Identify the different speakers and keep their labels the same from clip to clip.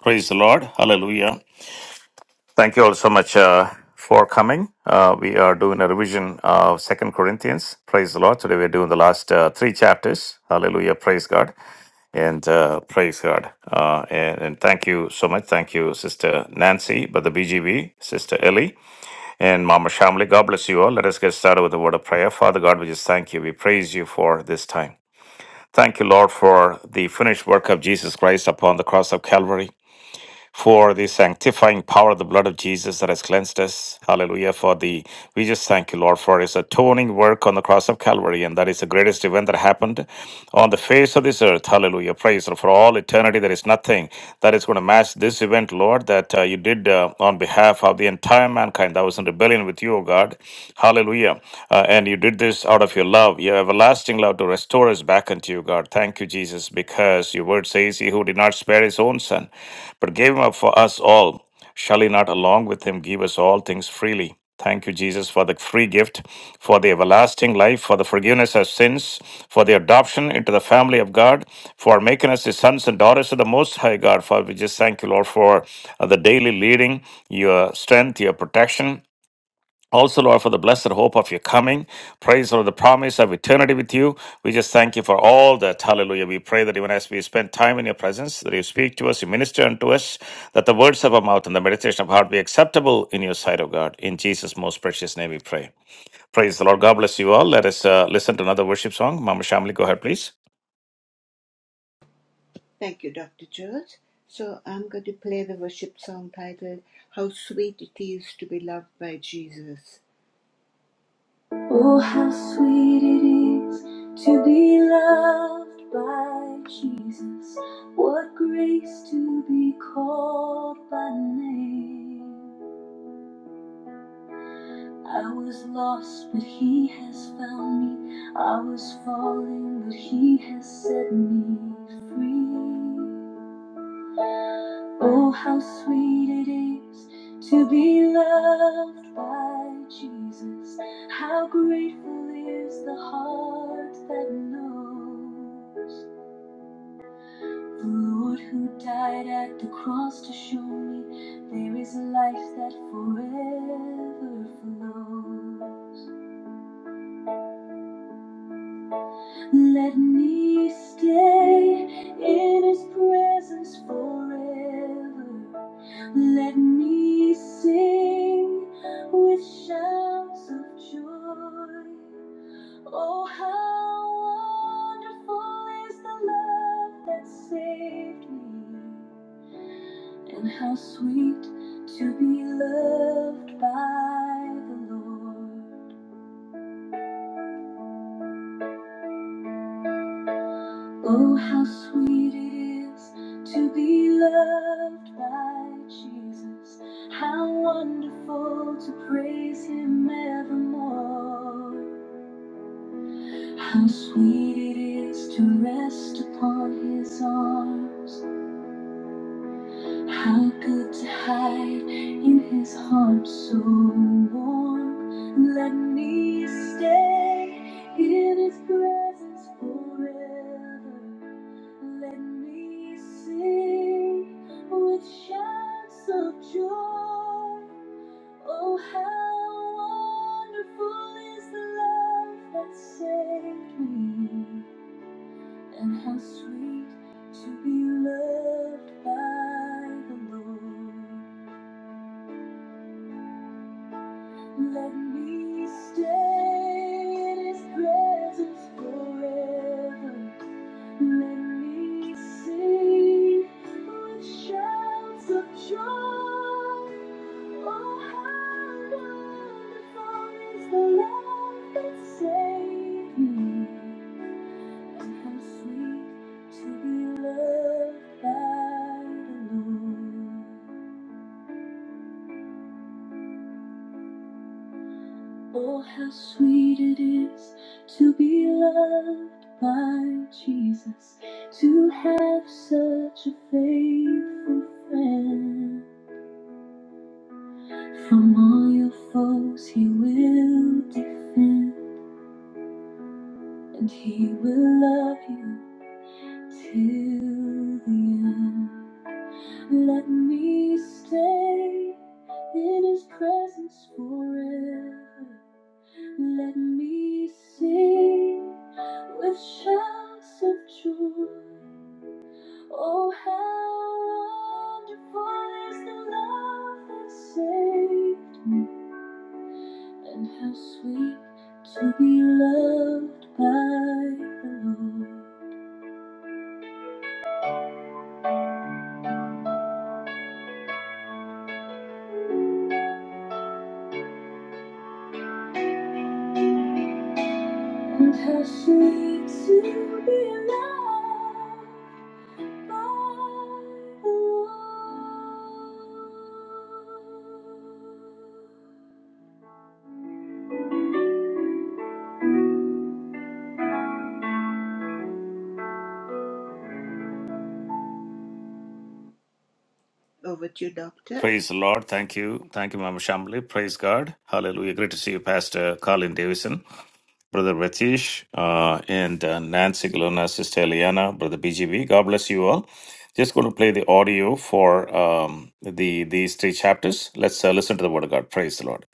Speaker 1: Praise the Lord. Hallelujah. Thank you all so much uh, for coming. Uh, we are doing a revision of Second Corinthians. Praise the Lord. Today we're doing the last uh, three chapters. Hallelujah. Praise God. And uh, praise God. Uh, and, and thank you so much. Thank you, Sister Nancy, Brother BGV, Sister Ellie, and Mama Shamli. God bless you all. Let us get started with a word of prayer. Father God, we just thank you. We praise you for this time. Thank you, Lord, for the finished work of Jesus Christ upon the cross of Calvary. for the sanctifying power of the blood of Jesus that has cleansed us. Hallelujah. For the we just thank you, Lord, for his atoning work on the cross of Calvary. And that is the greatest event that happened on the face of this earth. Hallelujah. Praise Lord. for all eternity. There is nothing that is going to match this event, Lord, that uh, you did uh, on behalf of the entire mankind that was in rebellion with you, O God. Hallelujah. Uh, and you did this out of your love, your everlasting love to restore Restore us back unto you, God. Thank you, Jesus, because your word says, He who did not spare his own son, but gave him up for us all, shall he not along with him give us all things freely? Thank you, Jesus, for the free gift, for the everlasting life, for the forgiveness of sins, for the adoption into the family of God, for making us the sons and daughters of the Most High God. Father, we just thank you, Lord, for uh, the daily leading, your strength, your protection. Also, Lord, for the blessed hope of your coming. Praise, Lord, the promise of eternity with you. We just thank you for all that. Hallelujah. We pray that even as we spend time in your presence, that you speak to us, you minister unto us, that the words of our mouth and the meditation of our heart be acceptable in your sight, O God. In Jesus' most precious name we pray. Praise the Lord. God bless you all. Let us uh, listen to another worship song. Mama Shamli, go ahead, please.
Speaker 2: Thank you, Dr. George. So I'm going to play the worship song titled How Sweet It Is to Be Loved by Jesus. Oh, how sweet it is to be loved by Jesus. What grace to be called by name. I was lost, but He has found me. I was falling, but He has set me free. Oh, how sweet it is to be loved by Jesus. How grateful is the heart that knows the Lord who died at the cross to show me there is a life that forever flows. Let me stay in his presence forever. Let me sing with shouts of joy. Oh, how wonderful is the love that saved me, and how sweet to be loved by the Lord. Oh, how sweet it is to be loved by Jesus. How wonderful to praise Him evermore. How sweet it is to rest upon His arms. How good to hide in his heart so warm. Let me stay in his presence forever. Let me sing with shouts of joy. Oh, how wonderful is the love that saved me. And how sweet to be loved by the Lord. Let me stay in His presence forever. Let me sing with shouts of joy. Oh, how wonderful is the love that saved me. And how sweet to be loved by the Lord. Oh, how sweet it is to be loved by Jesus, to have such a faithful friend. From all your foes, He will defend, and He will love you till the end. Let me stay in His presence forever Let me sing with shouts of joy. Oh, how wonderful is the love that saved me, and how sweet to be loved by the Lord, and how sweet to be loved by the Lord. Over to you, Doctor.
Speaker 1: Praise the Lord. Thank you. Thank you, Mama Shamli. Praise God. Hallelujah. Great to see you, Pastor Colin Davison. Brother Vatish, uh, and uh, Nancy Galona, Sister Eliana, Brother BGB. God bless you all. Just going to play the audio for um, the these three chapters. Let's uh, listen to the Word of God. Praise the Lord.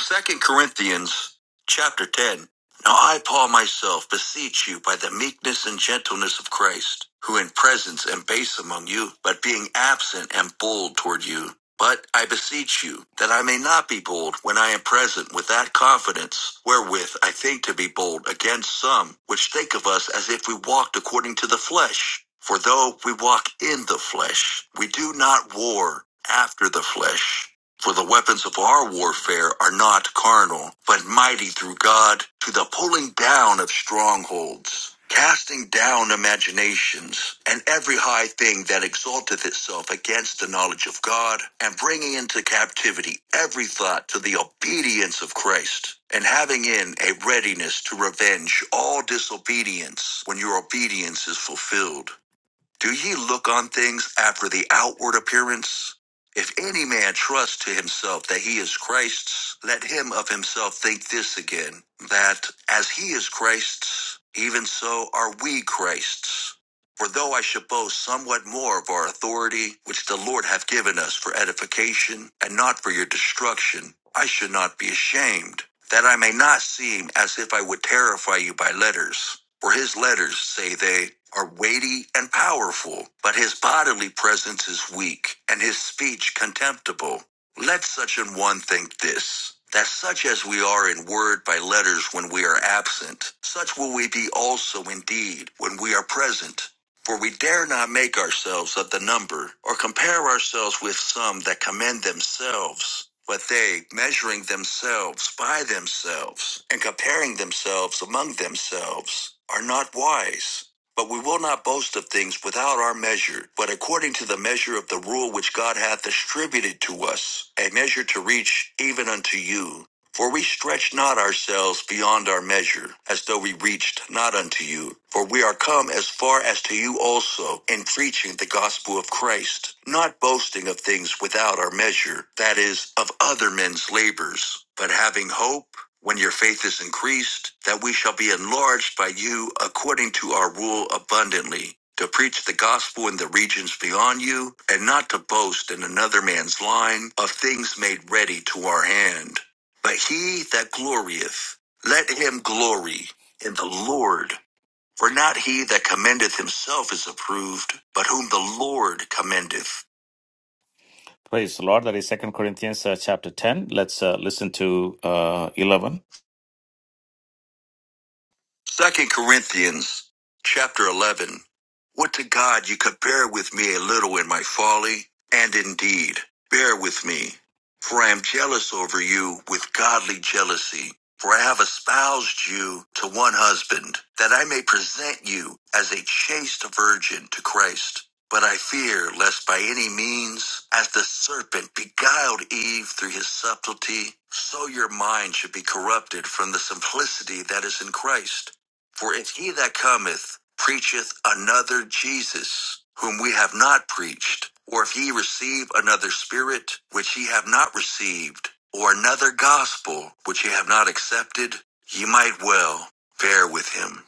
Speaker 1: Second Corinthians chapter 10. Now I, Paul, myself beseech you by the meekness and gentleness of Christ, who in presence am base among you, but being absent am bold toward you. But I beseech you that I may not be bold when I am present with that confidence wherewith I think to be bold against some which think of us as if we walked according to the flesh. For though we walk in the flesh, we do not war after the flesh. For the weapons of our warfare are not carnal, but mighty through God to the pulling down of strongholds, casting down imaginations, and every high thing that exalteth itself against the knowledge of God, and bringing into captivity every thought to the obedience of Christ, and having in a readiness to revenge all disobedience when your obedience is fulfilled. Do ye look on things after the outward appearance? If any man trust to himself that he is Christ's, let him of himself think this again, that as he is Christ's, even so are we Christ's. For though I should boast somewhat more of our authority, which the Lord hath given us for edification, and not for your destruction, I should not be ashamed, that I may not seem as if I would terrify you by letters. For his letters, say they, are weighty and powerful, but his bodily presence is weak, and his speech contemptible. Let such an one think this, that such as we are in word by letters when we are absent, such will we be also indeed when we are present. For we dare not make ourselves of the number, or compare ourselves with some that commend themselves. But they, measuring themselves by themselves, and comparing themselves among themselves, are not wise. But we will not boast of things without our measure, but according to the measure of the rule which God hath distributed to us, a measure to reach even unto you. For we stretch not ourselves beyond our measure, as though we reached not unto you. For we are come as far as to you also, in preaching the gospel of Christ, not boasting of things without our measure, that is, of other men's labors, but having hope, when your faith is increased, that we shall be enlarged by you according to our rule abundantly. To preach the gospel in the regions beyond you, and not to boast in another man's line of things made ready to our hand. But he that glorieth, let him glory in the Lord. For not he that commendeth himself is approved, but whom the Lord commendeth. Praise the Lord. That is is Second Corinthians uh, chapter 10. Let's uh, listen to uh, 11. Second Corinthians chapter 11. Would to God you could bear with me a little in my folly, and indeed, bear with me. For I am jealous over you with godly jealousy. For I have espoused you to one husband, that I may present you as a chaste virgin to Christ. But I fear lest by any means, as the serpent beguiled Eve through his subtlety, so your mind should be corrupted from the simplicity that is in Christ. For if he that cometh preacheth another Jesus, whom we have not preached, or if ye receive another spirit, which ye have not received, or another gospel, which ye have not accepted, ye might well fare with him.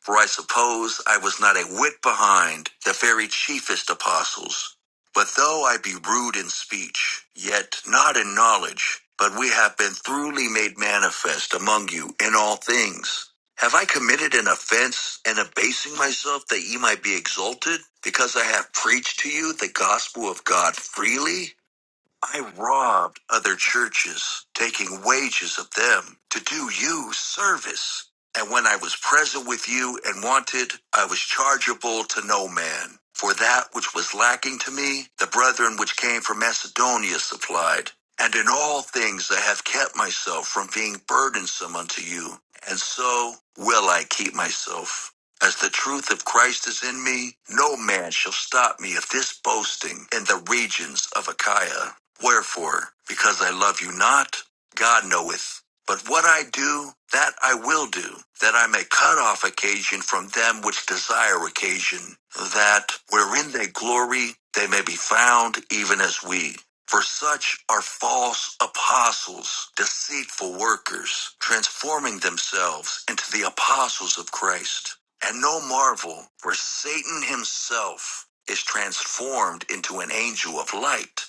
Speaker 1: For I suppose I was not a whit behind the very chiefest apostles. But though I be rude in speech, yet not in knowledge, but we have been thoroughly made manifest among you in all things. Have I committed an offense in abasing myself that ye might be exalted, because I have preached to you the gospel of God freely? I robbed other churches, taking wages of them to do you service. And when I was present with you and wanted, I was chargeable to no man. For that which was lacking to me, the brethren which came from Macedonia supplied. And in all things I have kept myself from being burdensome unto you, and so will I keep myself. As the truth of Christ is in me, no man shall stop me of this boasting in the regions of Achaia. Wherefore, because I love you not, God knoweth but what I do, that I will do, that I may cut off occasion from them which desire occasion, that wherein they glory, they may be found even as we. For such are false apostles, deceitful workers, transforming themselves into the apostles of Christ. And no marvel, for Satan himself is transformed into an angel of light.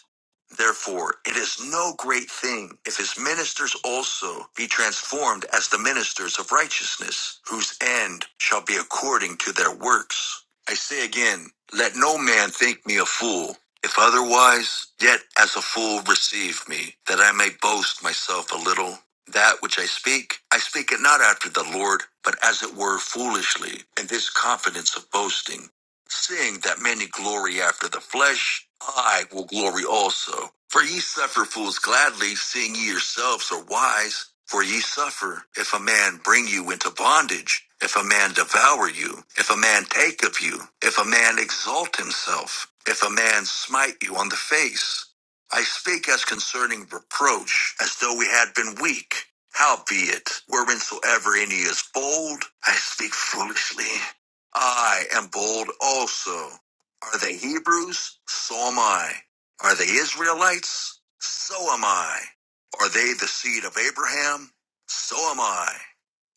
Speaker 1: Therefore, it is no great thing if his ministers also be transformed as the ministers of righteousness, whose end shall be according to their works. I say again, let no man think me a fool. If otherwise, yet as a fool receive me, that I may boast myself a little. That which I speak, I speak it not after the Lord, but as it were foolishly, And this confidence of boasting seeing that many glory after the flesh, I will glory also. For ye suffer fools gladly, seeing ye yourselves are wise. For ye suffer, if a man bring you into bondage, if a man devour you, if a man take of you, if a man exalt himself, if a man smite you on the face. I speak as concerning reproach, as though we had been weak. Howbeit, whereinsoever any is bold, I speak foolishly. I am bold also. Are they Hebrews? So am I. Are they Israelites? So am I. Are they the seed of Abraham? So am I.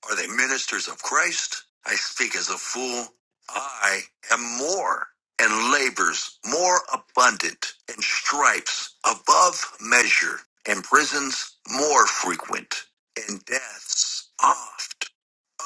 Speaker 1: Are they ministers of Christ? I speak as a fool. I am more and labors more abundant and stripes above measure and prisons more frequent and deaths oft.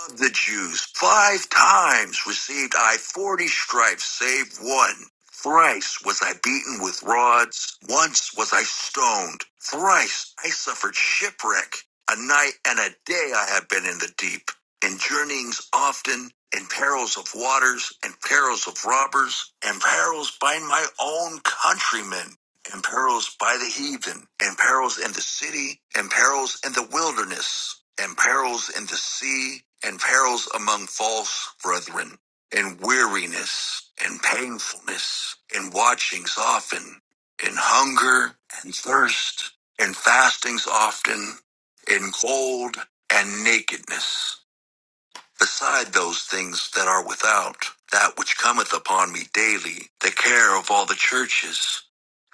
Speaker 1: Of the Jews, five times received I forty stripes, save one. Thrice was I beaten with rods, once was I stoned, thrice I suffered shipwreck. A night and a day I have been in the deep, in journeyings often, in perils of waters, and perils of robbers, and perils by my own countrymen and perils by the heathen, and perils in the city, and perils in the wilderness, and perils in the sea, and perils among false brethren, and weariness, and painfulness, and watchings often, and hunger, and thirst, and fastings often, and cold, and nakedness beside those things that are without, that which cometh upon me daily, the care of all the churches.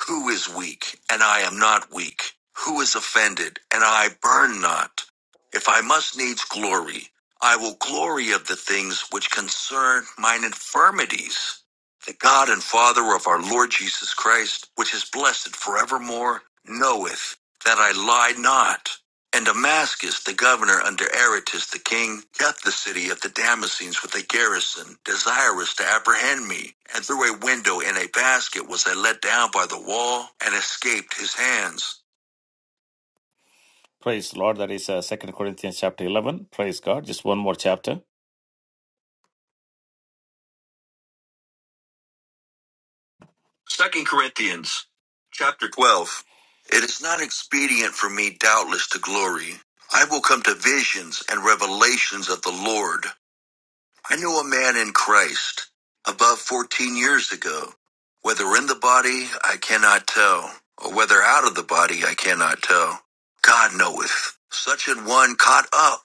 Speaker 1: Who is weak, and I am not weak? Who is offended, and I burn not? If I must needs glory, I will glory of the things which concern mine infirmities. The God and Father of our Lord Jesus Christ, which is blessed forevermore, knoweth that I lie not. And Damascus, the governor under Aretas the king, kept the city of the Damascenes with a garrison, desirous to apprehend me. And through a window in a basket was I let down by the wall, and escaped his hands. Praise the Lord. That is uh, 2 Corinthians chapter 11. Praise God. Just one more chapter. Second Corinthians chapter 12. It is not expedient for me, doubtless, to glory. I will come to visions and revelations of the Lord. I knew a man in Christ above 14 years ago. Whether in the body, I cannot tell, or whether out of the body, I cannot tell. God knoweth. Such an one caught up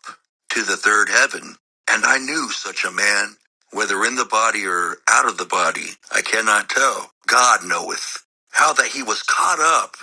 Speaker 1: to the third heaven, and I knew such a man, whether in the body or out of the body, I cannot tell. God knoweth. How that he was caught up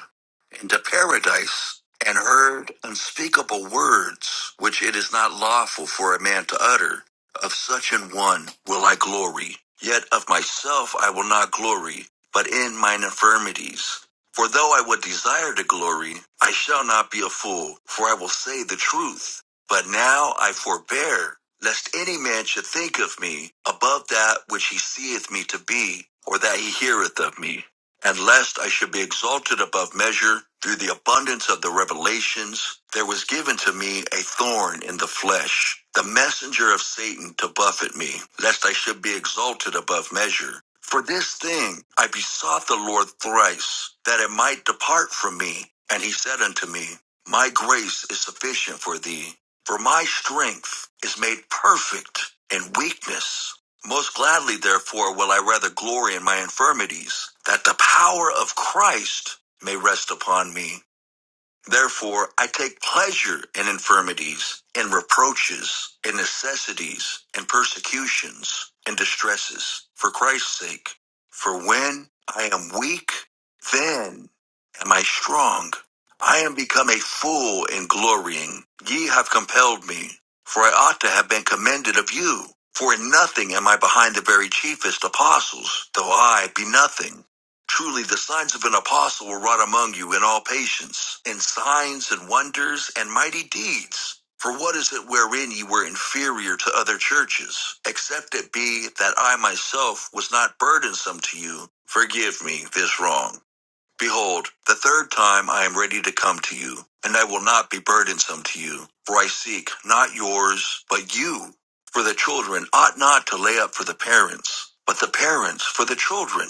Speaker 1: into paradise and heard unspeakable words which it is not lawful for a man to utter. Of such an one will I glory, yet of myself I will not glory, but in mine infirmities. For though I would desire to glory, I shall not be a fool, for I will say the truth. But now I forbear, lest any man should think of me above that which he seeth me to be, or that he heareth of me and lest I should be exalted above measure through the abundance of the revelations, there was given to me a thorn in the flesh, the messenger of Satan to buffet me, lest I should be exalted above measure. For this thing I besought the Lord thrice, that it might depart from me. And he said unto me, My grace is sufficient for thee, for my strength is made perfect in weakness. Most gladly, therefore, will I rather glory in my infirmities, that the power of Christ may rest upon me. Therefore, I take pleasure in infirmities, in reproaches, in necessities, in persecutions, in distresses, for Christ's sake. For when I am weak, then am I strong. I am become a fool in glorying. Ye have compelled me, for I ought to have been commended of you. For in nothing am I behind the very chiefest apostles, though I be nothing. Truly, the signs of an apostle were wrought among you in all patience, in signs and wonders and mighty deeds. For what is it wherein ye were inferior to other churches, except it be that I myself was not burdensome to you? Forgive me this wrong. Behold, the third time I am ready to come to you, and I will not be burdensome to you, for I seek not yours, but you. For the children ought not to lay up for the parents, but the parents for the children.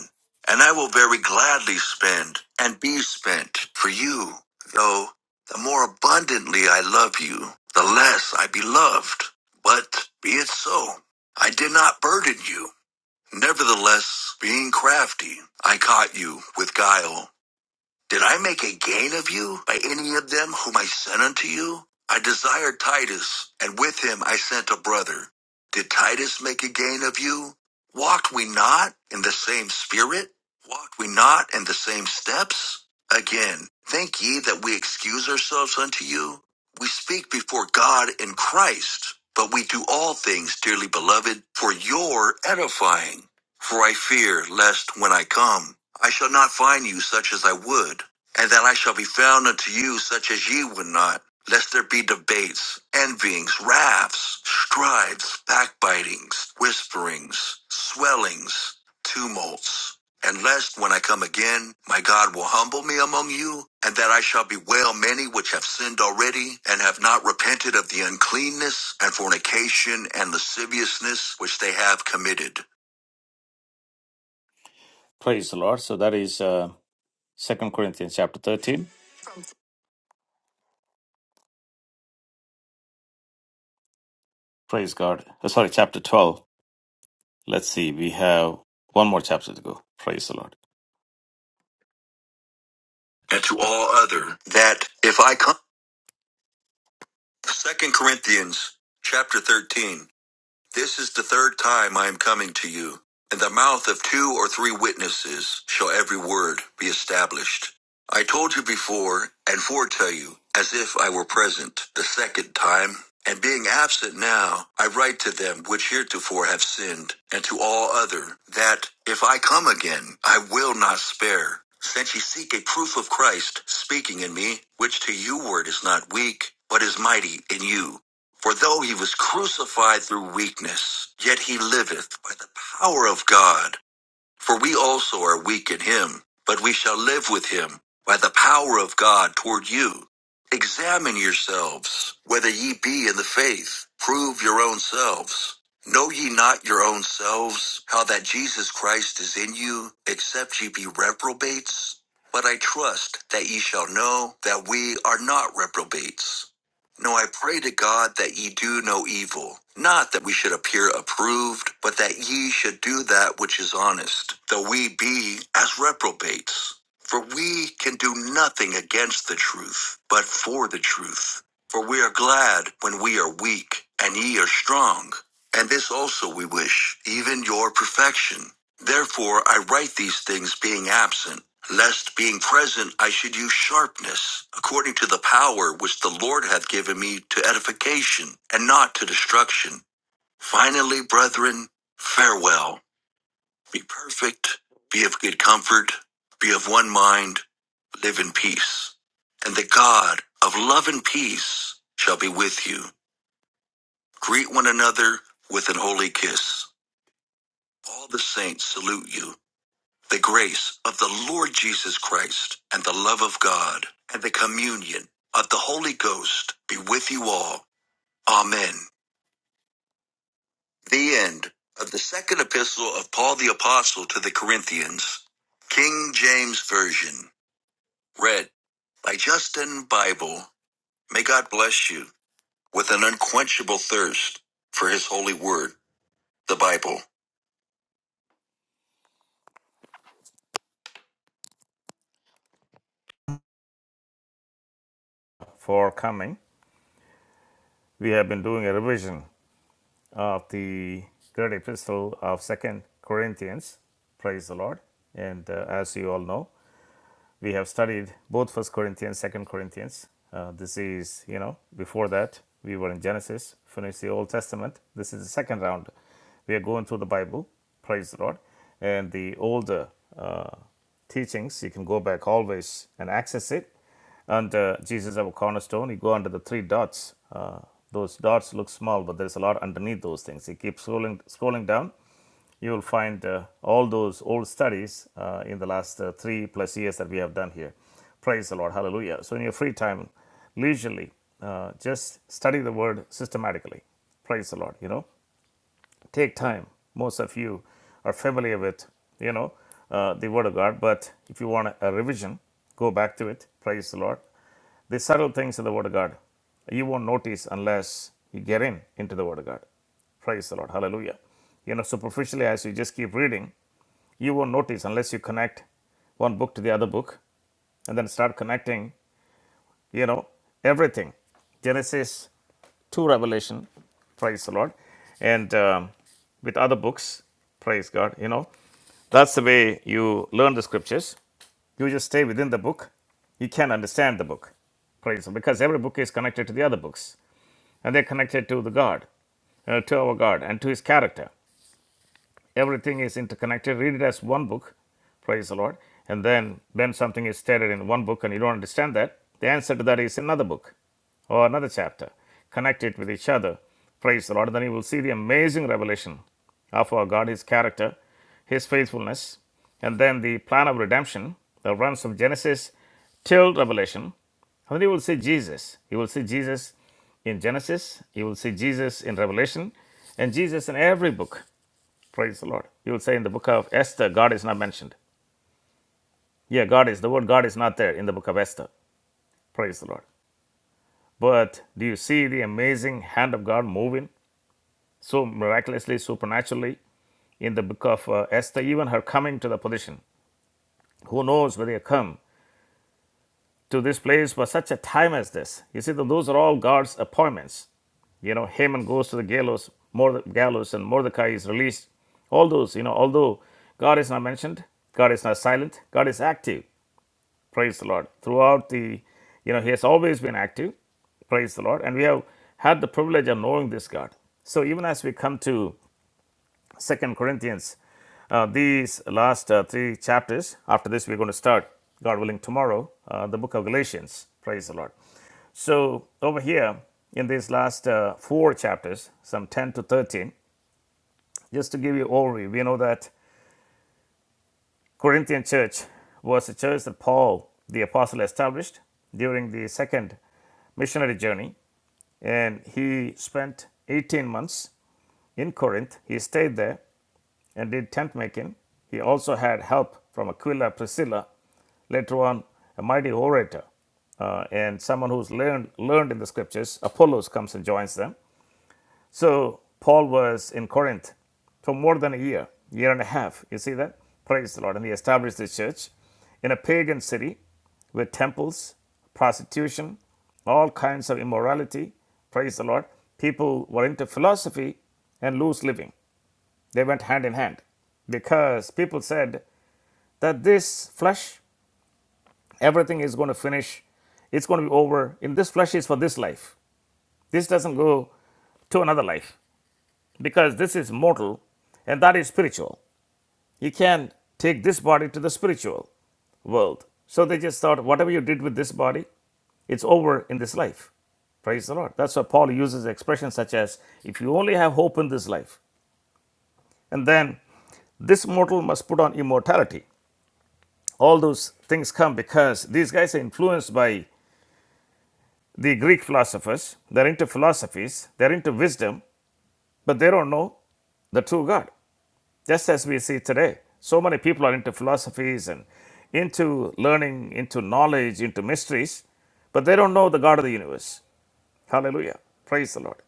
Speaker 1: And I will very gladly spend and be spent for you, though the more abundantly I love you, the less I be loved. But be it so. I did not burden you. Nevertheless, being crafty, I caught you with guile. Did I make a gain of you by any of them whom I sent unto you? I desired Titus, and with him I sent a brother. Did Titus make a gain of you? Walked we not in the same spirit? Walked we not in the same steps? Again, think ye that we excuse ourselves unto you? We speak before God in Christ, but we do all things, dearly beloved, for your edifying for I fear lest when I come, I shall not find you such as I would, and that I shall be found unto you such as ye would not, lest there be debates, envyings, wraths, strifes, backbitings, whisperings, swellings, tumults. And lest when I come again, my God will humble me among you, and that I shall bewail many which have sinned already, and have not repented of the uncleanness and fornication and lasciviousness which they have committed. Praise the Lord. So that is uh, 2 Corinthians chapter 13. Praise God. Uh, sorry, chapter 12. Let's see. We have one more chapter to go. Praise the Lord. And to all other that if I come. Second Corinthians chapter 13. This is the third time I am coming to you. In the mouth of two or three witnesses shall every word be established. I told you before and foretell you, as if I were present the second time, and being absent now, I write to them which heretofore have sinned, and to all other, that if I come again, I will not spare. Since ye seek a proof of Christ speaking in me, which to you word is not weak, but is mighty in you for though he was crucified through weakness, yet he liveth by the power of God. For we also are weak in him, but we shall live with him by the power of God toward you. Examine yourselves, whether ye be in the faith. Prove your own selves. Know ye not your own selves, how that Jesus Christ is in you, except ye be reprobates? But I trust that ye shall know that we are not reprobates. No, I pray to God that ye do no evil, not that we should appear approved, but that ye should do that which is honest, though we be as reprobates. For we can do nothing against the truth, but for the truth. For we are glad when we are weak, and ye are strong. And this also we wish, even your perfection. Therefore I write these things being absent, lest being present I should use sharpness, according to the power which the Lord hath given me to edification, and not to destruction. Finally, brethren, farewell. Be perfect, be of good comfort, be of one mind, live in peace. And the God of love and peace shall be with you. Greet one another with an holy kiss. All the saints salute you. The grace of the Lord Jesus Christ and the love of God and the communion of the Holy Ghost be with you all. Amen. The end of the second epistle of Paul the Apostle to the Corinthians, King James Version, read by Justin Bible. May God bless you with an unquenchable thirst for his holy word, the Bible. For coming, we have been doing a revision of the great epistle of Second Corinthians. Praise the Lord. And uh, as you all know, we have studied both First Corinthians, Second Corinthians. Uh, this is, you know, before that we were in Genesis, finished the Old Testament. This is the second round. We are going through the Bible. Praise the Lord. And the older uh, teachings, you can go back always and access it. Under Jesus our cornerstone, you go under the three dots. Uh, those dots look small, but there's a lot underneath those things. You keep scrolling, scrolling down you will find uh, all those old studies uh, in the last uh, three plus years that we have done here. Praise the Lord. Hallelujah. So, in your free time, leisurely, uh, just study the word systematically. Praise the Lord. You know, take time. Most of you are familiar with, you know, uh, the Word of God. But if you want a, revision, go back to it. Praise the Lord. The subtle things in the Word of God, you won't notice unless you get in into the Word of God. Praise the Lord. Hallelujah. You know, superficially, as you just keep reading, you won't notice unless you connect one book to the other book and then start connecting you know, everything. Genesis to Revelation, praise the Lord, and um, with other books, praise God. You know, that's the way you learn the scriptures. You just stay within the book. You can understand the book, praise the Lord, because every book is connected to the other books, and they're connected to the God, uh, to our God, and to His character. Everything is interconnected. Read it as one book, praise the Lord. And then when something is stated in one book and you don't understand that, the answer to that is another book or another chapter. Connect it with each other, praise the Lord. Then you will see the amazing revelation of our God, His character, His faithfulness, and then the plan of redemption that runs from Genesis till Revelation. And then you will see Jesus. You will see Jesus in Genesis, you will see Jesus in Revelation, and Jesus in every book. Praise the Lord. You will say in the book of Esther, God is not mentioned. Yeah, God is. The word God is not there in the book of Esther. Praise the Lord. But do you see the amazing hand of God moving so miraculously, supernaturally in the book of uh, Esther? Even her coming to the position. Who knows whether you come to this place for such a time as this? You see, th- those are all God's appointments. You know, Haman goes to the gallows, Morde- gallows, and Mordecai is released. All those, you know, although God is not mentioned, God is not silent, God is active. Praise the Lord. Throughout the, you know, He has always been active. Praise the Lord. And we have had the privilege of knowing this God. So even as we come to Second Corinthians, uh, these last uh, three chapters, after this, we're going to start, God willing, tomorrow, uh, the book of Galatians. Praise the Lord. So over here in these last uh, four chapters, some 10 to 13, just to give you overview, we know that Corinthian church was a church that Paul the apostle established during the second missionary journey and he spent 18 months in Corinth. He stayed there and did tent making. He also had help from Aquila Priscilla, later on, a mighty orator uh, and someone who's learned, learned in the scriptures. Apollos comes and joins them. So Paul was in Corinth for more than a year, year and a half. You see that? Praise the Lord. And he established the church in a pagan city with temples, prostitution, all kinds of immorality. Praise the Lord. People were into philosophy and loose living. They went hand in hand because people said that this flesh, everything is going to finish. It's going to be over. In this flesh is for this life. This doesn't go to another life. because this is mortal and that is spiritual. You can't take this body to the spiritual world. So they just thought, whatever you did with this body, it's over in this life. Praise the Lord. That's why Paul uses expressions such as, if you only have hope in this life, and then this mortal must put on immortality. All those things come because these guys are influenced by the Greek philosophers. They're into philosophies, they're into wisdom, but they don't know the true God. just as we see today. So many people are into philosophies and into learning, into knowledge, into mysteries, but they don't know the God of the universe. Hallelujah. Praise the Lord.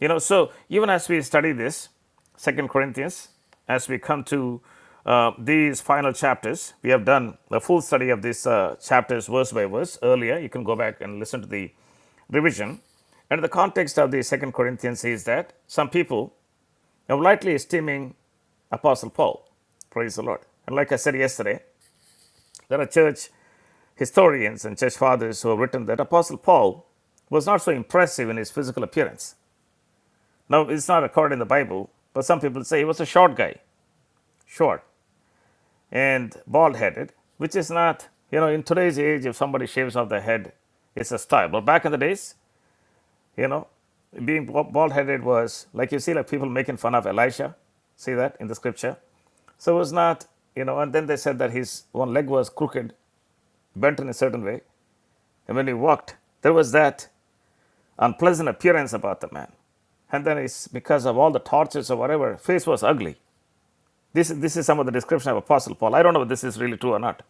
Speaker 1: You know, so even as we study this, Second Corinthians, as we come to uh, these final chapters, we have done a full study of these uh, chapters verse by verse earlier. You can go back and listen to the revision. And the context of the Second Corinthians is that some people now, lightly esteeming Apostle Paul. Praise the Lord. And like I said yesterday, there are church historians and church fathers who have written that Apostle Paul was not so impressive in his physical appearance. Now, it's not recorded in the Bible, but some people say he was a short guy, short and bald headed, which is not, you know, in today's age, if somebody shaves off their head, it's a style. But back in the days, you know, being bald headed was like you see, like people making fun of Elisha. See that in the scripture? So it was not, you know, and then they said that his one leg was crooked, bent in a certain way. And when he walked, there was that unpleasant appearance about the man. And then it's because of all the tortures or whatever, face was ugly. This, this is some of the description of Apostle Paul. I don't know if this is really true or not.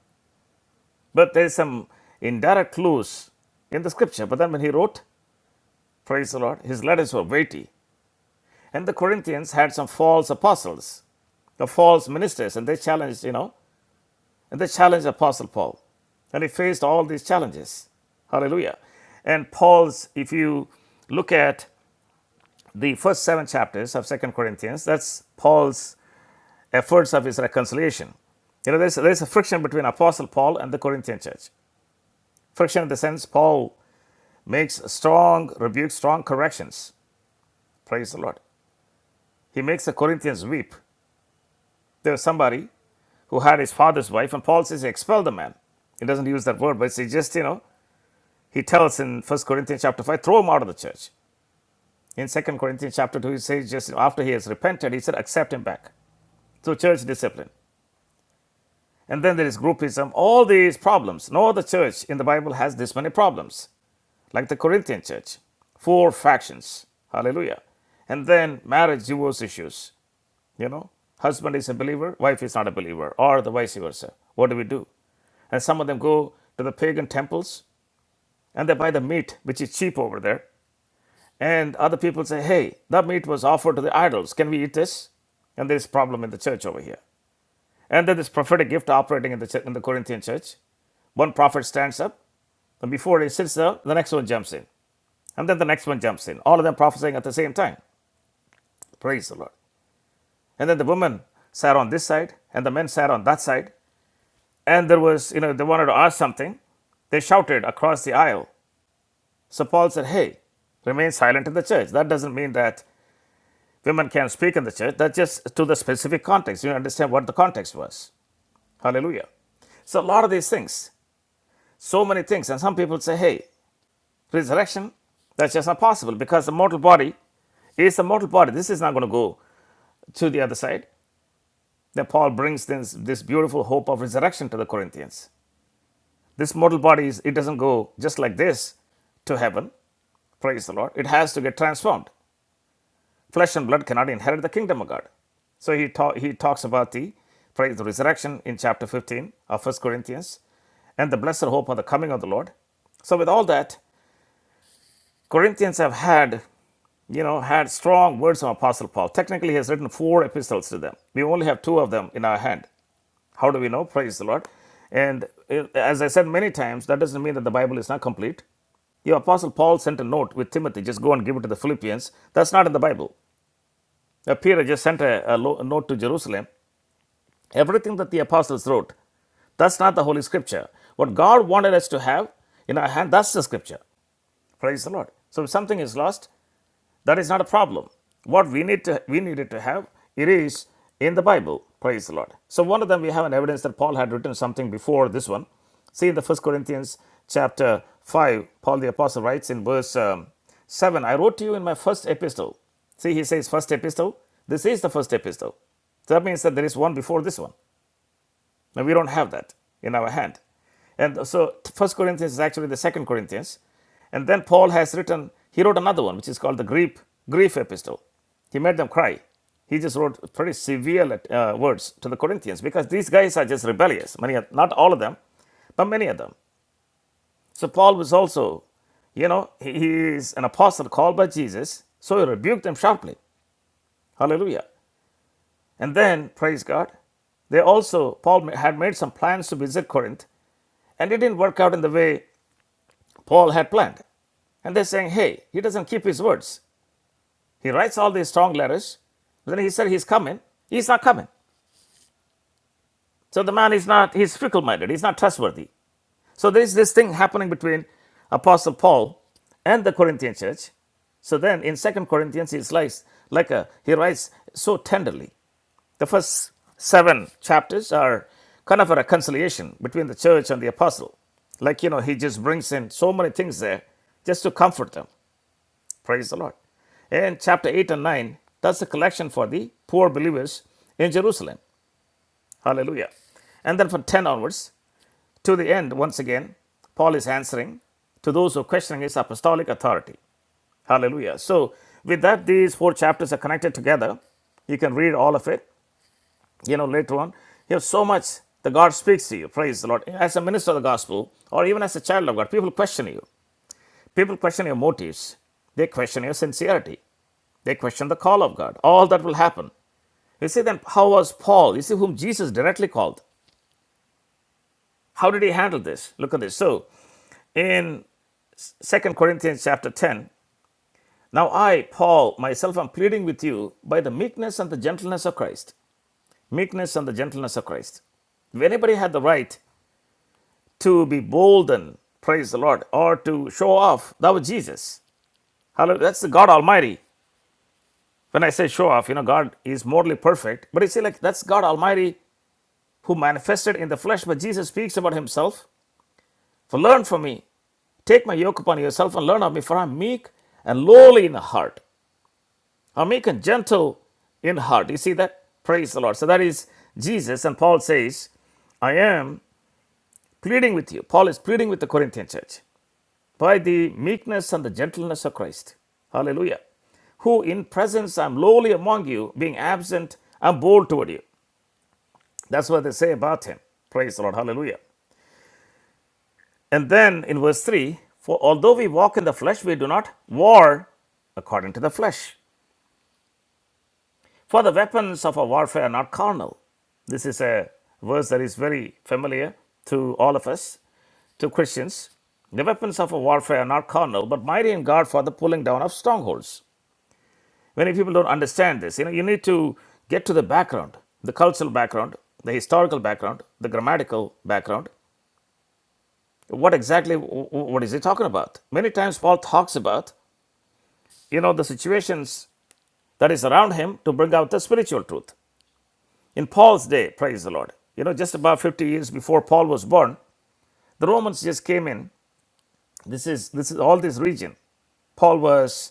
Speaker 1: But there's some indirect clues in the scripture. But then when he wrote, praise the Lord, his letters were weighty. And the Corinthians had some false apostles the false ministers and they challenged you know And they challenged Apostle Paul. And he faced all these challenges. Hallelujah. And Paul's, if you look at the first seven chapters of Second Corinthians, that's Paul's efforts of his reconciliation. You know, there's, there's a friction between Apostle Paul and the Corinthian church. Friction in the sense Paul makes strong rebukes, strong corrections. Praise the Lord. He makes the Corinthians weep. There was somebody who had his father's wife, and Paul says, expel the man. He doesn't use that word, but it's just, you know, he tells in 1 Corinthians chapter 5, throw him out of the church. In 2 Corinthians chapter 2, he says, just after he has repented, he said, accept him back. So church discipline. And then there is groupism, all these problems. No other church in the Bible has this many problems, like the Corinthian church. Four factions. Hallelujah. And then marriage, divorce issues. You know, husband is a believer, wife is not a believer, or the vice versa. What do we do? And some of them go to the pagan temples and they buy the meat, which is cheap over there, And other people say, hey, that meat was offered to the idols. Can we eat this? And there's a problem in the church over here. And then this prophetic gift operating in the, church, in the Corinthian church. One prophet stands up, and before he sits down, the next one jumps in. And then the next one jumps in. All of them prophesying at the same time. Praise the Lord. And then the women sat on this side, and the men sat on that side. And there was, you know, they wanted to ask something. They shouted across the aisle. So Paul said, hey, remain silent in the church. That doesn't mean that Women can speak in the church. That's just to the specific context. You understand what the context was. Hallelujah. So a lot of these things, so many things, and some people say, "Hey, resurrection, that's just not possible because the mortal body is the mortal body. This is not going to go to the other side." Then Paul brings this, this beautiful hope of resurrection to the Corinthians. This mortal body is it doesn't go just like this to heaven. Praise the Lord. It has to get transformed. Flesh and blood cannot inherit the kingdom of God. So he, ta- he talks about the praise the resurrection in chapter 15 of First Corinthians and the blessed hope of the coming of the Lord. So with all that, Corinthians have had, you know, had strong words from Apostle Paul. Technically, he has written four epistles to them. We only have two of them in our hand. How do we know? Praise the Lord. And eh, as I said many times, that doesn't mean that the Bible is not complete. The Apostle Paul sent a note with Timothy, just go and give it to the Philippians. That's not in the Bible. Now, Peter just sent a, a a note to Jerusalem. Everything that the apostles wrote, that's not the Holy Scripture. What God wanted us to have in our hand, that's the Scripture. Praise the Lord. So, if something is lost, that is not a problem. What we need to we needed to have it is in the Bible. Praise the Lord. So one of them we have an evidence that Paul had written something before this one. See in the First Corinthians chapter five, Paul the apostle writes in verse um, seven, "I wrote to you in my first epistle." See, he says first epistle. This is the first epistle. So that means that there is one before this one. Now we don't have that in our hand. And so First Corinthians is actually the Second Corinthians. And then Paul has written, he wrote another one, which is called the grief, grief epistle. He made them cry. He just wrote pretty severe uh, words to the Corinthians because these guys are just rebellious. Many, of- not all of them, but many of them. So Paul was also, you know, he is an apostle called by Jesus. So he rebuked them sharply. Hallelujah. And then, praise God, they also, Paul had made some plans to visit Corinth and it didn't work out in the way Paul had planned. And they're saying, hey, he doesn't keep his words. He writes all these strong letters. Then he said he's coming. He's not coming. So the man is not, he's fickle minded. He's not trustworthy. So there's this thing happening between Apostle Paul and the Corinthian church. So then in Second Corinthians, he's like, like a, he writes so tenderly. The first seven chapters are kind of a reconciliation between the church and the apostle. Like, you know, he just brings in so many things there just to comfort them. Praise the Lord. And chapter 8 and 9, that's the collection for the poor believers in Jerusalem. Hallelujah. And then from 10 onwards to the end, once again, Paul is answering to those who are questioning his apostolic authority. Hallelujah. So, with that, these four chapters are connected together. You can read all of it. you know, later on. You have so much the God speaks to you. Praise the Lord. As a minister of the gospel, or even as a child of God, people question you. People question your motives. They question your sincerity. They question the call of God. All that will happen. You see, then how was Paul? You see, whom Jesus directly called. How did he handle this? Look at this. So, in Second Corinthians chapter 10, now I, Paul, myself am pleading with you by the meekness and the gentleness of Christ. Meekness and the gentleness of Christ. If anybody had the right to be bolden, praise the Lord, or to show off. That was Jesus. Hallelujah. That's the God Almighty. When I say show off, you know, God is morally perfect, but you see, like, that's God Almighty who manifested in the flesh. But Jesus speaks about himself. For learn from me, take my yoke upon yourself and learn of me, for I'm meek and lowly in heart. I'm meek and gentle in heart. You see that? Praise the Lord. So that is Jesus. And Paul says, I am pleading with you. Paul is pleading with the Corinthian church. by the meekness and the gentleness of Christ. Hallelujah. Who in presence I'm lowly among you, being absent, I'm bold toward you. That's what they say about him. Praise the Lord. Hallelujah. And then in verse 3 For although we walk in the flesh, we do not war according to the flesh. For the weapons of our warfare are not carnal. This is a verse that is very familiar to all of us, to Christians. The weapons of our warfare are not carnal, but mighty in God for the pulling down of strongholds Many people don't understand this. You know, you need to get to the background, the cultural background, the historical background, the grammatical background. What exactly, what is he talking about? Many times Paul talks about, you know, the situations that is around him to bring out the spiritual truth. In Paul's day, praise the Lord, you know, just about 50 years before Paul was born, the Romans just came in. This is, this is all this region. Paul was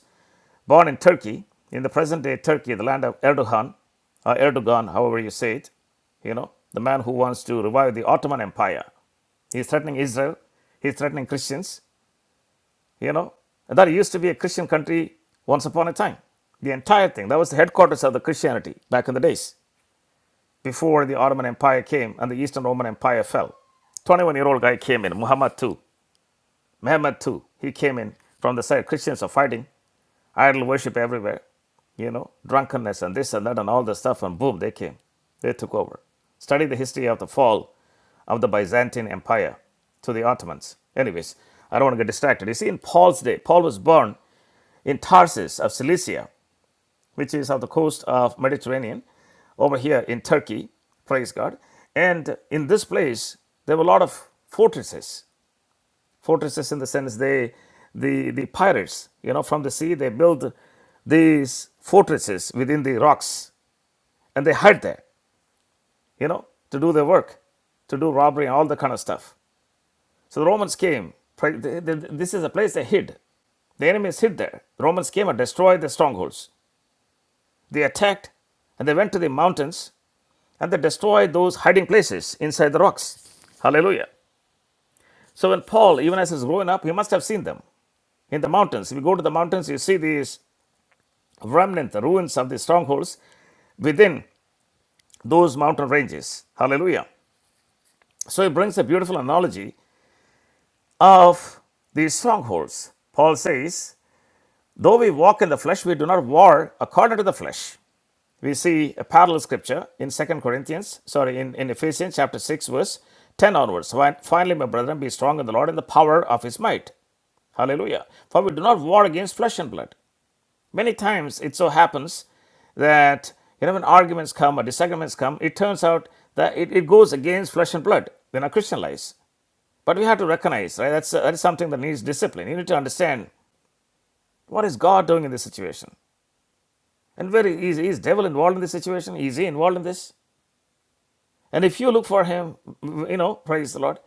Speaker 1: born in Turkey, in the present day Turkey, the land of Erdogan, or Erdogan, however you say it, you know, the man who wants to revive the Ottoman Empire. He's threatening Israel, he's threatening Christians, you know. And That used to be a Christian country once upon a time. The entire thing, that was the headquarters of the Christianity back in the days, before the Ottoman Empire came and the Eastern Roman Empire fell. 21 year old guy came in, Muhammad II, Mehmed II, he came in from the side Christians are fighting idol worship everywhere, you know, drunkenness and this and that and all the stuff, and boom, they came. They took over. Study the history of the fall of the Byzantine Empire to the Ottomans. Anyways, I don't want to get distracted. You see, in Paul's day, Paul was born in Tarsus of Cilicia, which is on the coast of Mediterranean, over here in Turkey, praise God. And in this place, there were a lot of fortresses fortresses in the sense they the the pirates you know from the sea they build these fortresses within the rocks and they hide there you know to do their work to do robbery and all that kind of stuff so the romans came this is a place they hid the enemies hid there the romans came and destroyed the strongholds they attacked and they went to the mountains and they destroyed those hiding places inside the rocks Hallelujah. So when Paul, even as he's growing up, he must have seen them in the mountains. If you go to the mountains, you see these remnant, the ruins of the strongholds within those mountain ranges. Hallelujah. So he brings a beautiful analogy of these strongholds. Paul says, Though we walk in the flesh, we do not war according to the flesh. We see a parallel scripture in Second Corinthians, sorry, in, in Ephesians chapter 6, verse 10 onwards. Finally, my brethren, be strong in the Lord and the power of his might. Hallelujah. For we do not war against flesh and blood. Many times it so happens that you know when arguments come or disagreements come, it turns out that it, it goes against flesh and blood in our Christian lives. But we have to recognize, right? That's that is something that needs discipline. You need to understand what is God doing in this situation. And very easy, is devil involved in this situation? Is he involved in this? And if you look for him, you know, praise the Lord,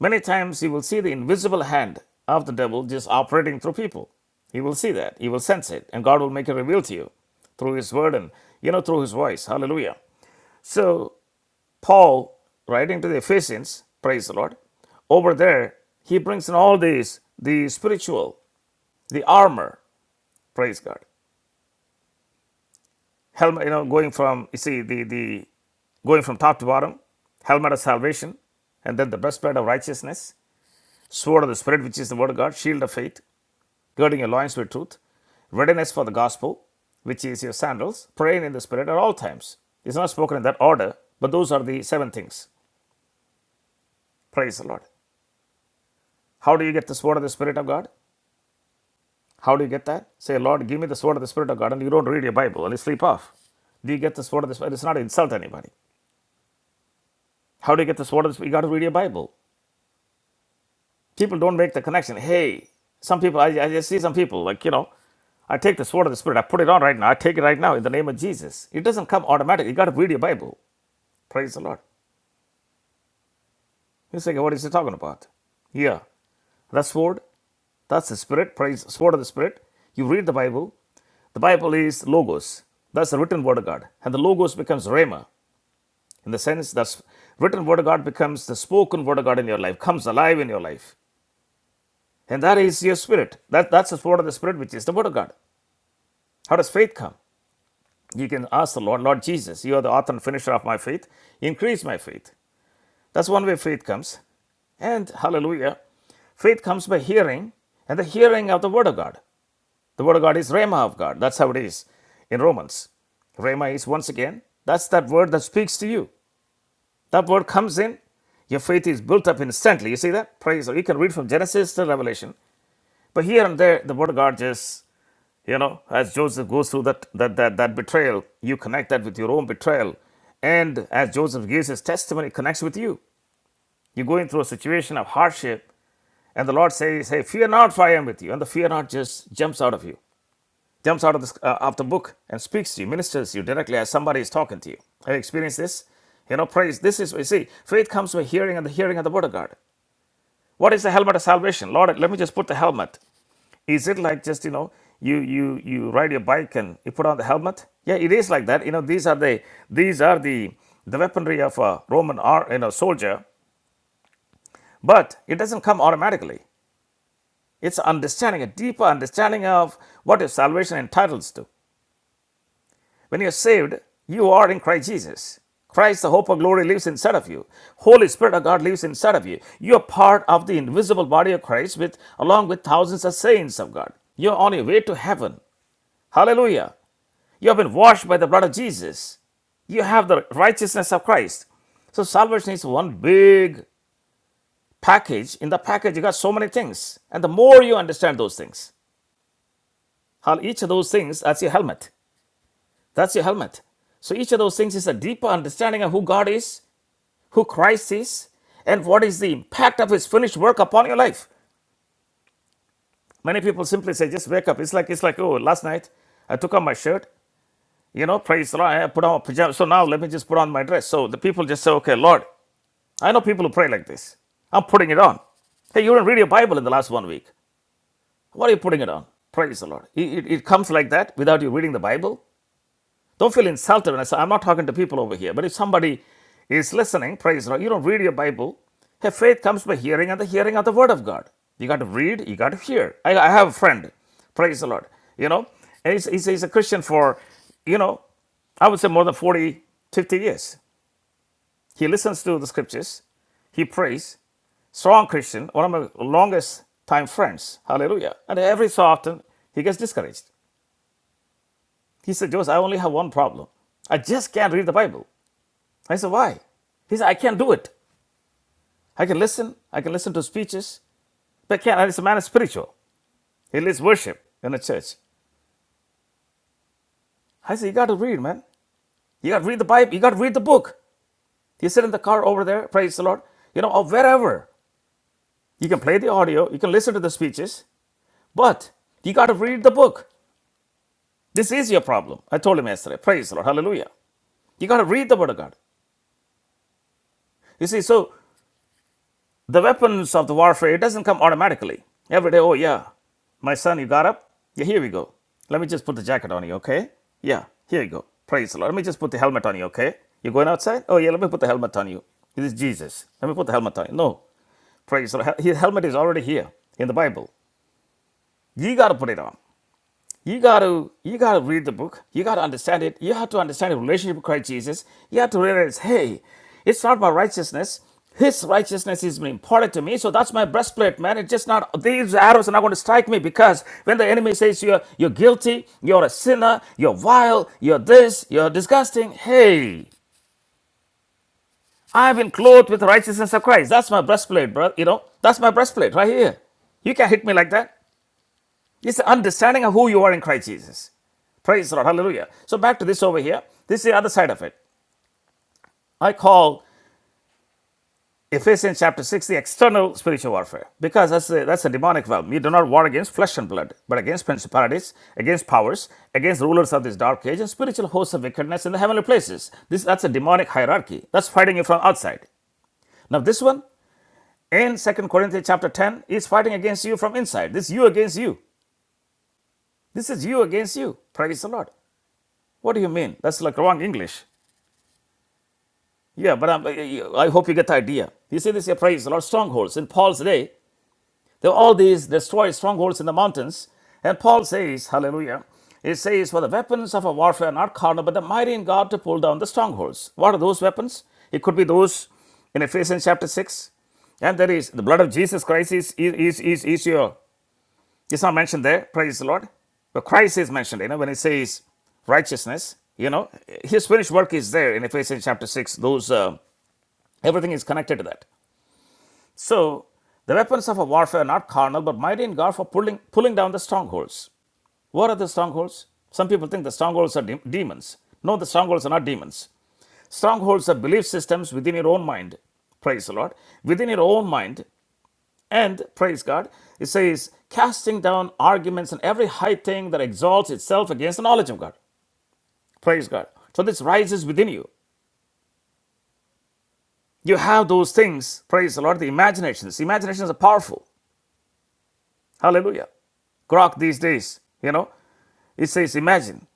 Speaker 1: many times you will see the invisible hand of the devil just operating through people. You will see that. You will sense it. And God will make it reveal to you through his word and, you know, through his voice. Hallelujah. So, Paul, writing to the Ephesians, praise the Lord, over there, he brings in all these, the spiritual, the armor, praise God. helmet, you know, going from, you see, the, the going from top to bottom, helmet of salvation, and then the breastplate of righteousness, sword of the Spirit, which is the word of God, shield of faith, girding your loins with truth, readiness for the gospel, which is your sandals, praying in the Spirit at all times. It's not spoken in that order, but those are the seven things. Praise the Lord. How do you get the sword of the Spirit of God? How do you get that? Say, Lord, give me the sword of the Spirit of God, and you don't read your Bible and you sleep off. Do you get the sword of the Spirit? It's not to insult anybody. How do you get the sword of the Spirit? You got to read your Bible. People don't make the connection. Hey, some people, I, I just see some people, like, you know, I take the sword of the Spirit, I put it on right now, I take it right now in the name of Jesus. It doesn't come automatically. You got to read your Bible. Praise the Lord. You say, what is he talking about? Yeah. That sword, that's the Spirit, praise, sword of the Spirit. You read the Bible. The Bible is logos. That's the written word of God. And the logos becomes rhema. In the sense that written word of God becomes the spoken word of God in your life, comes alive in your life. And that is your spirit. That, that's the word of the spirit, which is the word of God. How does faith come? You can ask the Lord, Lord Jesus, you are the author and finisher of my faith. Increase my faith. That's one way faith comes. And hallelujah, faith comes by hearing, and the hearing of the word of God. The word of God is Rhema of God. That's how it is in Romans. Rhema is once again, that's that word that speaks to you. That word comes in, your faith is built up instantly. You see that? Praise. You can read from Genesis to Revelation. But here and there, the word of God just You know, as Joseph goes through that, that, that, that betrayal, you connect that with your own betrayal. And as Joseph gives his testimony, it connects with you. You're going through a situation of hardship, and the Lord says, Hey, fear not, for I am with you. And the fear not just jumps out of you, jumps out of the, uh, of the book and speaks to you, ministers to you directly as somebody is talking to you. Have you experienced this? You know, praise. This is, you see, faith comes by hearing and the hearing of the word of God. What is the helmet of salvation? Lord, let me just put the helmet. Is it like just you know you you you ride your bike and you put on the helmet? Yeah, it is like that. You know these are the these are the the weaponry of a Roman or you know soldier, but it doesn't come automatically. It's understanding a deeper understanding of what your salvation entitles to. When you're saved, you are in Christ Jesus. Christ, the hope of glory, lives inside of you. Holy Spirit of God lives inside of you. You are part of the invisible body of Christ, with along with thousands of saints of God. You're on your way to heaven. Hallelujah. You have been washed by the blood of Jesus. You have the righteousness of Christ. So salvation is one big package. In the package, you got so many things. And the more you understand those things, how each of those things, that's your helmet. That's your helmet. So each of those things is a deeper understanding of who God is, who Christ is, and what is the impact of his finished work upon your life. Many people simply say, just wake up. It's like it's like, oh, last night I took off my shirt, you know, praise the Lord, I put on my pajamas. So now let me just put on my dress. So the people just say, okay, Lord, I know people who pray like this. I'm putting it on. Hey, you didn't read your Bible in the last one week. What are you putting it on? Praise the Lord. It, it, it comes like that without you reading the Bible. Don't feel insulted when I say, I'm not talking to people over here. But if somebody is listening, praise the Lord, you don't read your Bible. Hey, faith comes by hearing and the hearing of the Word of God. You got to read, you got to hear. I, I have a friend, praise the Lord, you know, and he's, he's, he's a Christian for, you know, I would say more than 40, 50 years. He listens to the scriptures. He prays. Strong Christian, one of my longest time friends. Hallelujah. And every so often, he gets discouraged. He said, Joseph, I only have one problem. I just can't read the Bible. I said, why? He said, I can't do it. I can listen. I can listen to speeches. But I can't. And This man is spiritual. He leads worship in the church. I said, you got to read, man. You got to read the Bible. You got to read the book. You sit in the car over there. Praise the Lord. You know, or wherever. You can play the audio. You can listen to the speeches. But you got to read the book. This is your problem. I told him yesterday. Praise the Lord. Hallelujah. You got to read the Word of God. You see, so the weapons of the warfare, it doesn't come automatically. Every day, oh, yeah, my son, you got up? Yeah, here we go. Let me just put the jacket on you, okay? Yeah, here you go. Praise the Lord. Let me just put the helmet on you, okay? You're going outside? Oh, yeah, let me put the helmet on you. This is Jesus. Let me put the helmet on you. No. Praise the Lord. His helmet is already here in the Bible. You got to put it on. You gotta you gotta read the book. You gotta understand it. You have to understand the relationship with Christ Jesus. You have to realize, hey, it's not my righteousness. His righteousness is important to me, so that's my breastplate, man. It's just not these arrows are not going to strike me because when the enemy says you're you're guilty, you're a sinner, you're vile, you're this, you're disgusting. Hey, I've been clothed with the righteousness of Christ. That's my breastplate, bro. You know, that's my breastplate right here. You can't hit me like that. It's the understanding of who you are in Christ Jesus. Praise the Lord. Hallelujah. So back to this over here. This is the other side of it. I call Ephesians chapter 6 the external spiritual warfare because that's a, that's a demonic realm. You do not war against flesh and blood, but against principalities, against powers, against rulers of this dark age and spiritual hosts of wickedness in the heavenly places. This That's a demonic hierarchy. That's fighting you from outside. Now this one in Second Corinthians chapter 10 is fighting against you from inside. This is you against you. This is you against you. Praise the Lord. What do you mean? That's like wrong English. Yeah, but I'm, I hope you get the idea. You see this here, praise the Lord, strongholds. In Paul's day, there were all these destroyed strongholds in the mountains. And Paul says, hallelujah, it says, for the weapons of our warfare are not carnal, but the mighty in God to pull down the strongholds. What are those weapons? It could be those in Ephesians chapter 6. And there is the blood of Jesus Christ is, is, is, is your, it's not mentioned there, praise the Lord. But Christ is mentioned, you know, when it says righteousness, you know, his finished work is there in Ephesians chapter 6, those. Uh, Everything is connected to that. So the weapons of a warfare are not carnal, but mighty in God for pulling, pulling down the strongholds. What are the strongholds? Some people think the strongholds are de- demons. No, the strongholds are not demons. Strongholds are belief systems within your own mind. Praise the Lord. Within your own mind. And praise God, it says, casting down arguments and every high thing that exalts itself against the knowledge of God. Praise God. So this rises within you. You have those things, praise the Lord, the imaginations. Imaginations are powerful. Hallelujah. Grok these days, you know, it says imagine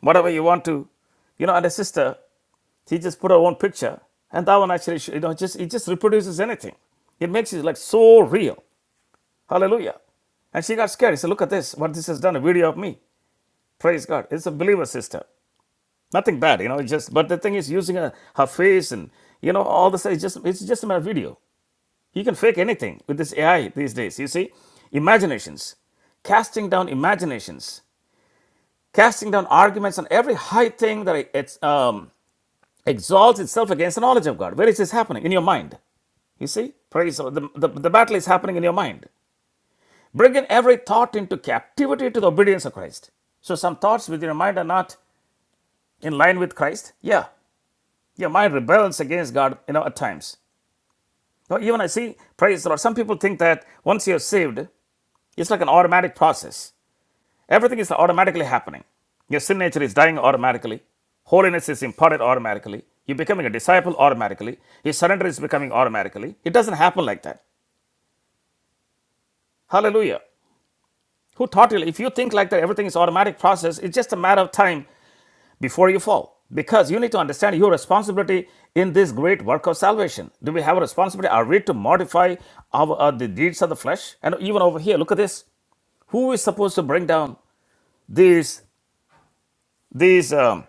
Speaker 1: whatever you want to, you know. And a sister, she just put her own picture, and that one actually, you know, just it just reproduces anything. It makes it like so real. Hallelujah. And she got scared. She said, "Look at this. What this has done. A video of me. Praise God. It's a believer sister. Nothing bad, you know. it's Just but the thing is, using her, her face and you know all this It's just it's just a mere video. You can fake anything with this AI these days. You see, imaginations, casting down imaginations casting down arguments on every high thing that it's, um, exalts itself against the knowledge of God. Where is this happening? In your mind. You see? Praise the, the, the the battle is happening in your mind. Bringing every thought into captivity to the obedience of Christ. So some thoughts within your mind are not in line with Christ. Yeah. Your mind rebels against God, you know, at times. Now, even I see, praise the Lord, some people think that once you're saved, it's like an automatic process. Everything is automatically happening. Your sin nature is dying automatically. Holiness is imparted automatically. You're becoming a disciple automatically. Your surrender is becoming automatically. It doesn't happen like that. Hallelujah. Who taught you? If you think like that, everything is automatic process. It's just a matter of time before you fall. Because you need to understand your responsibility in this great work of salvation. Do we have a responsibility? Are we to modify our uh, the deeds of the flesh? And even over here, look at this. Who is supposed to bring down these these um,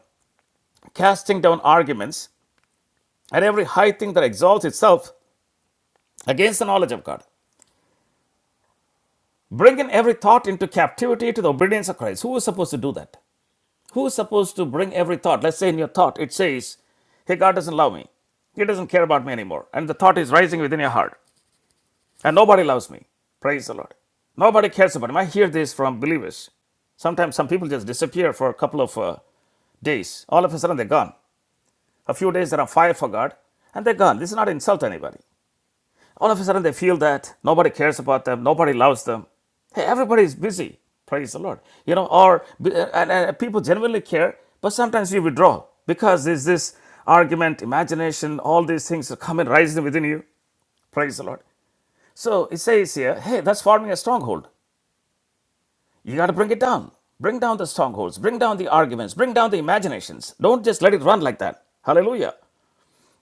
Speaker 1: casting down arguments and every high thing that exalts itself against the knowledge of God, bringing every thought into captivity to the obedience of Christ. Who is supposed to do that? Who is supposed to bring every thought? Let's say in your thought, it says, Hey, God doesn't love me. He doesn't care about me anymore. And the thought is rising within your heart. And nobody loves me. Praise the Lord. Nobody cares about him. I hear this from believers. Sometimes some people just disappear for a couple of uh, days. All of a sudden, they're gone. A few days, they're on fire for God, and they're gone. This is not to insult anybody. All of a sudden, they feel that nobody cares about them, nobody loves them. Hey, everybody is busy. Praise the Lord. You know, or and, and uh, people genuinely care, but sometimes you withdraw because there's this argument, imagination, all these things are coming rising within you. Praise the Lord. So it says here, hey, that's forming a stronghold. You got to bring it down. Bring down the strongholds. Bring down the arguments. Bring down the imaginations. Don't just let it run like that. Hallelujah.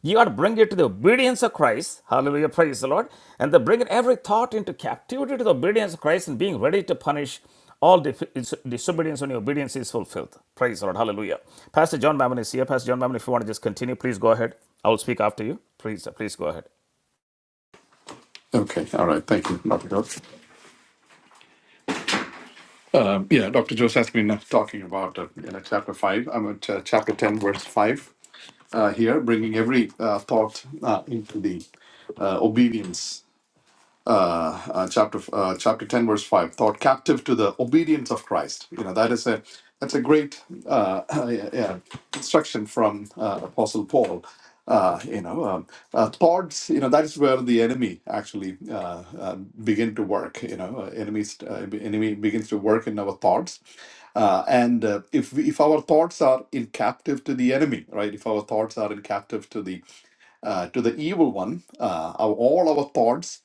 Speaker 1: You ought to bring it to the obedience of Christ. Hallelujah. Praise the Lord. And then bring every thought into captivity to the obedience of Christ and being ready to punish all dif- disobedience when your obedience is fulfilled. Praise the Lord. Hallelujah. Pastor John Mammon is here. Pastor John Mammon, if you want to just continue, please go ahead. I will speak after you. Please, please go ahead.
Speaker 3: Okay, all right, thank you, Dr. Jones. Um, yeah, Dr. Jones has been talking about uh, you know, chapter five. I'm at uh, chapter ten, verse five uh, here, bringing every uh, thought uh, into the uh, obedience uh, uh, chapter uh, chapter 10 verse 5 thought captive to the obedience of christ you know that is a that's a great uh, yeah, yeah, instruction from uh, apostle paul uh, you know um, uh, thoughts you know that is where the enemy actually uh, uh, begin to work you know uh, enemies uh, enemy begins to work in our thoughts uh, and uh, if we, if our thoughts are in captive to the enemy right if our thoughts are in captive to the uh, to the evil one, uh, our, all our thoughts,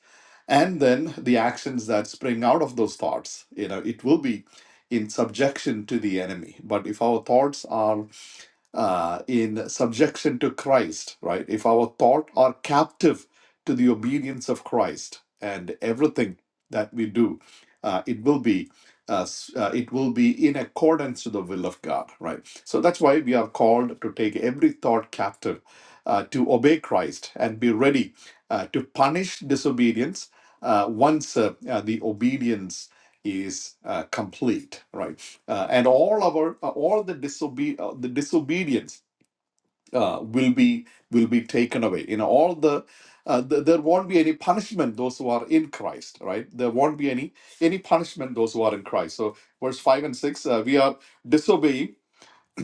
Speaker 3: and then the actions that spring out of those thoughts. You know, it will be in subjection to the enemy. But if our thoughts are uh, in subjection to Christ, right? If our thought are captive to the obedience of Christ and everything that we do, uh, it will be uh, s- uh, it will be in accordance to the will of God, right? So that's why we are called to take every thought captive, uh, to obey Christ and be ready uh, to punish disobedience uh, once uh, uh, the obedience is uh, complete, right? uh, and all our uh, all the disobe- uh, the disobedience uh, will be will be taken away you know all the uh, th- there won't be any punishment those who are in christ right there won't be any any punishment those who are in christ so verse 5 and 6 uh, we are disobeying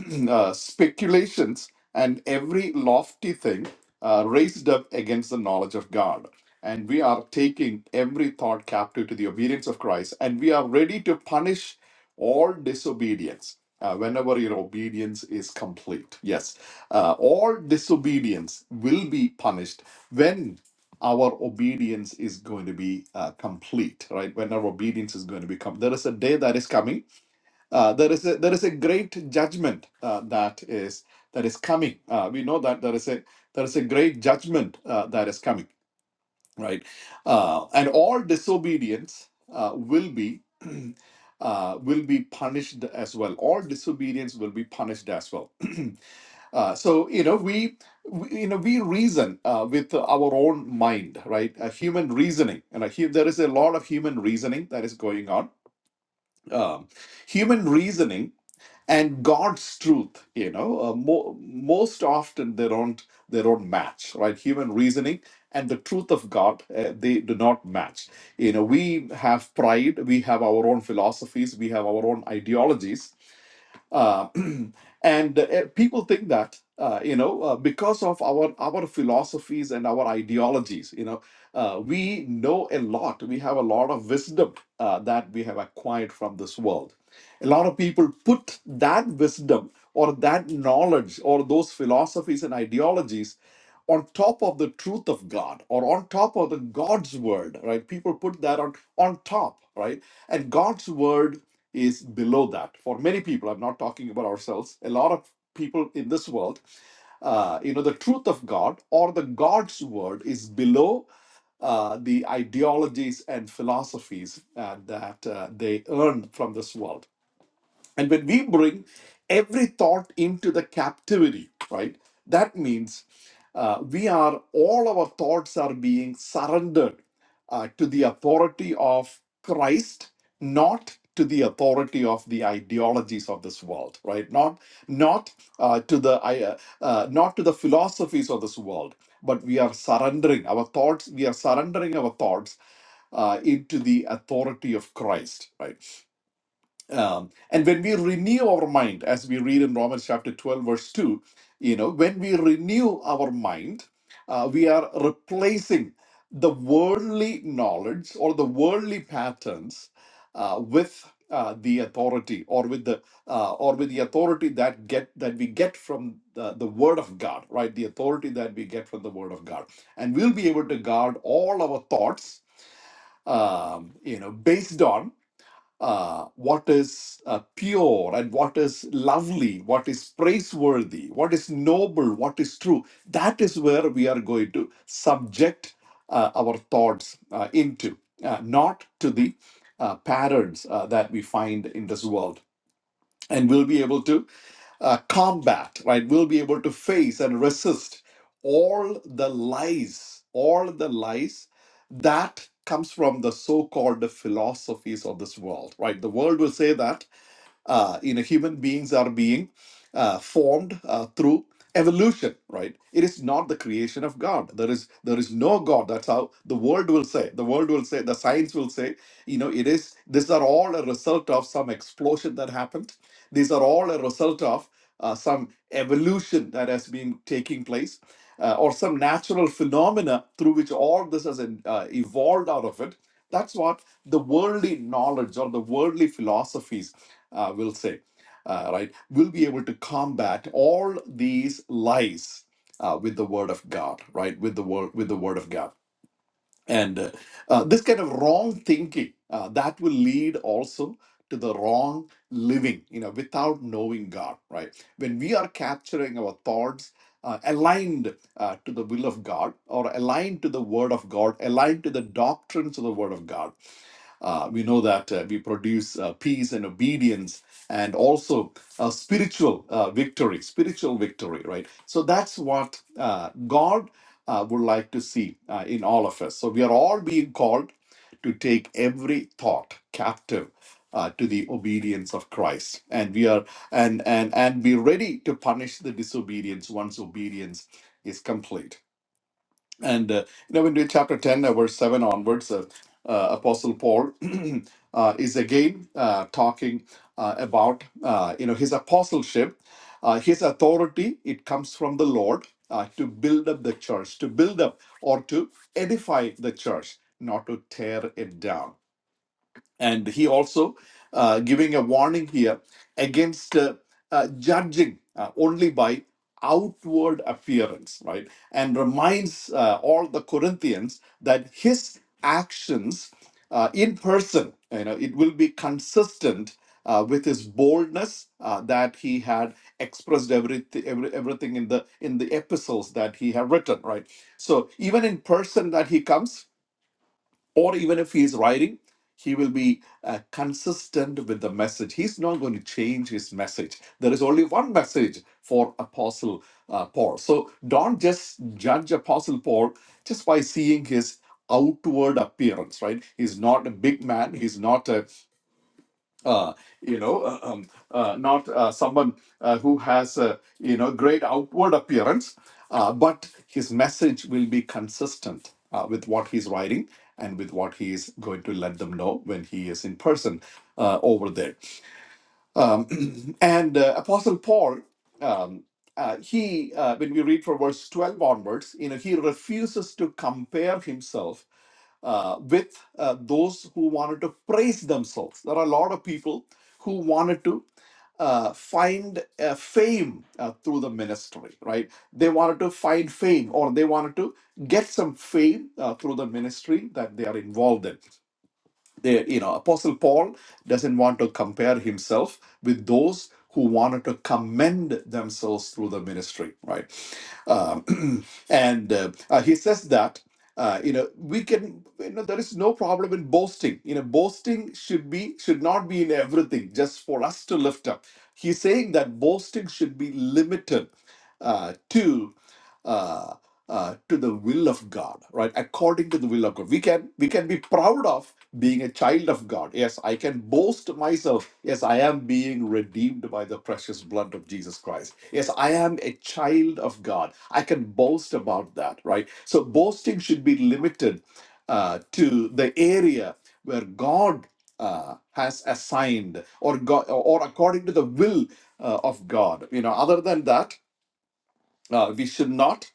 Speaker 3: uh, speculations and every lofty thing uh, raised up against the knowledge of God. And we are taking every thought captive to the obedience of Christ, and we are ready to punish all disobedience uh, whenever your obedience is complete. Yes, uh, all disobedience will be punished when our obedience is going to be uh, complete, right? When our obedience is going to become, there is a day that is coming uh, there is a, there is a great judgment uh, that is that is coming. Uh, we know that there is a there is a great judgment uh, that is coming, right? Uh, and all disobedience uh, will be uh, will be punished as well. All disobedience will be punished as well. uh, so you know we, we you know we reason uh, with our own mind, right? Uh, human reasoning, and uh, hu- there is a lot of human reasoning that is going on. Um, human reasoning and god's truth you know uh, mo- most often they don't they don't match right human reasoning and the truth of god uh, they do not match you know we have pride we have our own philosophies we have our own ideologies uh, and uh, eh, people think that uh, you know uh, because of our our philosophies and our ideologies, you know, uh, we know a lot. We have a lot of wisdom uh, that we have acquired from this world. A lot of people put that wisdom or that knowledge or those philosophies and ideologies on top of the truth of God or on top of the God's word, right? People put that on on top, right? And God's word is below that. For many people, I'm not talking about ourselves, a lot of people in this world, uh, you know, the truth of God or the God's word is below uh, the ideologies and philosophies uh, that uh, they earn from this world and when we bring every thought into the captivity, right, that means uh, we are, all our thoughts are being surrendered uh, to the authority of Christ, not to the authority of the ideologies of this world right not not uh, to the uh, uh, not to the philosophies of this world but we are surrendering our thoughts we are surrendering our thoughts uh, into the authority of christ right um, and when we renew our mind, as we read in Romans chapter 12, verse 2, you know, when we renew our mind, uh, we are replacing the worldly knowledge or the worldly patterns uh, with uh, the authority or with the uh, or with the authority that get that we get from the, the word of God, right? The authority that we get from the word of God. And we'll be able to guard all our thoughts um, you know, based on uh, what is uh, pure and what is lovely, what is praiseworthy, what is noble, what is true. That is where we are going to subject uh, our thoughts uh, into, uh, not to the uh, patterns uh, that we find in this world. And we'll be able to uh, combat, right? We'll be able to face and resist all the lies, all the lies that comes from the so-called philosophies of this world, right? The world will say that uh, you know, human beings are being uh, formed uh, through evolution, right? It is not the creation of God. There is there is no God. That's how the world will say. The world will say. The science will say. You know, it is. These are all a result of some explosion that happened. These are all a result of uh, some evolution that has been taking place, uh, or some natural phenomena through which all this has uh, evolved out of it. That's what the worldly knowledge or the worldly philosophies uh, we'll say, uh, right? We'll be able to combat all these lies uh, with the word of God, right? With the word, with the word of God, and uh, uh, this kind of wrong thinking uh, that will lead also to the wrong living, you know, without knowing God, right? When we are capturing our thoughts. Uh, aligned uh, to the will of God or aligned to the Word of God, aligned to the doctrines of the Word of God uh, we know that uh, we produce uh, peace and obedience and also a spiritual uh, victory, spiritual victory, right? So that's what uh, God uh, would like to see uh, in all of us. So we are all being called to take every thought captive uh, to the obedience of Christ, and we are and and and be ready to punish the disobedience once obedience is complete. And uh, you know, when we read chapter 10, uh, verse 7 onwards, uh, uh, Apostle Paul uh, is again uh, talking uh, about uh, you know his apostleship, uh, his authority. It comes from the Lord uh, to build up the church, to build up or to edify the church, not to tear it down and he also uh, giving a warning here against uh, uh, judging uh, only by outward appearance right and reminds uh, all the corinthians that his actions uh, in person you know it will be consistent uh, with his boldness uh, that he had expressed everything every, everything in the in the epistles that he had written right so even in person that he comes or even if he is writing, he will be uh, consistent with the message. He's not going to change his message. There is only one message for Apostle uh, Paul. So don't just judge Apostle Paul just by seeing his outward appearance, right? He's not a big man. He's not a uh, you know, uh, um, uh, not uh, someone uh, who has a you know great outward appearance, uh, but his message will be consistent uh, with what he's writing and with what he is going to let them know when he is in person uh, over there. Um, and uh, Apostle Paul, um, uh, he, uh, when we read from verse 12 onwards, you know, he refuses to compare himself uh, with uh, those who wanted to praise themselves. There are a lot of people who wanted to uh, find uh, fame uh, through the ministry, right? They wanted to find fame or they wanted to get some fame uh, through the ministry that they are involved in they, you know, Apostle Paul doesn't want to compare himself with those who wanted to commend themselves through the ministry, right? Um, and uh, uh, he says that. Uh, you know we can you know there is no problem in boasting you know boasting should be should not be in everything just for us to lift up he's saying that boasting should be limited uh, to uh, uh, to the will of God, right? According to the will of God, we can we can be proud of being a child of God. Yes, I can boast myself. Yes, I am being redeemed by the precious blood of Jesus Christ. Yes, I am a child of God. I can boast about that, right? So boasting should be limited uh, to the area where God uh, has assigned, or God, or according to the will uh, of God. You know, other than that, uh, we should not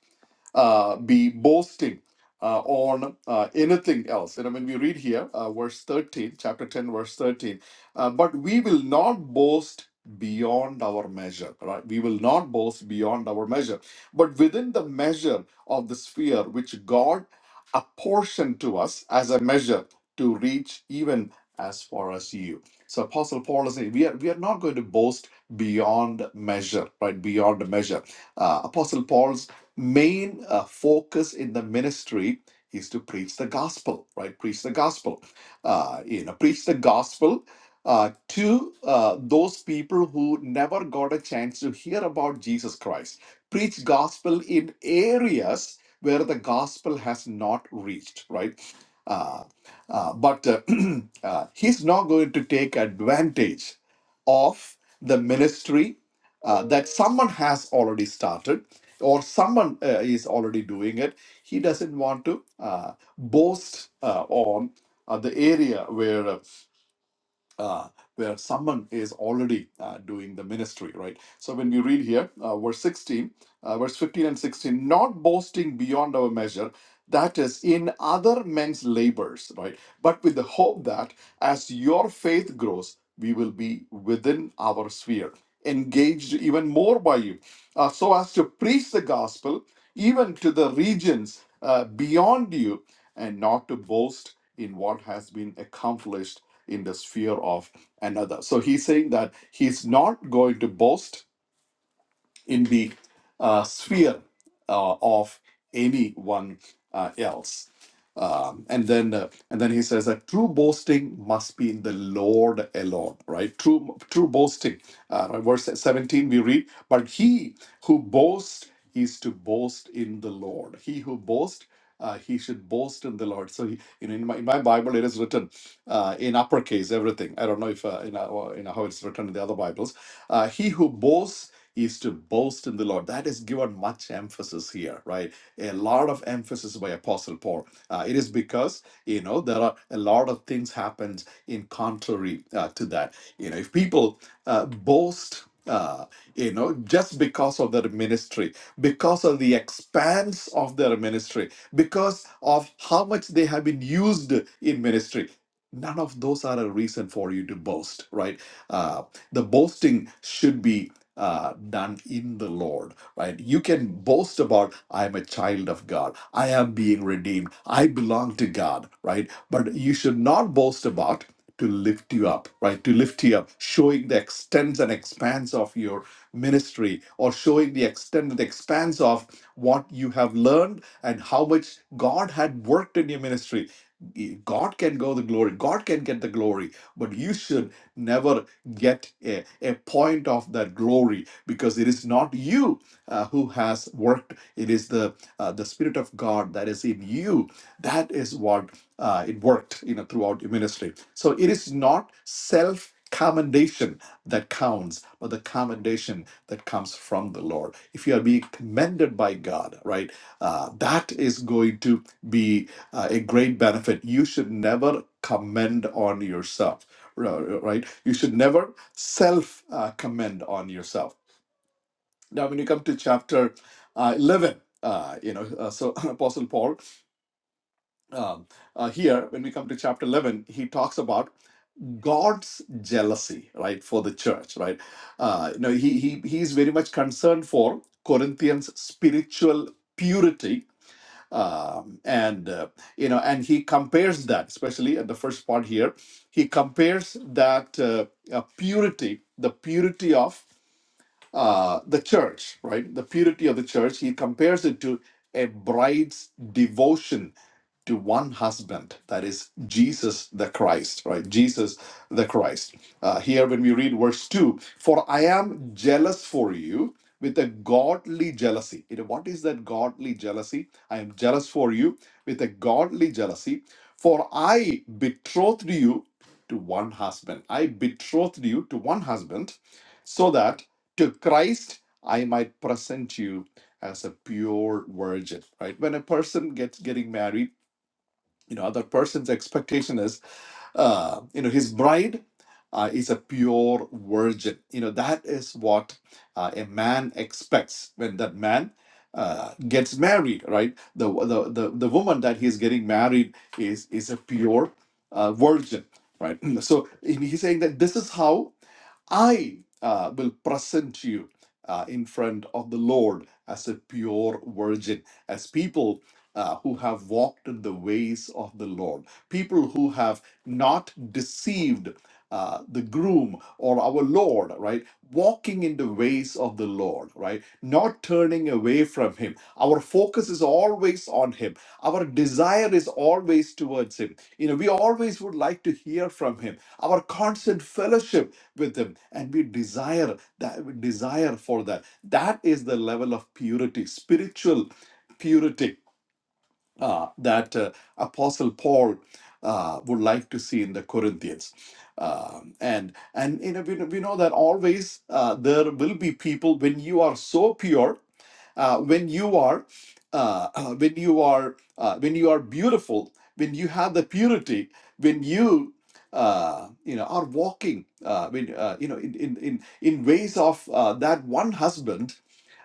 Speaker 3: uh, be boasting uh, on uh, anything else. You know, when we read here, uh, verse 13, chapter 10, verse 13, uh, but we will not boast beyond our measure, right? We will not boast beyond our measure, but within the measure of the sphere which God apportioned to us as a measure to reach even as far as you. So Apostle Paul is saying, we are, we are not going to boast beyond measure, right? Beyond measure. Uh, Apostle Paul's main uh, focus in the ministry is to preach the gospel, right? Preach the gospel. Uh, you know, preach the gospel uh, to uh, those people who never got a chance to hear about Jesus Christ. Preach gospel in areas where the gospel has not reached, right? Uh, uh, but uh, uh, he's not going to take advantage of the ministry uh, that someone has already started or someone uh, is already doing it. He doesn't want to uh, boast uh, on uh, the area where uh, uh, where someone is already uh, doing the ministry, right? So when we read here, uh, verse 16, uh, verse 15 and 16, not boasting beyond our measure, that is, in other men's labors, right? But with the hope that as your faith grows, we will be within our sphere, engaged even more by you, uh, so as to preach the gospel even to the regions uh, beyond you and not to boast in what has been accomplished in the sphere of another. So he's saying that he's not going to boast in the uh, sphere uh, of anyone uh, else. Um, and then uh, and then he says that true boasting must be in the Lord alone, right? True true boasting. Uh, right? verse 17 we read, but he who boasts is to boast in the Lord. He who boasts, uh, he should boast in the Lord. So he, in, in, my, in my Bible it is written uh, in uppercase everything. I don't know if uh, in, uh, in how it's written in the other Bibles. Uh, he who boasts is to boast in the Lord. That is given much emphasis here, right? A lot of emphasis by Apostle Paul. Uh, it is because you know there are a lot of things happens in contrary uh, to that. You know, if people uh, boast. Uh, you know, just because of their ministry, because of the expanse of their ministry, because of how much they have been used in ministry, none of those are a reason for you to boast, right? Uh, the boasting should be uh, done in the Lord, right? You can boast about, I'm a child of God, I am being redeemed, I belong to God, right? But you should not boast about to lift you up, right? To lift you up, showing the extents and expanse of your ministry or showing the extent and expanse of what you have learned and how much God had worked in your ministry. God can go the glory, God can get the glory, but you should never get a, a point of that glory because it is not you uh, who has worked it is the uh, the spirit of god that is in you that is what uh, it worked you know throughout your ministry so it is not self commendation that counts but the commendation that comes from the lord if you are being commended by god right uh, that is going to be uh, a great benefit you should never commend on yourself r- right? You should never self uh, commend on yourself. Now, when you come to chapter uh, 11, uh, you know, uh, so Apostle Paul um, uh, here, when we come to chapter 11, he talks about God's jealousy, right, for the church, right? Uh, you know, he, he, he is very much concerned for Corinthians' spiritual purity um, and uh, you know, and he compares that, especially at the first part here, he compares that uh, uh, purity, the purity of uh, the church, right? The purity of the church. He compares it to a bride's devotion to one husband, that is Jesus the Christ, right? Jesus the Christ. Uh, here, when we read verse 2, for I am jealous for you with a godly jealousy. You know, what is that godly jealousy? I am jealous for you with a godly jealousy, for I betrothed you to one husband. I betrothed you to one husband, so that to Christ, I might present you as a pure virgin, right? When a person gets getting married, you know, other person's expectation is uh, you know, his bride uh, is a pure virgin. You know, that is what uh, a man expects when that man uh, gets married, right? The, the the the woman that he's getting married is is a pure uh, virgin, right? So and he's saying that this is how I uh, will present you uh, in front of the Lord as a pure virgin, as people uh, who have walked in the ways of the Lord, people who have not deceived, uh, the groom or our Lord, right? Walking in the ways of the Lord, right? Not turning away from Him. Our focus is always on Him. Our desire is always towards Him. You know, we always would like to hear from Him. Our constant fellowship with Him, and we desire that we desire for that. That is the level of purity, spiritual purity uh, that uh, Apostle Paul uh, would like to see in the Corinthians. Um, and and you know we, know we know that always uh, there will be people when you are so pure, uh, when you are uh, uh, when you are uh, when you are beautiful, when you have the purity, when you uh, you know are walking uh, when uh, you know in in in in ways of uh, that one husband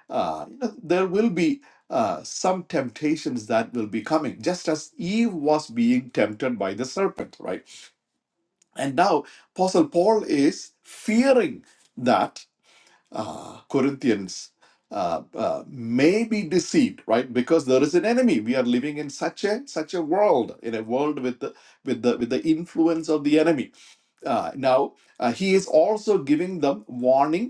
Speaker 3: uh, you know, there will be uh, some temptations that will be coming, just as Eve was being tempted by the serpent, right? And now, Apostle Paul is fearing that uh, Corinthians. Uh, uh, may be deceived, right? Because there is an enemy. We are living in such a such a world, in a world with the with the with the influence of the enemy. Uh, now uh, he is also giving them warning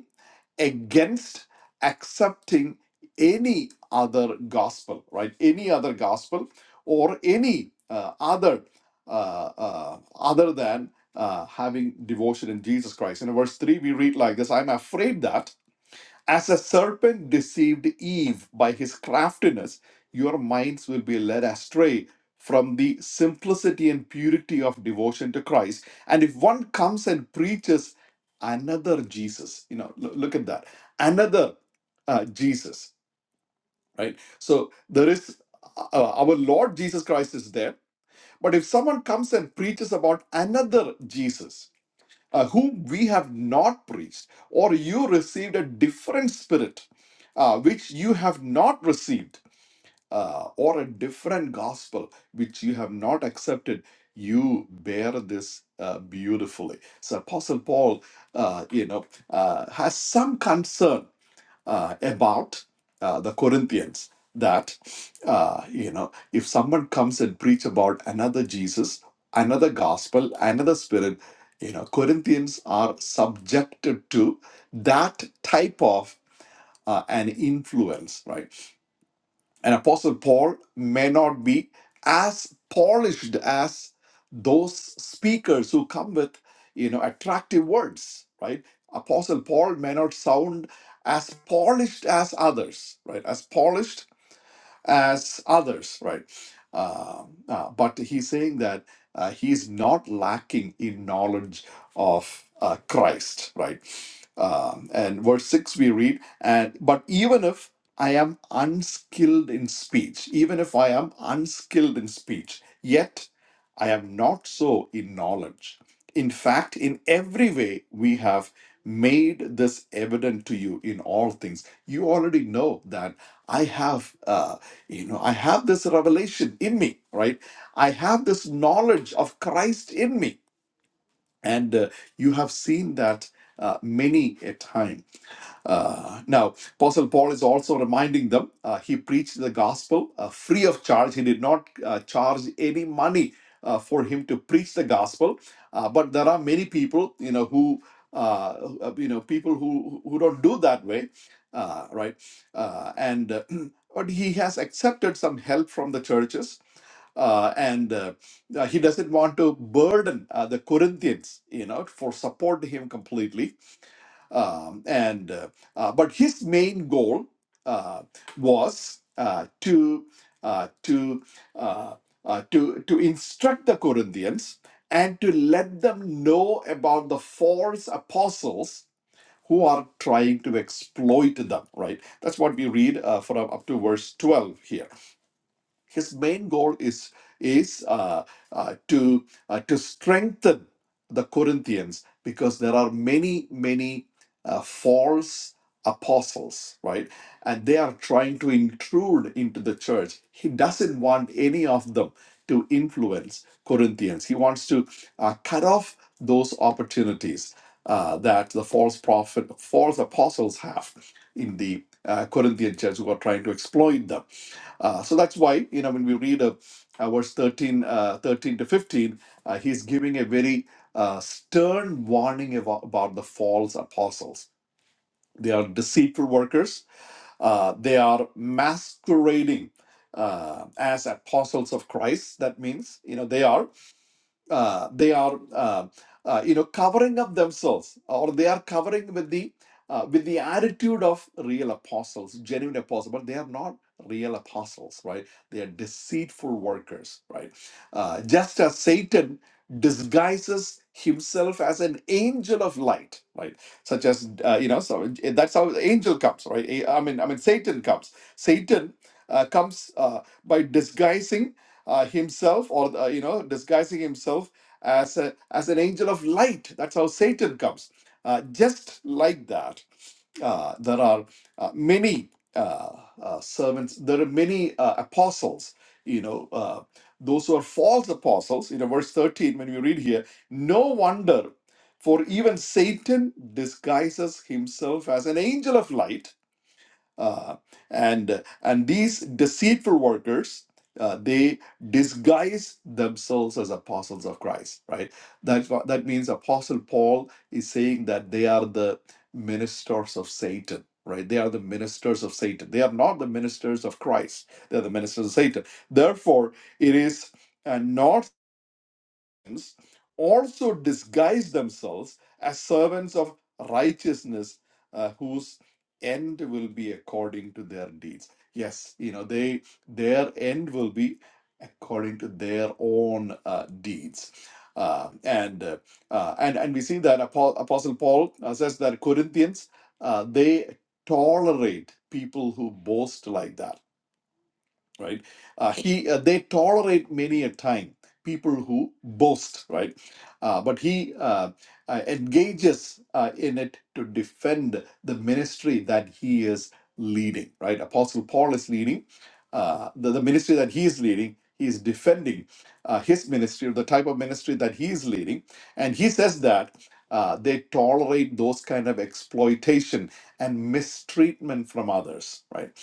Speaker 3: against accepting any other gospel, right? Any other gospel or any uh, other uh, uh, other than uh, having devotion in Jesus Christ. In verse three, we read like this: "I'm afraid that." As a serpent deceived Eve by his craftiness, your minds will be led astray from the simplicity and purity of devotion to Christ. And if one comes and preaches another Jesus, you know, lo- look at that, another uh, Jesus, right? So there is uh, our Lord Jesus Christ is there, but if someone comes and preaches about another Jesus, uh, whom we have not preached, or you received a different spirit, uh, which you have not received, uh, or a different gospel, which you have not accepted, you bear this uh, beautifully. So, Apostle Paul, uh, you know, uh, has some concern uh, about uh, the Corinthians that uh, you know if someone comes and preach about another Jesus, another gospel, another spirit, you know Corinthians are subjected to that type of uh, an influence, right? And Apostle Paul may not be as polished as those speakers who come with, you know, attractive words, right? Apostle Paul may not sound as polished as others, right? As polished as others, right? Um, uh, but he's saying that uh, he's not lacking in knowledge of uh, Christ, right? Um, and verse 6 we read, and but even if I am unskilled in speech, even if I am unskilled in speech, yet I am not so in knowledge. In fact, in every way we have made this evident to you in all things. You already know that I have. Uh, you know i have this revelation in me right i have this knowledge of christ in me and uh, you have seen that uh, many a time uh, now, Apostle Paul is also reminding them uh, he preached the gospel uh, free of charge. He did not uh, charge any money uh, for him to preach the gospel. Uh, but there are many people, you know, who uh, who- uh, you know people who who don't do that way, uh, right? Uh, and uh, but he has accepted some help from the churches uh, and uh, uh, he doesn't want to burden uh, the Corinthians, you know, for support to him completely um, and uh, uh, but his main goal uh, was uh, to uh, to uh, uh, to to instruct the Corinthians and to let them know about the false apostles who are trying to exploit them. Right. That's what we read uh, from up to verse twelve here his main goal is is uh, uh, to uh, to strengthen the Corinthians because there are many many uh, false apostles, right? And they are trying to intrude into the church. He doesn't want any of them to influence Corinthians. He wants to uh, cut off those opportunities uh, that the false prophet, false apostles have in the uh, Corinthian church who are trying to exploit them uh, so that's why, you know, when we read uh, uh, verse 13, uh, 13 to 15, uh, he's giving a very uh, stern warning about, about the false apostles. They are deceitful workers, uh, they are masquerading uh, as apostles of Christ. That means, you know, they are uh, they are uh, uh, you know covering up themselves or they are covering with the uh, with the attitude of real apostles genuine apostles but they are not real apostles right they are deceitful workers right uh, just as satan disguises himself as an angel of light right such as uh, you know so eh, that's how the angel comes right Eh, i mean i mean satan comes satan uh, comes uh, by disguising uh, himself or uh, you know disguising himself as a, as an angel of light that's how satan comes uh, just like that uh, there are uh, many uh, uh, servants there are many uh, apostles you know uh, those who are false apostles you know verse 13 when we read here no wonder for even satan disguises himself as an angel of light uh, and and these deceitful workers, uh, they disguise themselves as apostles of Christ, right? That's what, that means Apostle Paul is saying that they are the ministers of Satan, right? They are the ministers of Satan. They are not the ministers of Christ. They are the ministers of Satan. Therefore, it is uh, not also disguise themselves as servants of righteousness, uh, whose end will be according to their deeds. Yes, you know they their end will be according to their own uh, deeds, Uh, and uh, uh, and and we see that Apo- Apostle Paul uh, says that Corinthians uh, they tolerate people who boast like that right? Uh, he uh, they tolerate many a time people who boast, right? Uh, but he uh, uh, engages uh, in it to defend the ministry that he is leading, right? Apostle Paul is leading uh, the, the ministry that he is leading. He is defending uh, his ministry, the type of ministry that he is leading, and he says that. Uh, they tolerate those kind of exploitation and mistreatment from others, right?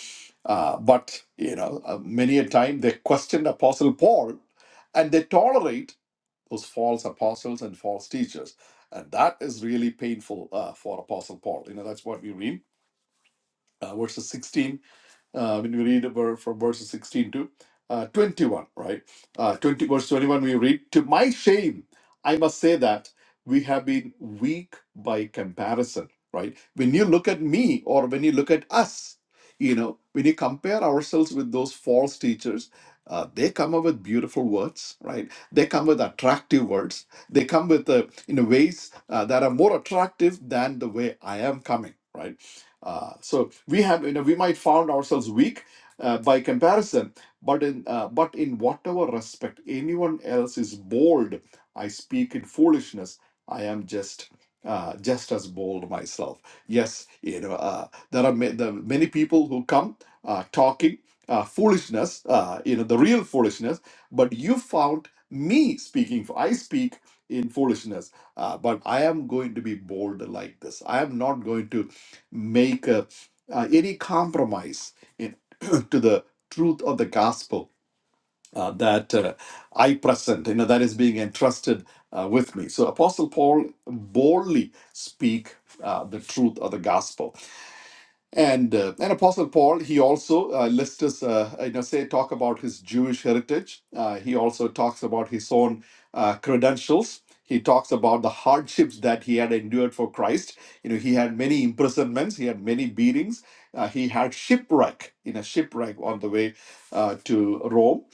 Speaker 3: Uh, but you know, uh, many a time they questioned Apostle Paul, and they tolerate those false apostles and false teachers, and that is really painful uh, for Apostle Paul. You know, that's what we read, uh, verses sixteen uh, when we read ver- from verses 16 to uh, 21, right? Uh, 20 verse 21, we read, To my shame, I must say that we have been weak by comparison, right? When you look at me or when you look at us, you know, when you compare ourselves with those false teachers, uh, they come up with beautiful words, right? They come with attractive words. They come with, uh, in ways uh, that are more attractive than the way I am coming, right? Uh, so we have, you know, we might found ourselves weak uh, by comparison, but in uh, but in whatever respect anyone else is bold, I speak in foolishness. I am just uh, just as bold myself. Yes, you know, uh, there are ma- the many people who come uh, talking uh, foolishness, uh, you know, the real foolishness. But you found me speaking. For I speak in foolishness, uh, but I am going to be bold like this. I am not going to make uh, uh, any compromise in, to the truth of the gospel uh, that uh, I present, you know, that is being entrusted uh, with me. So Apostle Paul boldly speak uh, the truth of the gospel. And uh, and Apostle Paul, he also uh, lists us, uh, you know, say talk about his Jewish heritage. Uh, he also talks about his own uh, credentials. He talks about the hardships that he had endured for Christ. You know, he had many imprisonments. He had many beatings. Uh, he had shipwreck in a shipwreck on the way uh, to Rome,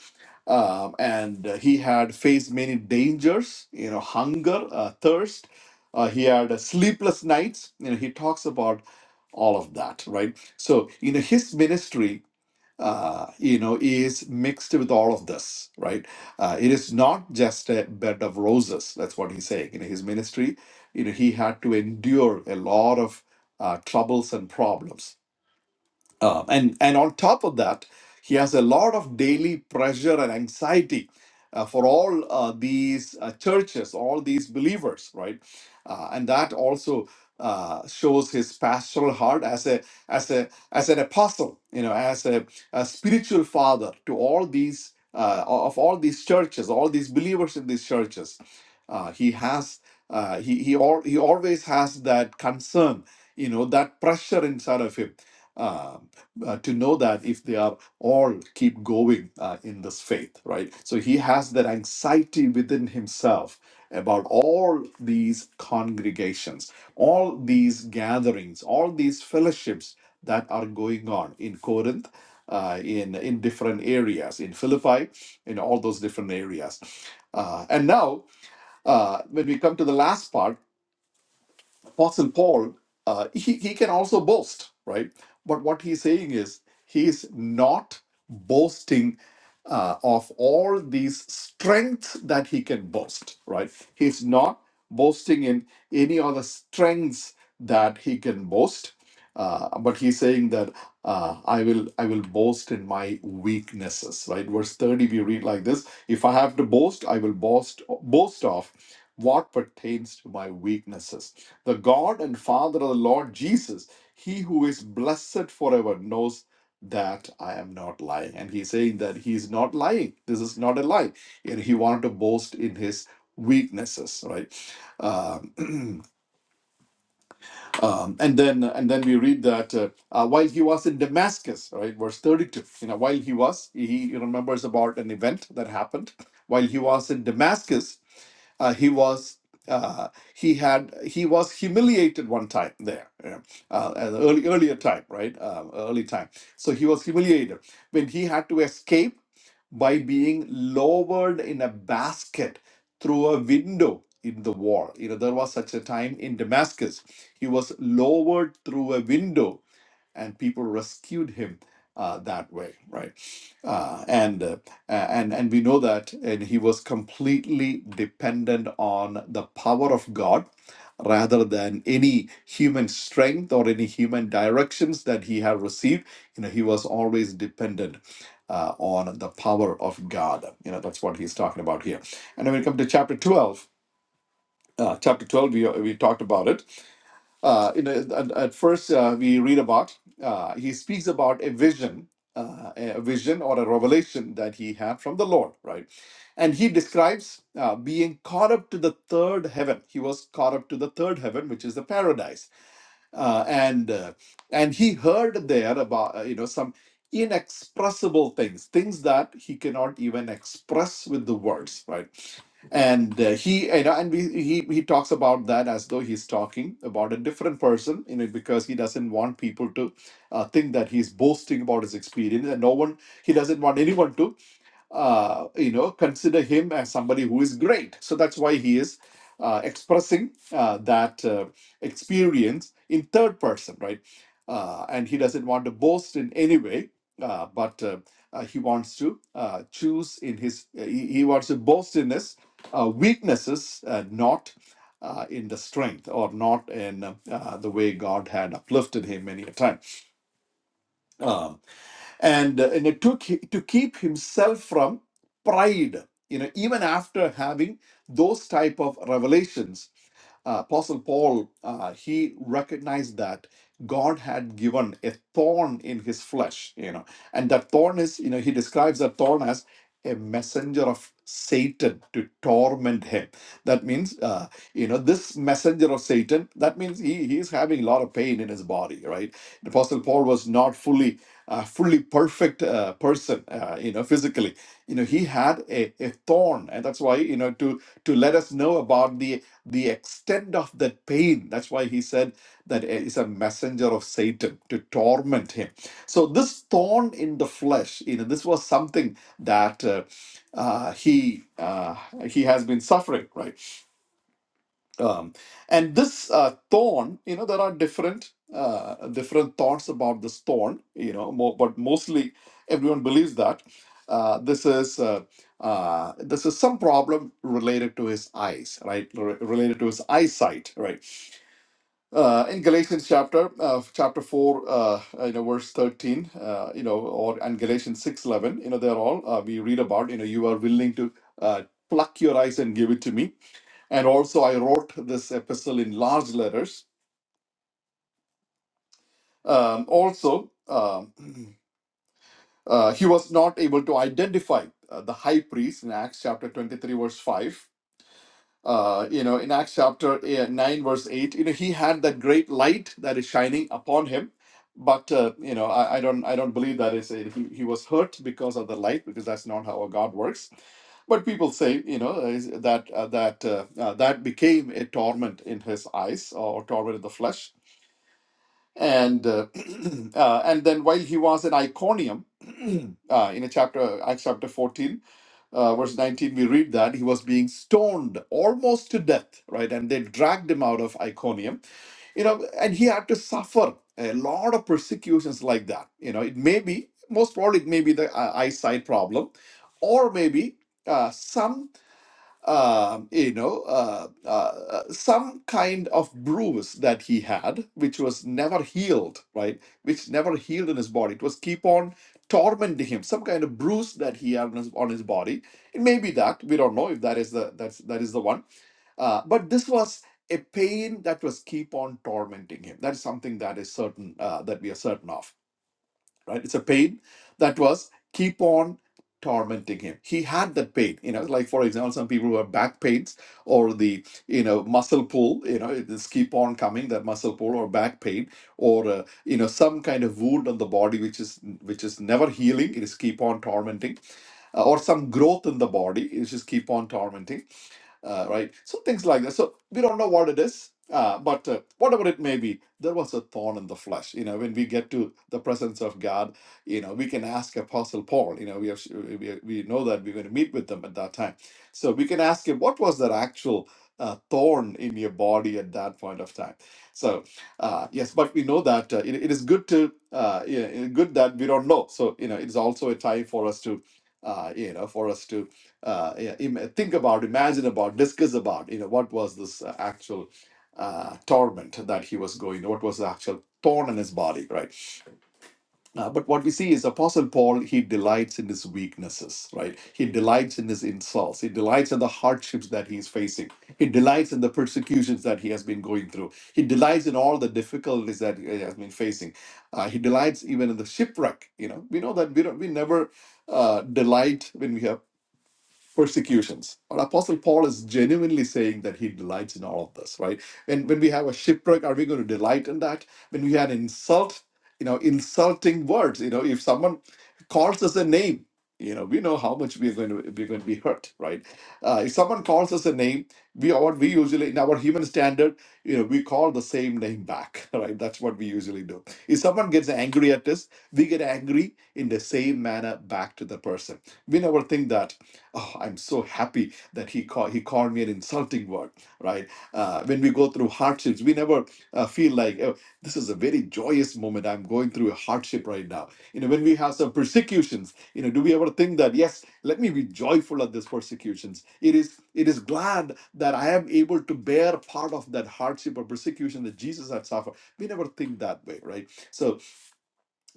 Speaker 3: um, and uh, he had faced many dangers. You know, hunger, uh, thirst. Uh, he had uh, sleepless nights. You know, he talks about all of that, right? So, you know, his ministry, uh, you know, is mixed with all of this, right? Uh, it is not just a bed of roses. That's what he's saying. You know, his ministry, you know, he had to endure a lot of uh, troubles and problems uh, and and on top of that, he has a lot of daily pressure and anxiety uh, for all uh, these uh, churches, all these believers, right? Uh, and that also uh, shows his pastoral heart as a as a as an apostle, you know, as a, a spiritual father to all these uh, of all these churches, all these believers in these churches. Uh, he has uh, he he al- he always has that concern, you know, that pressure inside of him Um, uh, to know that if they are all keep going uh, in this faith, right? So he has that anxiety within himself about all these congregations, all these gatherings, all these fellowships that are going on in Corinth. Uh, in in different areas in Philippi, in all those different areas, uh, and now uh, when we come to the last part, Apostle Paul, uh, he, he can also boast, right? But what he's saying is he's not boasting uh, of all these strengths that he can boast, right? He's not boasting in any other strengths that he can boast. Uh, but he's saying that uh, I will I will boast in my weaknesses, right? Verse thirty, we read like this: If I have to boast, I will boast boast of what pertains to my weaknesses the God and Father of the Lord Jesus, he who is blessed forever, knows that I am not lying. And he's saying that he is not lying. This is not a lie. And he wanted to boast in his weaknesses, right? Um, um, and then and then we read that uh, uh, while he was in Damascus, right, verse 32, you know, while he was, he remembers about an event that happened while he was in Damascus uh, he was uh, he had he was humiliated one time there you know, uh, at the early earlier time right um, early time so he was humiliated when he had to escape by being lowered in a basket through a window in the wall you know there was such a time in damascus he was lowered through a window and people rescued him uh, that way, right? Uh, and uh, and and we know that, and he was completely dependent on the power of God rather than any human strength or any human directions that he had received. You know, he was always dependent. Uh, on the power of God. You know, that's what he's talking about here. And when we come to chapter 12, uh, chapter 12, we, we talked about it uh, you know, at, at first uh, we read about uh, he speaks about a vision, uh, a vision or a revelation that he had from the Lord, right? And he describes uh, being caught up to the third heaven. He was caught up to the third heaven, which is the paradise uh, and uh, and he heard there about uh, you know some inexpressible things things that he cannot even express with the words right and uh, he you know and we, he he talks about that as though he's talking about a different person you know because he doesn't want people to uh, think that he's boasting about his experience and no one he doesn't want anyone to uh, you know, consider him as somebody who is great. So that's why he is uh, expressing uh, that uh, experience in third person, right? Uh, and he doesn't want to boast in any way, uh, but uh, uh, he wants to uh, choose in his, uh, he, he wants to boast in his uh, weaknesses, uh, not. Uh, in the strength or not in uh, uh, the way God had uplifted him many a time. Um, and, uh, and it took to keep himself from pride you know even after having those type of revelations uh, apostle paul uh, he recognized that god had given a thorn in his flesh you know and that thorn is you know he describes that thorn as a messenger of satan to torment him that means uh, you know this messenger of satan that means he he is having a lot of pain in his body right the apostle paul was not fully uh, fully perfect uh, person, uh, you know, physically. You know, he had a, a thorn, and that's why you know to to let us know about the the extent of that pain. That's why he said that it is a messenger of Satan to torment him. So this thorn in the flesh, you know, this was something that uh, uh, he uh, he has been suffering, right? um, and this uh, thorn you know there are different uh, different thoughts about this thorn you know mo but mostly everyone believes that uh, this is uh, uh, this is some problem related to his eyes right re- related to his eyesight right uh, in galatians chapter uh, chapter 4 uh, you know verse 13 uh, you know or and galatians 6 11, you know they're all uh, we read about you know you are willing to uh, pluck your eyes and give it to me and also, I wrote this epistle in large letters. Um, also, um, uh, he was not able to identify uh, the high priest in Acts chapter 23, verse 5. Uh, you know, in Acts chapter eh, 9, verse 8, you know, he had that great light that is shining upon him. But uh, you know, I, I don't, I don't believe that is a, he, he was hurt because of the light, because that's not how our God works. But people say, you know, uh, is that uh, that uh, uh, that became a torment in his eyes or torment in the flesh and uh, uh, and then while he was at Iconium, uh, in a chapter Acts chapter fourteen, uh, verse nineteen, we read that he was being stoned almost to death, right? And they dragged him out of Iconium, you know, and he had to suffer a lot of persecutions like that. You know, it may be most probably it may be the uh, eyesight problem, or maybe. Uh, some um, you know, uh, uh, uh, some kind of bruise that he had, which was never healed, right? Which never healed in his body. It was keep on tormenting him. Some kind of bruise that he had on his, on his body. It may be that we don't know if that is the that's that is the one. Uh, but this was a pain that was keep on tormenting him. That is something that is certain uh, that we are certain of right? It's a pain that was keep on tormenting him. He had that pain, you know, like for example, some people who have back pains or the, you know, muscle pull, you know, it just keep on coming, that muscle pull or back pain or, uh, you know, some kind of wound on the body, which is, which is never healing. It is keep on tormenting uh, or some growth in the body. It is just keep on tormenting uh, right? So things like that. So we don't know what it is, uh, but uh, whatever it may be, there was a thorn in the flesh. You know, when we get to the presence of God, you know, we can ask Apostle Paul. You know, we have, we, we know that we're going to meet with them at that time, so we can ask him what was that actual uh, thorn in your body at that point of time. So uh, yes, but we know that uh, it, it is good to uh, yeah, good that we don't know. So you know, it is also a time for us to. Uh, you know, for us to uh, yeah, im- think about, imagine about, discuss about, you know, what was this uh, actual uh, torment that he was going, what was the actual thorn in his body, right? Uh, but what we see is Apostle Paul, he delights in his weaknesses, right? He delights in his insults. He delights in the hardships that he's facing. He delights in the persecutions that he has been going through. He delights in all the difficulties that he has been facing. Uh, he delights even in the shipwreck. You know, we know that we don't, we never uh, delight when we have persecutions. Our Apostle Paul is genuinely saying that he delights in all of this, right? When when we have a shipwreck, are we going to delight in that? When we had insult, you know, insulting words, you know, if someone calls us a name, you know, we know how much we're going to we're going to be hurt, right? Uh, if someone calls us a name, we what we usually in our human standard, you know, we call the same name back, right? That's what we usually do. If someone gets angry at us, we get angry in the same manner back to the person. We never think that oh, I'm so happy that he called he called me an insulting word, right? Uh, when we go through hardships, we never uh, feel like oh, this is a very joyous moment. I'm going through a hardship right now. You know, when we have some persecutions, you know, do we ever think that yes, let me be joyful at these persecutions? It is it is glad that I am able to bear part of that hardship or persecution that Jesus had suffered. We never think that way, right? So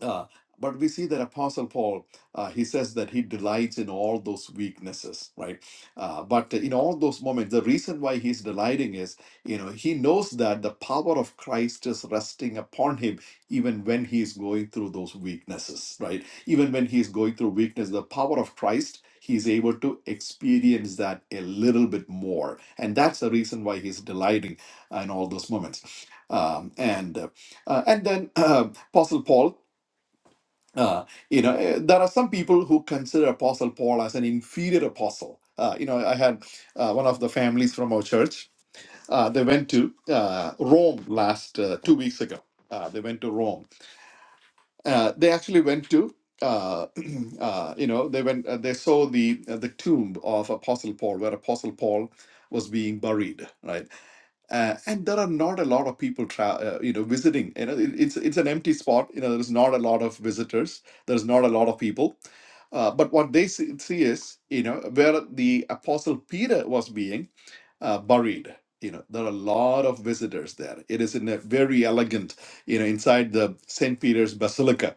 Speaker 3: uh, but we see that Apostle Paul, uh, he says that he delights in all those weaknesses, right? Uh, but in all those moments, the reason why he's delighting is, you know, he knows that the power of Christ is resting upon him even when he is going through those weaknesses, right? Even when he is going through weakness, the power of Christ, he is able to experience that a little bit more. And that's the reason why he's delighting in all those moments. Um, and uh, uh, and then uh, Apostle Paul uh, you know, eh, there are some people who consider Apostle Paul as an inferior apostle. Uh, you know, I had uh, one of the families from our church. Uh, they went to uh, Rome last uh, two weeks ago. Uh, they went to Rome. Uh, they actually went to, uh, uh, you know, they went. Uh, they saw the uh, the tomb of Apostle Paul, where Apostle Paul was being buried, right? uh, and there are not a lot of people tra- uh, you know visiting you know it, it's it's an empty spot you know there's not a lot of visitors there's not a lot of people uh, but what they see, see is you know where the apostle peter was being uh, buried you know there are a lot of visitors there it is in a very elegant you know inside the st peter's basilica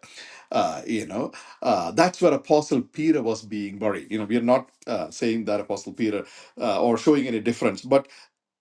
Speaker 3: uh, you know uh, that's where apostle peter was being buried you know we are not uh, saying that apostle peter uh, or showing any difference but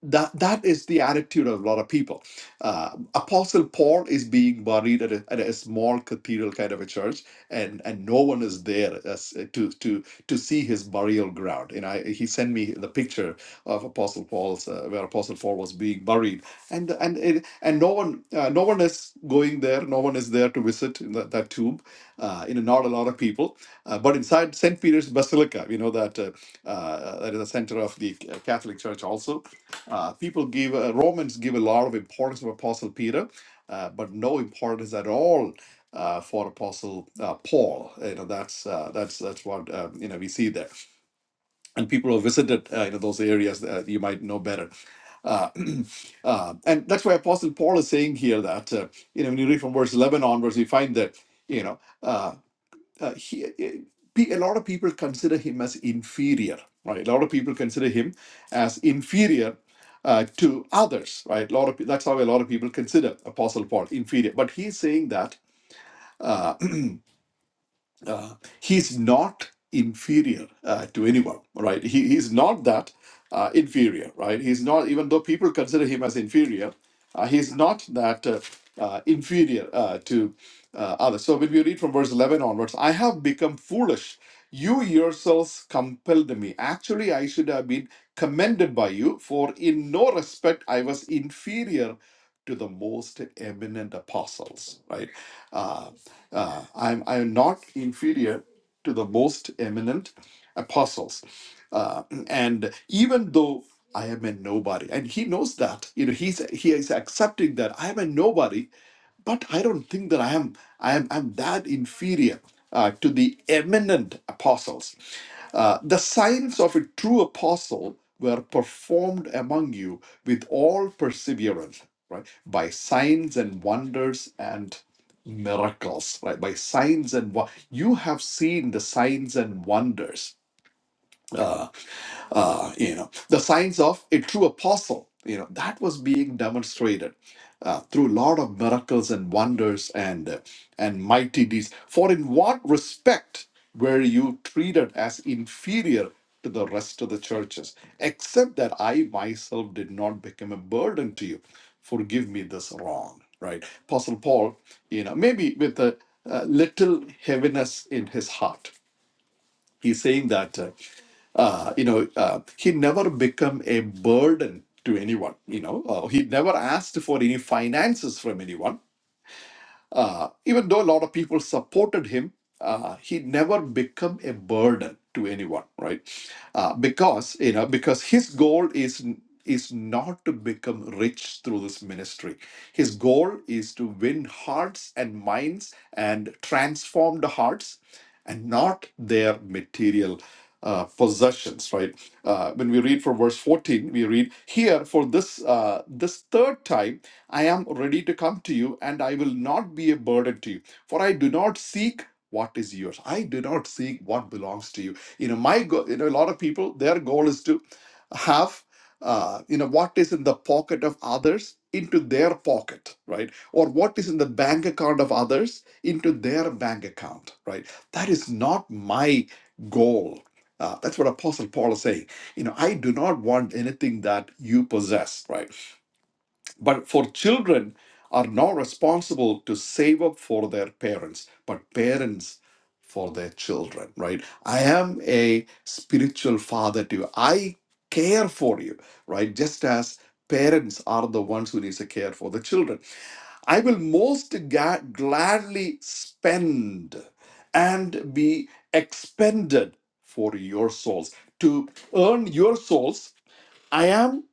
Speaker 3: that that is the attitude of a lot of people. Uh, Apostle Paul is being buried at a, at a small cathedral kind of a church, and and no one is there as, uh, to to to see his burial ground. And I he sent me the picture of Apostle Paul's uh, where Apostle Paul was being buried, and and it, and no one uh, no one is going there. No one is there to visit in that, that tomb. Uh, you know, not a lot of people, uh, but inside Saint Peter's Basilica, we know that uh, uh, that is the center of the uh, Catholic Church also uh, people give uh, Romans give a lot of importance to Apostle Peter, uh, but no importance at all uh, for Apostle uh, Paul. You know that's uh, that's that's what um, you know we see there. And people who visited uh, you know those areas uh, you might know better. Uh, uh, and that's why Apostle Paul is saying here that uh, you know when you read from verse eleven onwards, you find that you know. Uh, uh, he, eh, a lot of people consider him as inferior, right? A lot of people consider him as inferior uh, to others, right? A lot of pe- that's how a lot of people consider Apostle Paul inferior, but he's saying that uh, uh, he's not inferior uh, to anyone, right? He, he's not that uh, inferior, right? He's not even though people consider him as inferior, uh, he's not that uh, uh, inferior uh, to uh, others. So when we read from verse 11 onwards, I have become foolish. You yourselves compelled me. Actually, I should have been commended by you, for in no respect I was inferior to the most eminent apostles. Right? Uh, uh, I'm, I'm not inferior to the most eminent apostles. Uh, and even though I am a nobody, and he knows that, you know, he's he is accepting that I am a nobody but I don't think that I am I am I'm that inferior uh, to the eminent apostles. Uh, the signs of a true apostle were performed among you with all perseverance, right? By signs and wonders and miracles, right? By signs and wo- you have seen the signs and wonders uh, uh, you know, the signs of a true apostle, you know, that was being demonstrated uh, through a lot of miracles and wonders and uh, and mighty deeds. For in what respect were you treated as inferior to the rest of the churches, except that I myself did not become a burden to you? Forgive me this wrong, right? Apostle Paul, you know, maybe with a, uh little heaviness in his heart, he's saying that. uh, uh, you know, uh, he never become a burden to anyone. You know, uh, he never asked for any finances from anyone. Uh, even though a lot of people supported him, uh, he never become a burden to anyone, right? Uh, because you know, because his goal is is not to become rich through this ministry. His goal is to win hearts and minds and transform the hearts, and not their material uh, possessions, right? Uh, when we read from verse 14, we read here for this uh, this third time I am ready to come to you, and I will not be a burden to you. For I do not seek what is yours. I do not seek what belongs to you. You know, my goal, you know, a lot of people, their goal is to have, uh, you know, what is in the pocket of others into their pocket, right? Or what is in the bank account of others into their bank account, right? That is not my goal. Uh, that's what Apostle Paul is saying. You know, I do not want anything that you possess, right? But for children are not responsible to save up for their parents, but parents for their children, right? I am a spiritual father to you. I care for you, right? Just as parents are the ones who needs to care for the children. I will most ga- gladly spend and be expended for your souls. To earn your souls, I am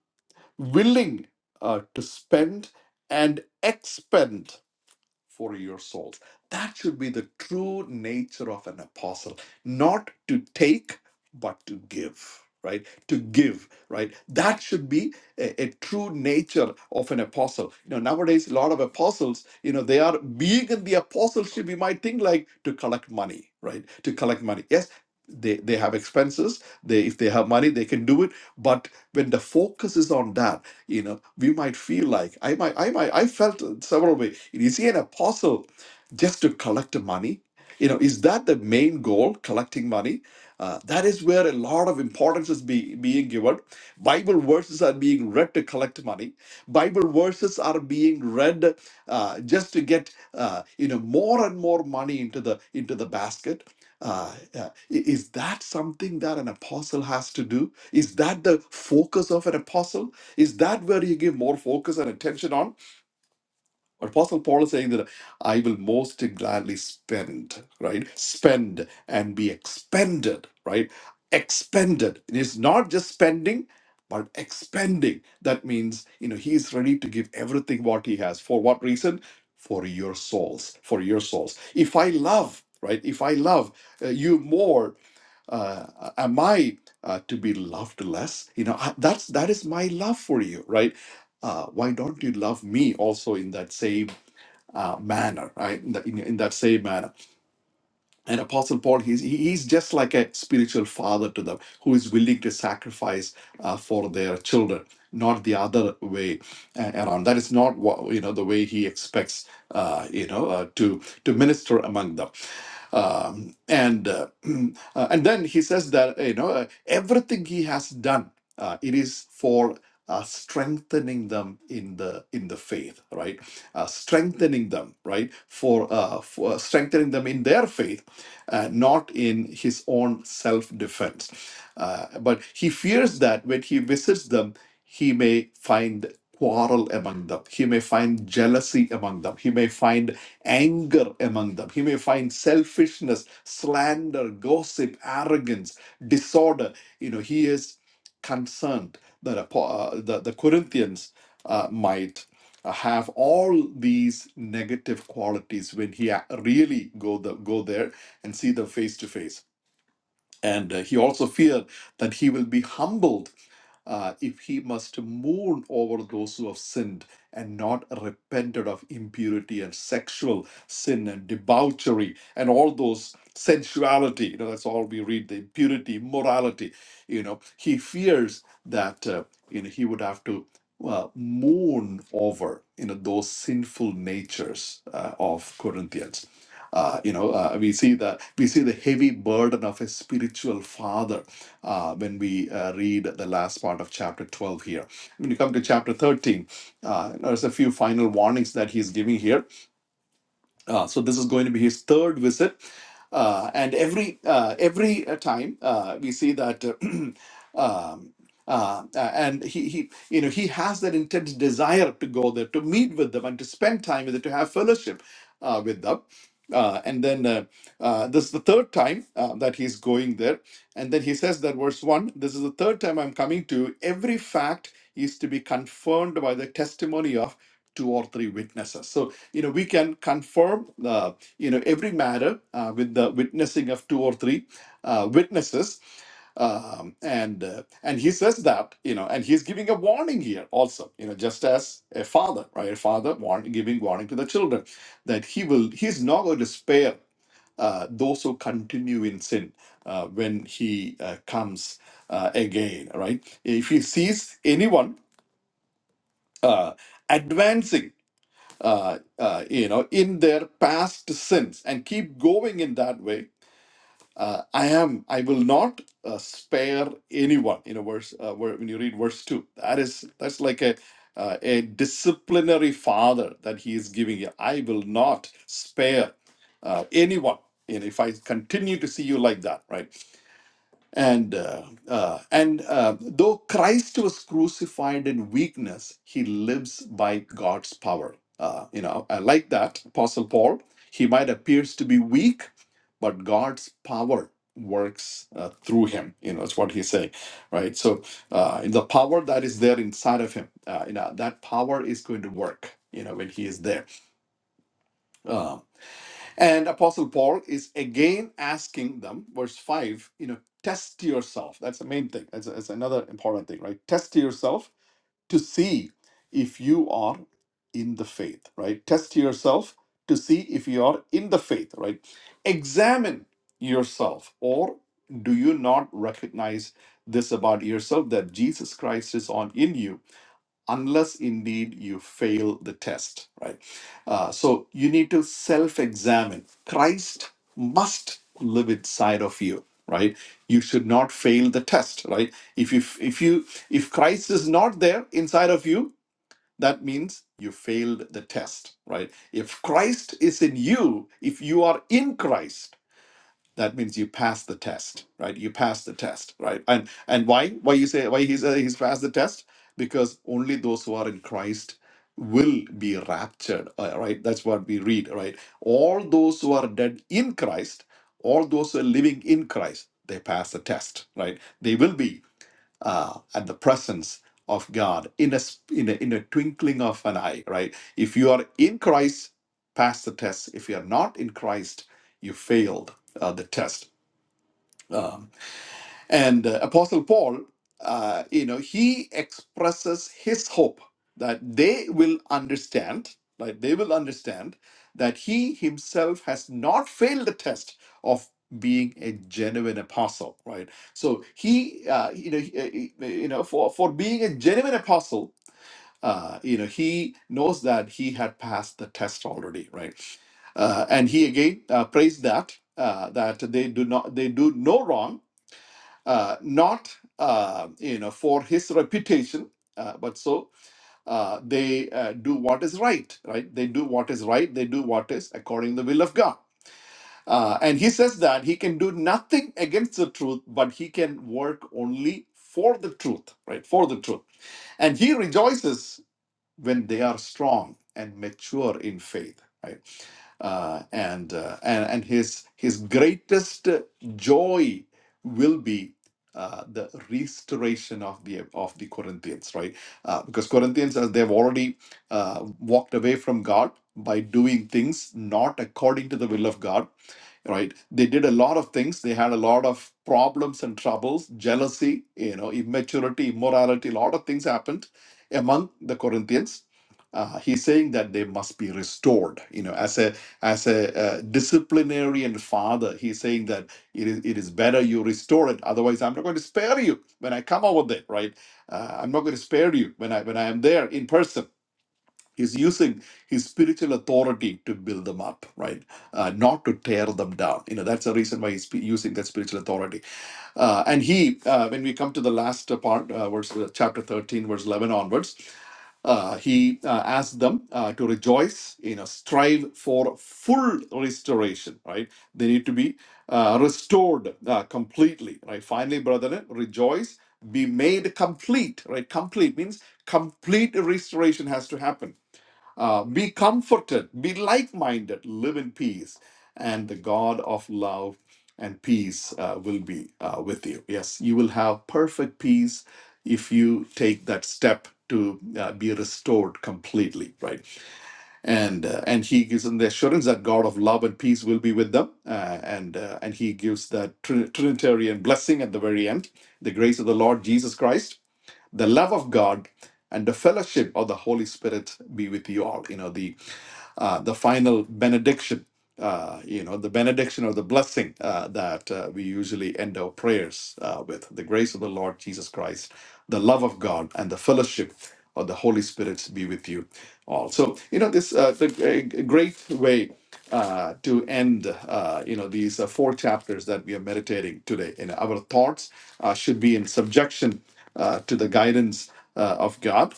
Speaker 3: willing uh, to spend and expend for your souls. That should be the true nature of an apostle, not to take, but to give, right? To give, right? That should be a, a true nature of an apostle. You know, nowadays, a lot of apostles, you know, they are being in the apostleship, you might think like to collect money, right? To collect money. Yes. They, they have expenses they if they have money they can do it but when the focus is on that you know, we might feel like I might, I might, I felt several ways. Is he an apostle just to collect money? You know, is that the main goal, collecting money? Uh, that is where a lot of importance is be, being given. Bible verses are being read to collect money. Bible verses are being read uh, just to get uh, you know more and more money into the into the basket. Uh, uh, i- is that something that an apostle has to do? Is that the focus of an apostle? Is that where you give more focus and attention on? Apostle Paul is saying that I will most gladly spend, right? Spend and be expended, right? Expended. It is not just spending, but expending. That means, you know, he is ready to give everything what he has. For what reason? For your souls, for your souls. If I love, right? If I love uh, you more uh, am I uh, to be loved less? You know, I, that's that is my love for you, right? Uh, why don't you love me also in that same uh, manner, right? In, that in, in that same manner and apostle paul he's he- he's just like a spiritual father to them who is willing to sacrifice uh, for their children not the other way uh, around that is not what you know the way he expects uh, you know uh, to to minister among them um, and uh, uh, and then he says that you know uh, everything he has done uh, it is for uh, strengthening them in the in the faith right uh, strengthening them right for, uh, for uh, strengthening them in their faith uh, not in his own self defense. Uh, but he fears that when he visits them, he may find quarrel among them, he may find jealousy among them, he may find anger among them, he may find selfishness, slander, gossip, arrogance, disorder. You know, he is concerned that apo- uh, the, the Corinthians uh, might uh, have all these negative qualities when he a- really go the, go there and see them face to face. And uh, he also feared that he will be humbled uh, if he must mourn over those who have sinned and not repented of impurity and sexual sin and debauchery and all those sensuality. You know, that's all we read the impurity, immorality. You know, he fears that uh, you know he would have to uh, mourn over you know those sinful natures uh, of Corinthians uh, you know, uh, we see the we see the heavy burden of a spiritual father uh, when we uh, read the last part of chapter twelve here. When you come to chapter thirteen, uh, there's a few final warnings that he's giving here uh, so this is going to be his third visit, uh, and every uh, every uh, time uh, we see that. uh, um, uh, uh, and he, he, you know, he has that intense desire to go there, to meet with them, and to spend time with them, to have fellowship uh, with them. Uh, and then uh, uh, this is the third time uh, that he's going there. And then he says that verse one. This is the third time I'm coming to. Every fact is to be confirmed by the testimony of two or three witnesses. So you know we can confirm uh, you know every matter uh, with the witnessing of two or three uh, witnesses um, and uh, and he says that you know and he's giving a warning here also you know just as a father right a father warn, giving warning to the children that he will he's not going to spare uh, those who continue in sin uh, when he uh, comes uh, again right if he sees anyone uh, advancing uh, uh, you know, in their past sins and keep going in that way. Uh, I am. I will not uh, spare anyone. You know, verse uh, where, when you read verse two, that is that's like a uh, a disciplinary father that he is giving you. I will not spare uh, anyone. You know, if I continue to see you like that, right? And uh, uh, and uh, though Christ was crucified in weakness, he lives by God's power. Uh, you know, I like that. Apostle Paul, he might appears to be weak, but God's power works uh, through him. You know, that's what he's saying, right? So uh, the power that is there inside of him, uh, you know, that power is going to work. You know, when he is there. Uh, and Apostle Paul is again asking them, verse 5, you know, test yourself. That's the main thing. That's, that's another important thing, right? Test yourself to see if you are in the faith, right? Test yourself to see if you are in the faith, right? Examine yourself, or do you not recognize this about yourself that Jesus Christ is on in you? unless indeed you fail the test, right? Uh, so you need to self examine. Christ must live inside of you right you should not fail the test right if you if you if christ is not there inside of you that means you failed the test right if christ is in you if you are in christ that means you pass the test right you pass the test right and and why why you say why he's uh, he's passed the test because only those who are in christ will be raptured uh, right that's what we read right all those who are dead in christ all those who are living in christ they pass the test right they will be uh, at the presence of God in a, sp- in a in a twinkling of an eye, right? If you are in Christ, pass the test. If you are not in Christ, you failed uh, the test. Um, and uh, Apostle Paul, uh, you know, he expresses his hope that they will understand, like they will understand that he himself has not failed the test of being a genuine apostle, right? So he, uh, you know, he- uh, he- uh, you know, for for being a genuine apostle, uh, you know, he knows that he had passed the test already, right? Uh, and he again uh, praised that uh, that they do not they do no wrong uh, not uh, you know for his reputation uh, but so uh, they uh, do what is right right they do what is right they do what is according to the will of god uh, and he says that he can do nothing against the truth but he can work only for the truth right for the truth and he rejoices when they are strong and mature in faith right uh, and, uh, and and his his greatest joy will be uh, the restoration of the of the Corinthians, right? Uh, because Corinthians, as they've already uh, walked away from God by doing things not according to the will of God, right they did a lot of things they had a lot of problems and troubles jealousy you know immaturity immorality a lot of things happened among the corinthians uh, he's saying that they must be restored you know as a as a uh, disciplinarian father he's saying that it is it is better you restore it otherwise i'm not going to spare you when i come over there right uh, i'm not going to spare you when i when i am there in person He's using his spiritual authority to build them up, right? Uh, not to tear them down. You know, that's the reason why he's sp- using that spiritual authority. Uh, and he, uh, when we come to the last uh, part, uh, verse, uh, chapter 13, verse 11 onwards, uh, he uh, asked them uh, to rejoice, you know, strive for full restoration, right? They need to be uh, restored uh, completely, right? Finally, brethren, rejoice, be made complete, right? Complete means complete restoration has to happen uh, be comforted, be like minded, live in peace, and the God of love and peace uh, will be uh, with you. Yes, you will have perfect peace if you take that step to uh, be restored completely right and uh, and he gives them the assurance that god of love and peace will be with them uh, and uh, and he gives that trin- trinitarian blessing at the very end the grace of the lord jesus christ the love of god and the fellowship of the holy spirit be with you all you know the uh, the final benediction, uh, you know, the benediction or the blessing uh, that uh, we usually end our prayers uh, with. The grace of the Lord Jesus Christ, the love of God, and the fellowship of the Holy Spirit be with you all. So, you know, this uh, the a great way uh, to end, uh, you know, these uh, four chapters that we are meditating today. And our thoughts uh, should be in subjection uh, to the guidance uh, of God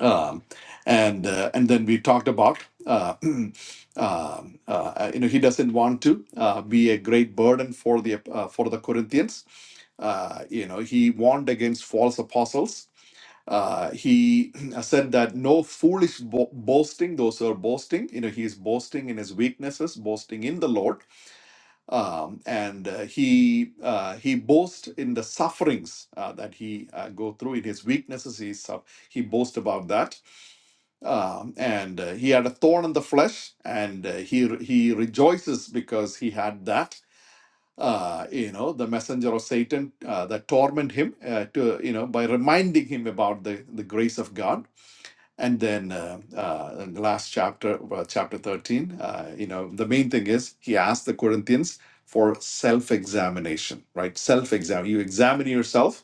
Speaker 3: um, and uh, and then we talked about uh, um, uh, you know he doesn't want to uh, be a great burden for the uh, for the Corinthians. Uh, you know he warned against false apostles. Uh, he said that no foolish bo- boasting; those who are boasting, you know, he is boasting in his weaknesses, boasting in the Lord, um, and uh, he uh, he boasts in the sufferings uh, that he uh, go through in his weaknesses. He suff- he boasts about that um, and uh, he had a thorn in the flesh, and uh, he he rejoices because he had that. Uh, you know, the messenger of Satan uh, that torment him uh, to you know by reminding him about the the grace of God. And then uh, uh, in the last chapter, well, chapter thirteen, uh, you know, the main thing is he asked the Corinthians for self-examination, right? Self-exam. You examine yourself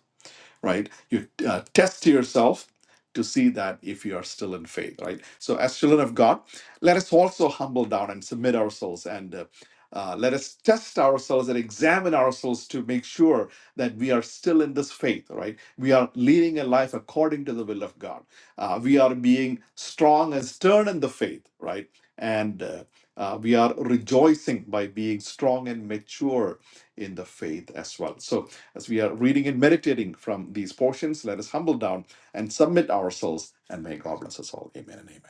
Speaker 3: right? You uh, test yourself to see that if you are still in faith, right? So, as children of God, let us also humble down and submit ourselves and uh, uh, let us test ourselves and examine ourselves to make sure that we are still in this faith, right? We are leading a life according to the will of God. Uh, we are being strong and stern in the faith, right? And uh, uh, we are rejoicing by being strong and mature in the faith as well. So, as we are reading and meditating from these portions, let us humble down and submit ourselves, and may God bless us all. Amen and amen.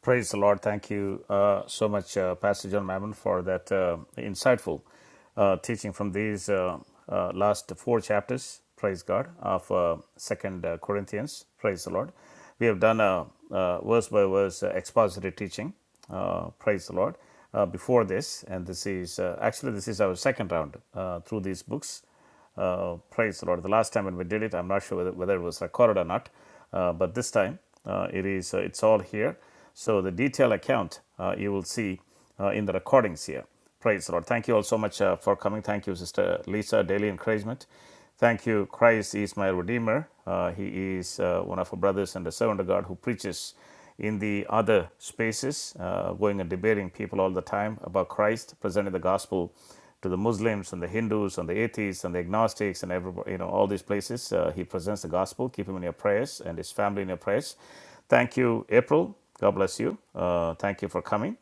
Speaker 1: Praise the Lord. Thank you uh, so much, uh, Pastor John Mammon, for that uh, insightful uh, teaching from these uh, uh, last four chapters. Praise God of uh, Second uh, Corinthians. Praise the Lord. We have done a, uh verse by verse uh, expository teaching. Uh, praise the Lord. Uh, before this, and this is uh, actually this is our second round uh, through these books. Uh, praise the Lord. The last time when we did it, I'm not sure whether, whether it was recorded or not, uh, but this time uh, it is. Uh, it's all here. So the detailed account uh, you will see uh, in the recordings here. Praise the Lord. Thank you all so much uh, for coming. Thank you, Sister Lisa, daily encouragement. Thank you. Christ is my Redeemer. Uh, he is uh, one of our brothers and a servant of God who preaches in the other spaces, uh, going and debating people all the time about Christ, presenting the gospel to the Muslims and the Hindus and the atheists and the agnostics and everybody, you know, all these places. Uh, he presents the gospel. Keep him in your prayers and his family in your prayers. Thank you, April. God bless you. Uh, thank you for coming.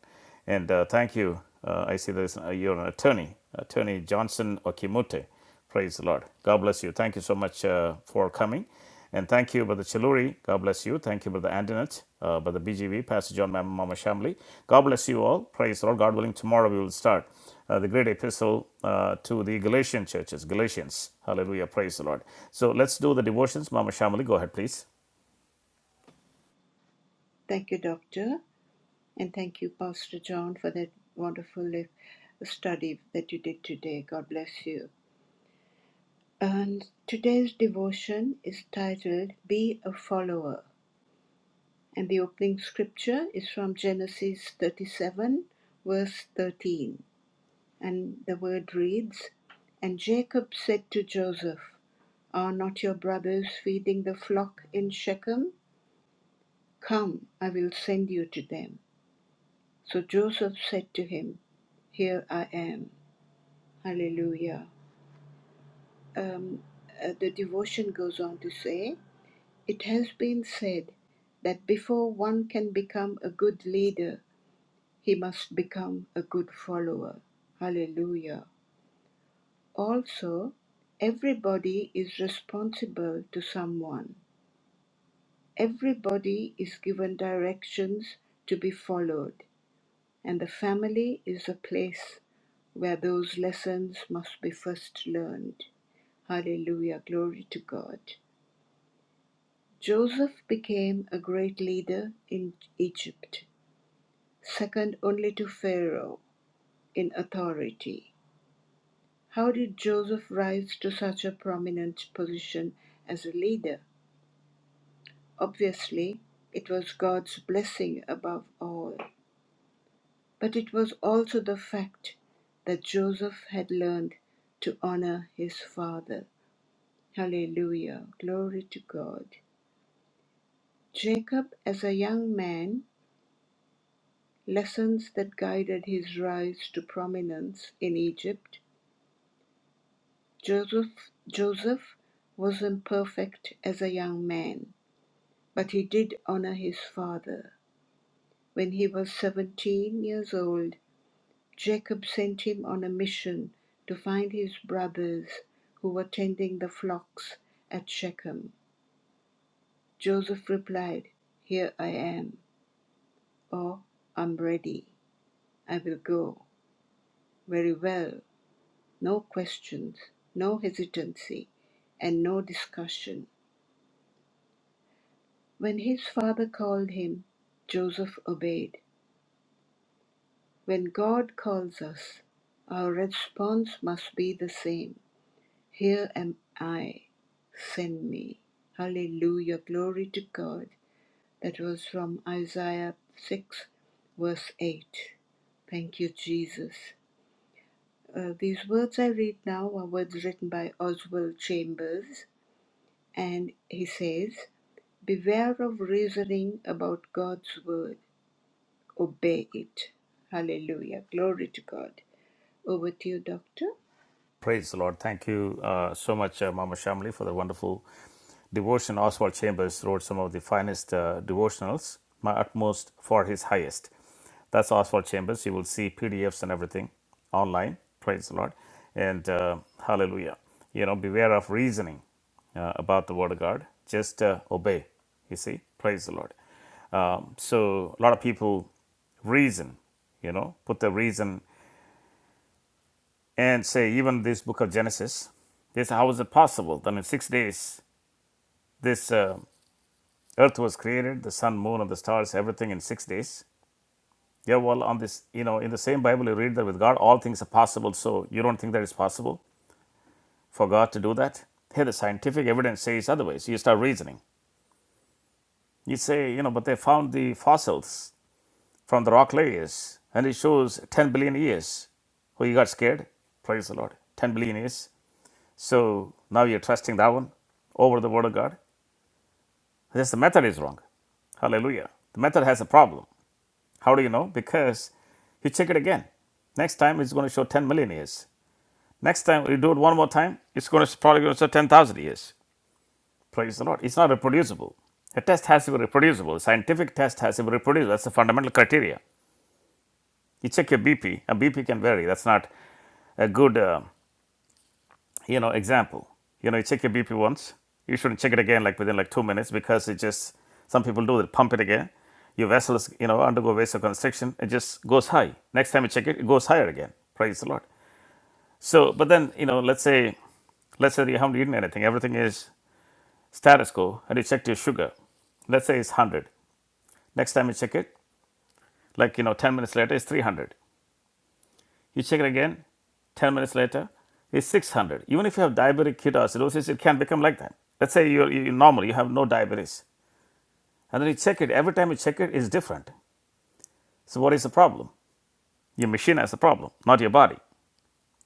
Speaker 1: And uh, thank you. Uh, I see this. Uh, you're an attorney, Attorney Johnson Okimute. Praise the Lord. God bless you. Thank you so much uh, for coming. And thank you, Brother Chiluri. God bless you. Thank you, Brother Antoinette, uh, Brother BGV, Pastor John, Mama, Mama Shamli. God bless you all. Praise the Lord. God willing, tomorrow we will start uh, the great epistle uh, to the Galatian churches. Galatians. Hallelujah. Praise the Lord. So let's do the devotions. Mama Shamli, go ahead, please.
Speaker 2: Thank you, Doctor, and thank you, Pastor John, for that wonderful study that you did today. God bless you. And today's devotion is titled Be a Follower, and the opening scripture is from Genesis 37, verse 13. And the word reads And Jacob said to Joseph, Are not your brothers feeding the flock in Shechem? Come, I will send you to them. So Joseph said to him, Here I am. Hallelujah. Um, uh, the devotion goes on to say, It has been said that before one can become a good leader, he must become a good follower. Hallelujah. Also, everybody is responsible to someone. Everybody is given directions to be followed. and the family is a place where those lessons must be first learned. Hallelujah, glory to God. Joseph became a great leader in Egypt, second only to Pharaoh in authority. How did Joseph rise to such a prominent position as a leader? Obviously, it was God's blessing above all. But it was also the fact that Joseph had learned to honor his father. Hallelujah. Glory to God. Jacob, as a young man, lessons that guided his rise to prominence in Egypt. Joseph, Joseph was imperfect as a young man, but he did honor his father. When he was 17 years old, Jacob sent him on a mission to find his brothers who were tending the flocks at Shechem. Joseph replied, Here I am, or I'm ready. I will go. Very well. No questions, no hesitancy, and no discussion. When his father called him, Joseph obeyed. When God calls us, our response must be the same. Here am I, send me. Hallelujah, glory to God. That was from Isaiah 6, verse 8. Thank you, Jesus. Uh, these words I read now are words written by Oswald Chambers, and he says, Beware of reasoning about God's word, obey it. Hallelujah, glory to God. Over to you, Doctor.
Speaker 1: Praise the Lord. Thank you uh, so much, uh, Mama Shamli, for the wonderful Devotion Oswald Chambers wrote some of the finest uh, devotionals, My Utmost for His Highest. That's Oswald Chambers. You will see PDFs and everything online. Praise the Lord. And uh, hallelujah. You know, beware of reasoning uh, about the Word of God. Just uh, obey. You see? Praise the Lord. Um, so, a lot of people reason, you know, put the reason and say, even this book of Genesis, this, how is it possible that in six days this uh, Earth was created, the sun, moon, and the stars, everything in six days. Yeah, well, on this, you know, in the same Bible, you read that with God, all things are possible. So you don't think that it's possible for God to do that? Here, the scientific evidence says otherwise. You start reasoning. You say, you know, but they found the fossils from the rock layers, and it shows 10 billion years. Oh, you got scared? Praise the Lord. 10 billion years. So now you're trusting that one over the word of God? This the method is wrong. Hallelujah. The method has a problem. How do you know? Because you check it again. Next time it's going to show 10 million years. Next time you do it one more time, it's going to probably going to show 10,000 years. Praise the Lord. It's not reproducible. A test has to be reproducible. A scientific test has to be reproducible. That's the fundamental criteria. You check your BP, and BP can vary. That's not a good. Uh, you know, example, you know, you check your BP once, you shouldn't check it again like within like two minutes because it just some people do it, pump it again. Your vessels, you know, undergo vasoconstriction, it just goes high. Next time you check it, it goes higher again. Praise the Lord. So, but then, you know, let's say, let's say you haven't eaten anything, everything is status quo, and you checked your sugar. Let's say it's 100. Next time you check it, like, you know, 10 minutes later, it's 300. You check it again, 10 minutes later, it's 600. Even if you have diabetic ketoacidosis, it can become like that. Let's say you're, you're normal, you have no diabetes. And then you check it, every time you check it, it's different. So, what is the problem? Your machine has a problem, not your body.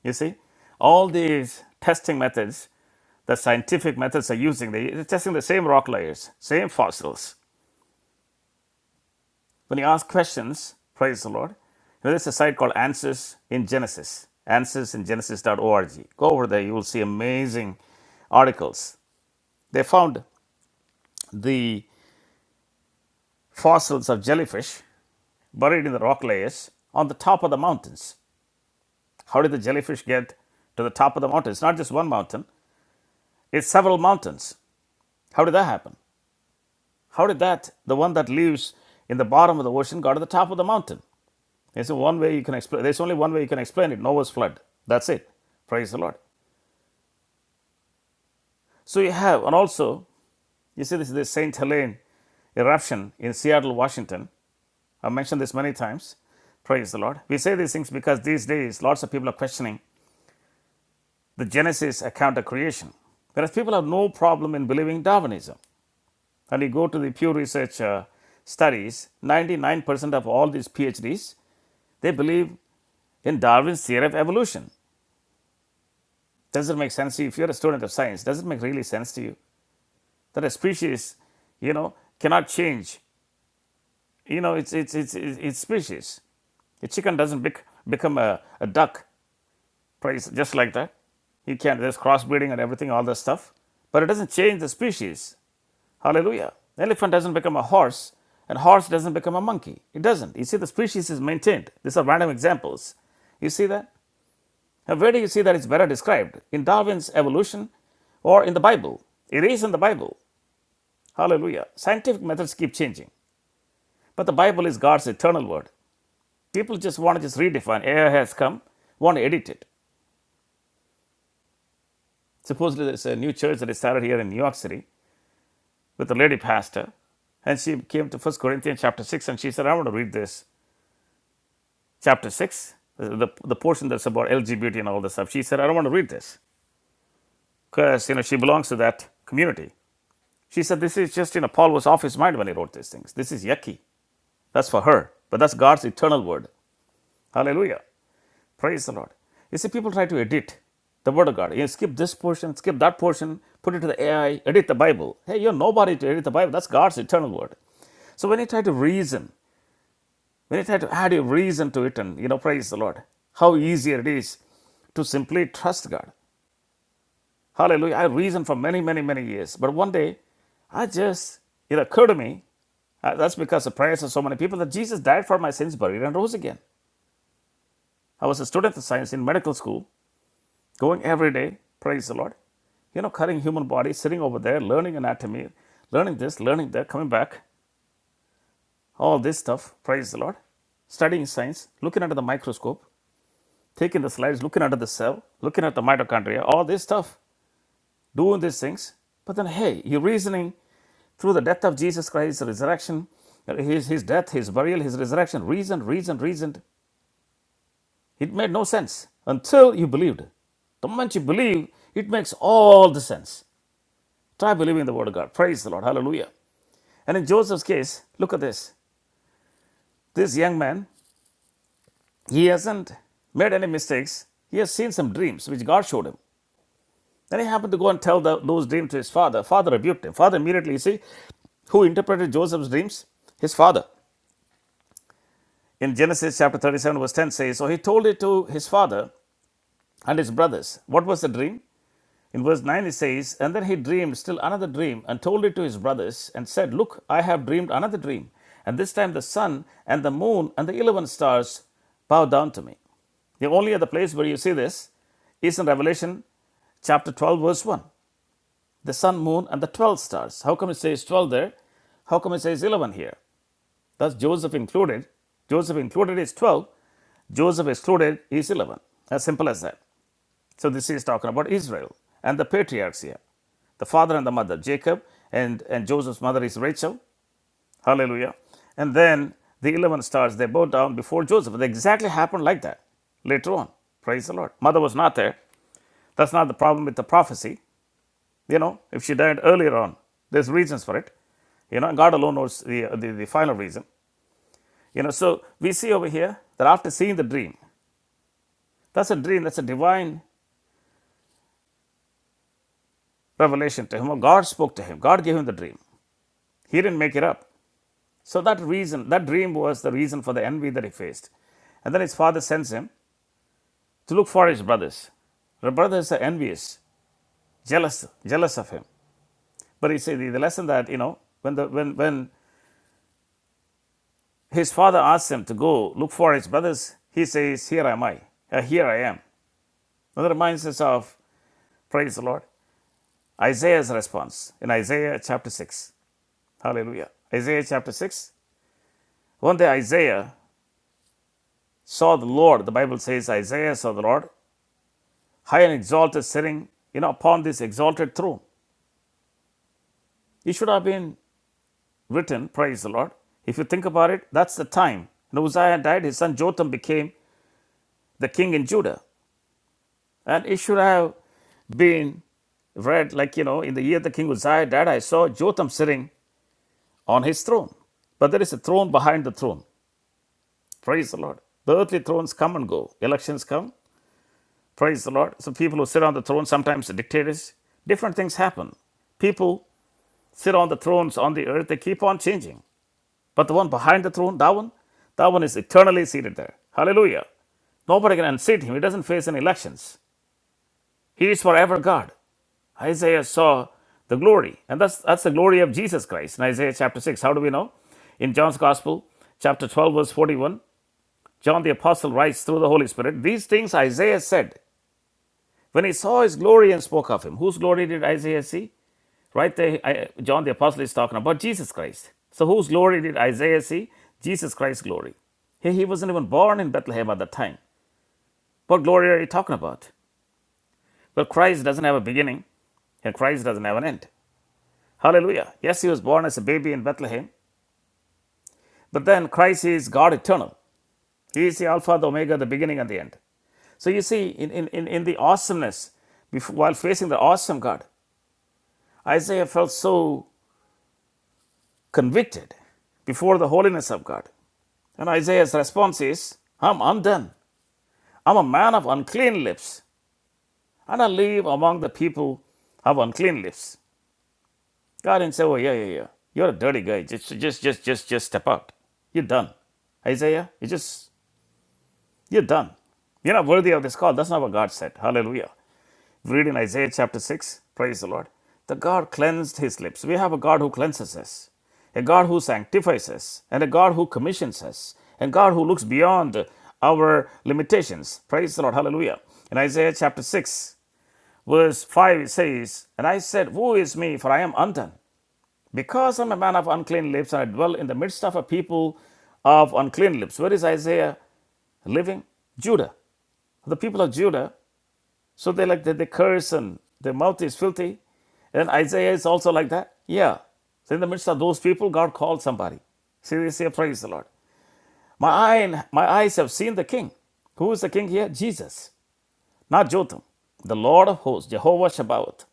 Speaker 1: You see? All these testing methods that scientific methods are using, they- they're testing the same rock layers, same fossils, When you ask questions, praise the Lord, there's a site called Answers in Genesis, Answers in Genesis dot org. Go over there, you will see amazing articles. They found the fossils of jellyfish buried in the rock layers on the top of the mountains. How did the jellyfish get to the top of the mountain? It's not just one mountain, it's several mountains. How did that happen? How did that, the one that lives in the bottom of the ocean, got to the top of the mountain? There's one way you can explain. There's only one way you can explain it. Noah's flood. That's it. Praise the Lord. So you have, and also you see this, is the Saint Helene eruption in Seattle, Washington. I've mentioned this many times. Praise the Lord. We say these things because these days lots of people are questioning the Genesis account of creation. Whereas people have no problem in believing Darwinism. And you go to the Pew Research uh, studies, 99% of all these PhDs, they believe in Darwin's theory of evolution. Does it make sense to you? If you're a student of science, does it make really sense to you that a species, you know, cannot change? You know, it's it's it's it's, species. A chicken doesn't bec- become a, a duck, just like that. You can't. There's crossbreeding and everything, all that stuff, but it doesn't change the species. Hallelujah. The Elephant doesn't become a horse, and horse doesn't become a monkey. It doesn't. You see, the species is maintained. These are random examples. You see that? Now, where do you see that it's better described? In Darwin's evolution or in the Bible? It is in the Bible. Hallelujah. Scientific methods keep changing, but the Bible is God's eternal word. People just want to just redefine. Air has come, want to edit it. Supposedly, there's a new church that is started here in New York City with a lady pastor, and she came to First Corinthians chapter 6 and she said, I want to read this. Chapter 6, the, the portion that's about LGBT and all this stuff. She said, I don't want to read this because, you know, she belongs to that community. She said, This is just, you know, Paul was off his mind when he wrote these things. This is yucky. That's for her. But that's God's eternal word. Hallelujah. Praise the Lord. You see, people try to edit the word of God. You know, skip this portion, skip that portion, put it to the AI, edit the Bible. Hey, you're nobody to edit the Bible. That's God's eternal word. So when you try to reason, when you try to add your reason to it and, you know, praise the Lord, how easier it is to simply trust God. Hallelujah. I reasoned for many, many, many years. But one day, I just, it occurred to me, uh, that's because of prayers of so many people, that Jesus died for my sins, buried, and rose again. I was a student of science in medical school, going every day, praise the Lord. You know, cutting human body, sitting over there, learning anatomy, learning this, learning that, coming back, all this stuff, praise the Lord. Studying science, looking under the microscope, taking the slides, looking under the cell, looking at the mitochondria, all this stuff. doing these things. But then, hey, you're reasoning through the death of Jesus Christ, resurrection, uh, his, his death, his burial, his resurrection, reasoned, reasoned, reasoned. It made no sense until you believed. The moment you believe, it makes all the sense. Try believing the word of God. Praise the Lord. Hallelujah. And in Joseph's case, look at this. This young man, he hasn't made any mistakes. He has seen some dreams which God showed him. Then he happened to go and tell tho- those dreams to his father. Father rebuked him. Father immediately, you see, who interpreted Joseph's dreams? His father. In Genesis chapter 37, verse 10 says, So he told it to his father and his brothers. What was the dream? In verse 9, it says, And then he dreamed still another dream and told it to his brothers and said, Look, I have dreamed another dream. And this time the sun and the moon and the 11 stars bow down to me. The only other place where you see this is in Revelation chapter 12, verse 1. the sun, moon, and the 12 stars. How come it says 12 there? How come it says 11 here? Thus, Joseph included. Joseph included is 12. Joseph excluded is 11. As simple as that. So, this is talking about Israel and the patriarchs here. The father and the mother, Jacob, and, and Joseph's mother is Rachel. Hallelujah. And then the 11 stars, they bow down before Joseph. It exactly happened like that later on. Praise the Lord. Mother was not there. That's not the problem with the prophecy. You know, if she died earlier on, there's reasons for it. You know, God alone knows the, the, the final reason. You know, so we see over here that after seeing the dream, that's a dream, that's a divine revelation to him. God spoke to him, God gave him the dream. He didn't make it up. So that reason, that dream was the reason for the envy that he faced. And then his father sends him to look for his brothers. The brothers are envious, jealous, jealous of him. But he said the, the lesson that you know when the when when His father asks him to go look for his brothers. He says, Here am I. Uh, here I am. That reminds us of, praise the Lord, Isaiah's response in Isaiah chapter 6. Hallelujah. Isaiah chapter 6. One day Isaiah saw the Lord. The Bible says Isaiah saw the Lord, high and exalted, sitting, you know, upon this exalted throne. It should have been written, praise the Lord. If you think about it, that's the time. When Uzziah died, his son Jotham became the king in Judah. And it should have been read like, you know, in the year the king Uzziah died, I saw Jotham sitting on his throne. But there is a throne behind the throne. Praise the Lord. The earthly thrones come and go, elections come. Praise the Lord. So people who sit on the throne, sometimes dictators, different things happen. People sit on the thrones on the earth, they keep on changing. But the one behind the throne, that one, that one is eternally seated there. Hallelujah. Nobody can unseat him. He doesn't face any elections. He is forever God. Isaiah saw the glory, and that's that's the glory of Jesus Christ in Isaiah chapter 6. How do we know? In John's Gospel, chapter 12, verse 41, John the Apostle writes through the Holy Spirit, These things Isaiah said when he saw his glory and spoke of him. Whose glory did Isaiah see? Right there, John the Apostle is talking about Jesus Christ. So, whose glory did Isaiah see? Jesus Christ's glory. He, he wasn't even born in Bethlehem at that time. What glory are you talking about? Well, Christ doesn't have a beginning, and Christ doesn't have an end. Hallelujah. Yes, he was born as a baby in Bethlehem, but then Christ is God eternal. He is the Alpha, the Omega, the beginning and the end. So you see, in, in, in, in the awesomeness, before, while facing the awesome God, Isaiah felt so convicted before the holiness of God. And Isaiah's response is, I'm undone. I'm a man of unclean lips, and I live among the people of unclean lips. God didn't say, Oh, yeah, yeah, yeah. You're a dirty guy. Just, just, just, just, just step out. You're done. Isaiah, you just You're done. You're not worthy of this call. That's not what God said. Hallelujah. Read in Isaiah chapter 6. Praise the Lord. The God cleansed his lips. We have a God who cleanses us, a God who sanctifies us, and a God who commissions us, and God who looks beyond our limitations. Praise the Lord. Hallelujah. In Isaiah chapter 6, verse 5, it says, And I said, Woe is me, for I am undone, because I'm a man of unclean lips, and I dwell in the midst of a people of unclean lips. Where is Isaiah living? Judah the people of Judah. So they like they, they curse and their mouth is filthy. And Isaiah is also like that. Yeah. So in the midst of those people, God called somebody. See, they say, Praise the Lord. My eye, my eyes have seen the king. Who is the king here? Jesus, not Jotham. The Lord of hosts, Jehovah Shabbaoth.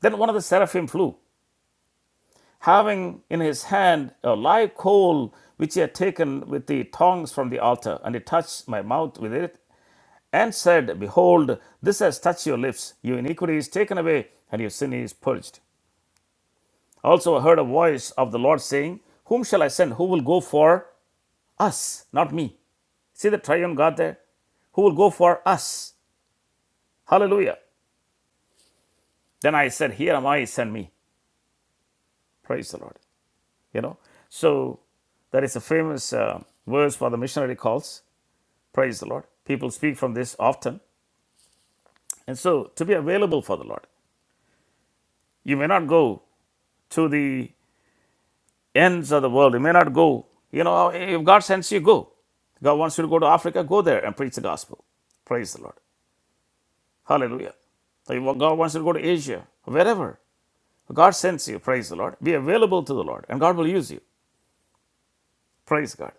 Speaker 1: Then one of the seraphim flew, having in his hand a live coal which he had taken with the tongs from the altar, and he touched my mouth with it and said, Behold, this has touched your lips. Your iniquity is taken away, and your sin is purged. Also, I heard a voice of the Lord saying, Whom shall I send? Who will go for us? Not me. See the triune God there? Who will go for us? Hallelujah. Then I said, Here am I, send me. Praise the Lord. You know, so that is a famous uh, verse for the missionary calls. Praise the Lord. People speak from this often. And so, to be available for the Lord, you may not go to the ends of the world. You may not go. You know, if God sends you, go. God wants you to go to Africa, go there and preach the gospel. Praise the Lord. Hallelujah. So if God wants you to go to Asia, wherever. God sends you, praise the Lord. Be available to the Lord, and God will use you. Praise God.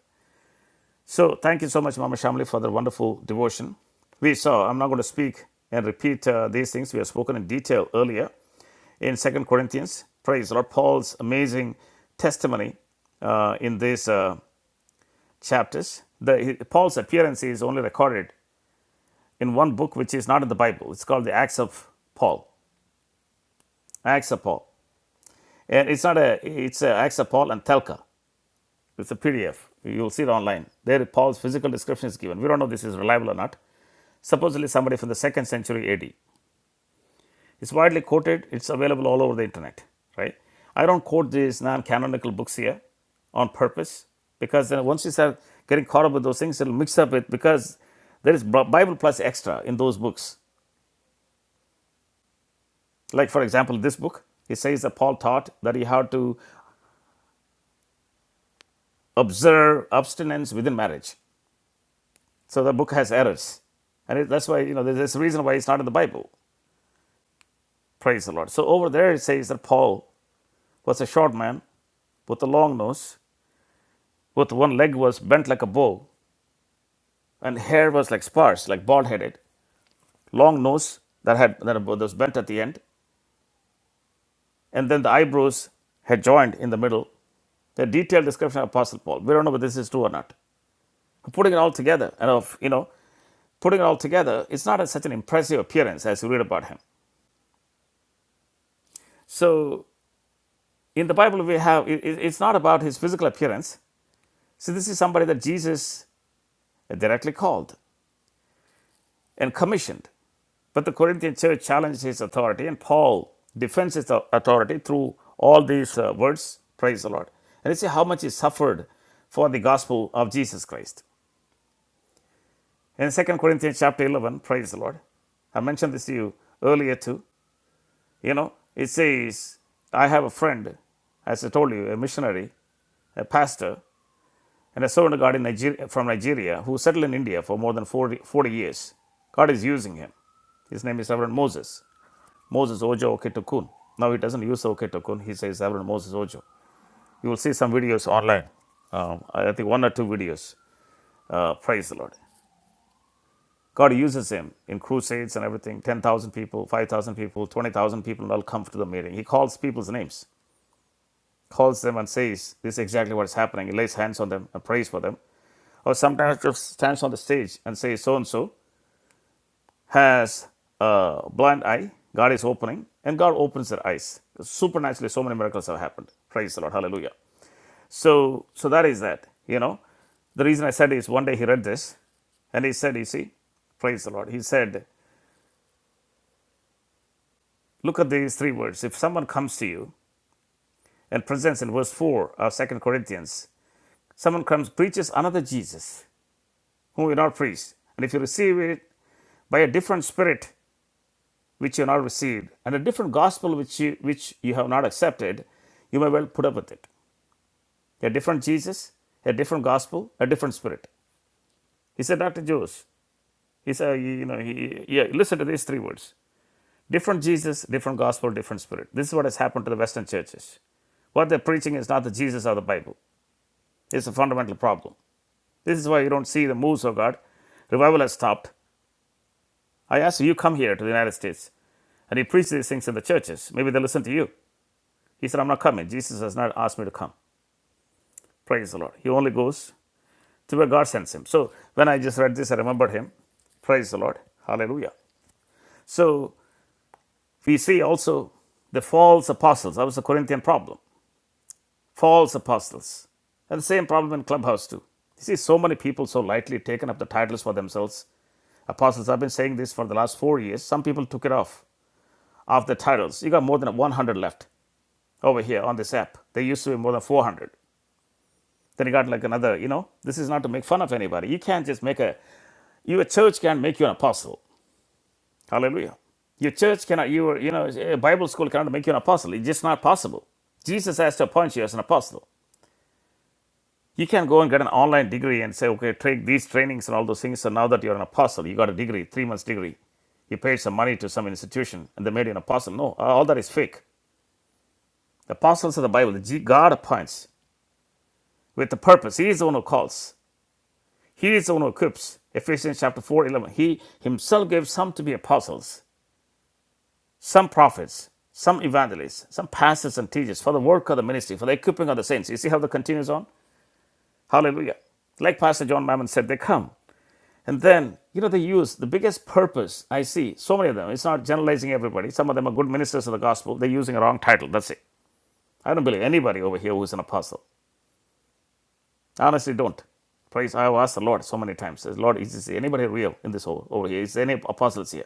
Speaker 1: So thank you so much, Mama Shamli, for the wonderful devotion. We saw, I'm not going to speak and repeat uh, these things. We have spoken in detail earlier in Second Corinthians. Praise the Lord. Paul's amazing testimony uh, in this. uh, chapters. The, Paul's appearance is only recorded in one book, which is not in the Bible. It's called the Acts of Paul. Acts of Paul, and it's not a. It's a Acts of Paul and Telka. It's a PDF. You'll see it online. There, Paul's physical description is given. We don't know if this is reliable or not. Supposedly, somebody from the second century A.D. It's widely quoted, it's available all over the internet, right? I don't quote these non canonical books here on purpose because then once you start getting caught up with those things, it'll mix up with because there is Bible plus extra in those books. Like, for example, this book, it says that Paul taught that he had to observe abstinence within marriage. So the book has errors. And it, that's why, you know, there's a reason why it's not in the Bible. Praise the Lord. So over there, it says that Paul was a short man with a long nose, with one leg was bent like a bow, and hair was like sparse, like bald headed, long nose that had that was bent at the end, and then the eyebrows had joined in the middle. A detailed description of Apostle Paul. We don't know whether this is true or not. Putting it all together, and of you know, putting it all together, it's not a, such an impressive appearance as you read about him. So in the Bible, we have it, it- it's not about his physical appearance. So this is somebody that Jesus directly called and commissioned. But the Corinthian church challenges his authority, and Paul defends his authority through all these uh, words. Praise the Lord. And you see how much he suffered for the gospel of Jesus Christ. In Second Corinthians chapter 11, praise the Lord. I mentioned this to you earlier too. You know, it says, I have a friend, as I told you, a missionary, a pastor, and a servant of God in Nigeria, from Nigeria who settled in India for more than 40 years. God is using him. His name is Reverend Moses. Moses Ojo Oketokun. Now he doesn't use Oketokun. he says Reverend Moses Ojo. You will see some videos online, um, I think one or two videos. Uh, praise the Lord. God uses him in crusades and everything 10,000 people, 5,000 people, 20,000 people will all come to the meeting. He calls people's names, calls them and says, This is exactly what is happening. He lays hands on them and prays for them. Or sometimes just stands on the stage and says, So and so. has a blind eye. God is opening, and God opens their eyes. Supernaturally, so many miracles have happened. Praise the Lord. Hallelujah. So, so that is that. You know, the reason I said is one day he read this, and he said, "You see, praise the Lord." He said, "Look at these three words. If someone comes to you and presents in verse four of Second Corinthians, someone comes preaches another Jesus, whom you not preached, and if you receive it by a different spirit, which you have not received, and a different gospel which you, which you have not accepted, you may well put up with it. A different Jesus, a different gospel, a different spirit. He said that to Jews. He said, you know, he, yeah, listen to these three words. Different Jesus, different gospel, different spirit. This is what has happened to the Western churches. What they're preaching is not the Jesus of the Bible. It's a fundamental problem. This is why you don't see the moves of God. Revival has stopped. I ask you, you come here to the United States and you preach these things in the churches. Maybe they listen to you. He said, I'm not coming. Jesus has not asked me to come. Praise the Lord. He only goes to where God sends him. So when I just read this, I remembered him. Praise the Lord. Hallelujah. So we see also the false apostles. That was the Corinthian problem. False apostles. And the same problem in Clubhouse too. You see, so many people so lightly taken up the titles for themselves. Apostles, I've been saying this for the last four years. Some people took it off, off the titles. You got more than 100 left over here on this app. There used to be more than 400. They regard like another, you know, this is not to make fun of anybody. You can't just make a, your church can't make you an apostle. Hallelujah. Your church cannot, your, you know, a Bible school cannot make you an apostle. It's just not possible. Jesus has to appoint you as an apostle. You can't go and get an online degree and say, okay, take these trainings and all those things. So now that you're an apostle, you got a degree, three months degree. You paid some money to some institution and they made you an apostle. No, all that is fake. The apostles of the Bible, the G- God appoints with the purpose. He is the one who calls. He is the one who equips. Ephesians chapter 4 11. He himself gave some to be apostles, some prophets, some evangelists, some pastors and teachers for the work of the ministry, for the equipping of the saints. You see how that continues on? Hallelujah. Like Pastor John Mammon said, they come. And then, you know, they use the biggest purpose I see, so many of them. It's not generalizing everybody. Some of them are good ministers of the gospel. They're using a wrong title. That's it. I don't believe anybody over here who's an apostle. I honestly don't. Praise, I have asked the Lord so many times. Says, Lord, is anybody real in this over, over here? Is there any apostles here?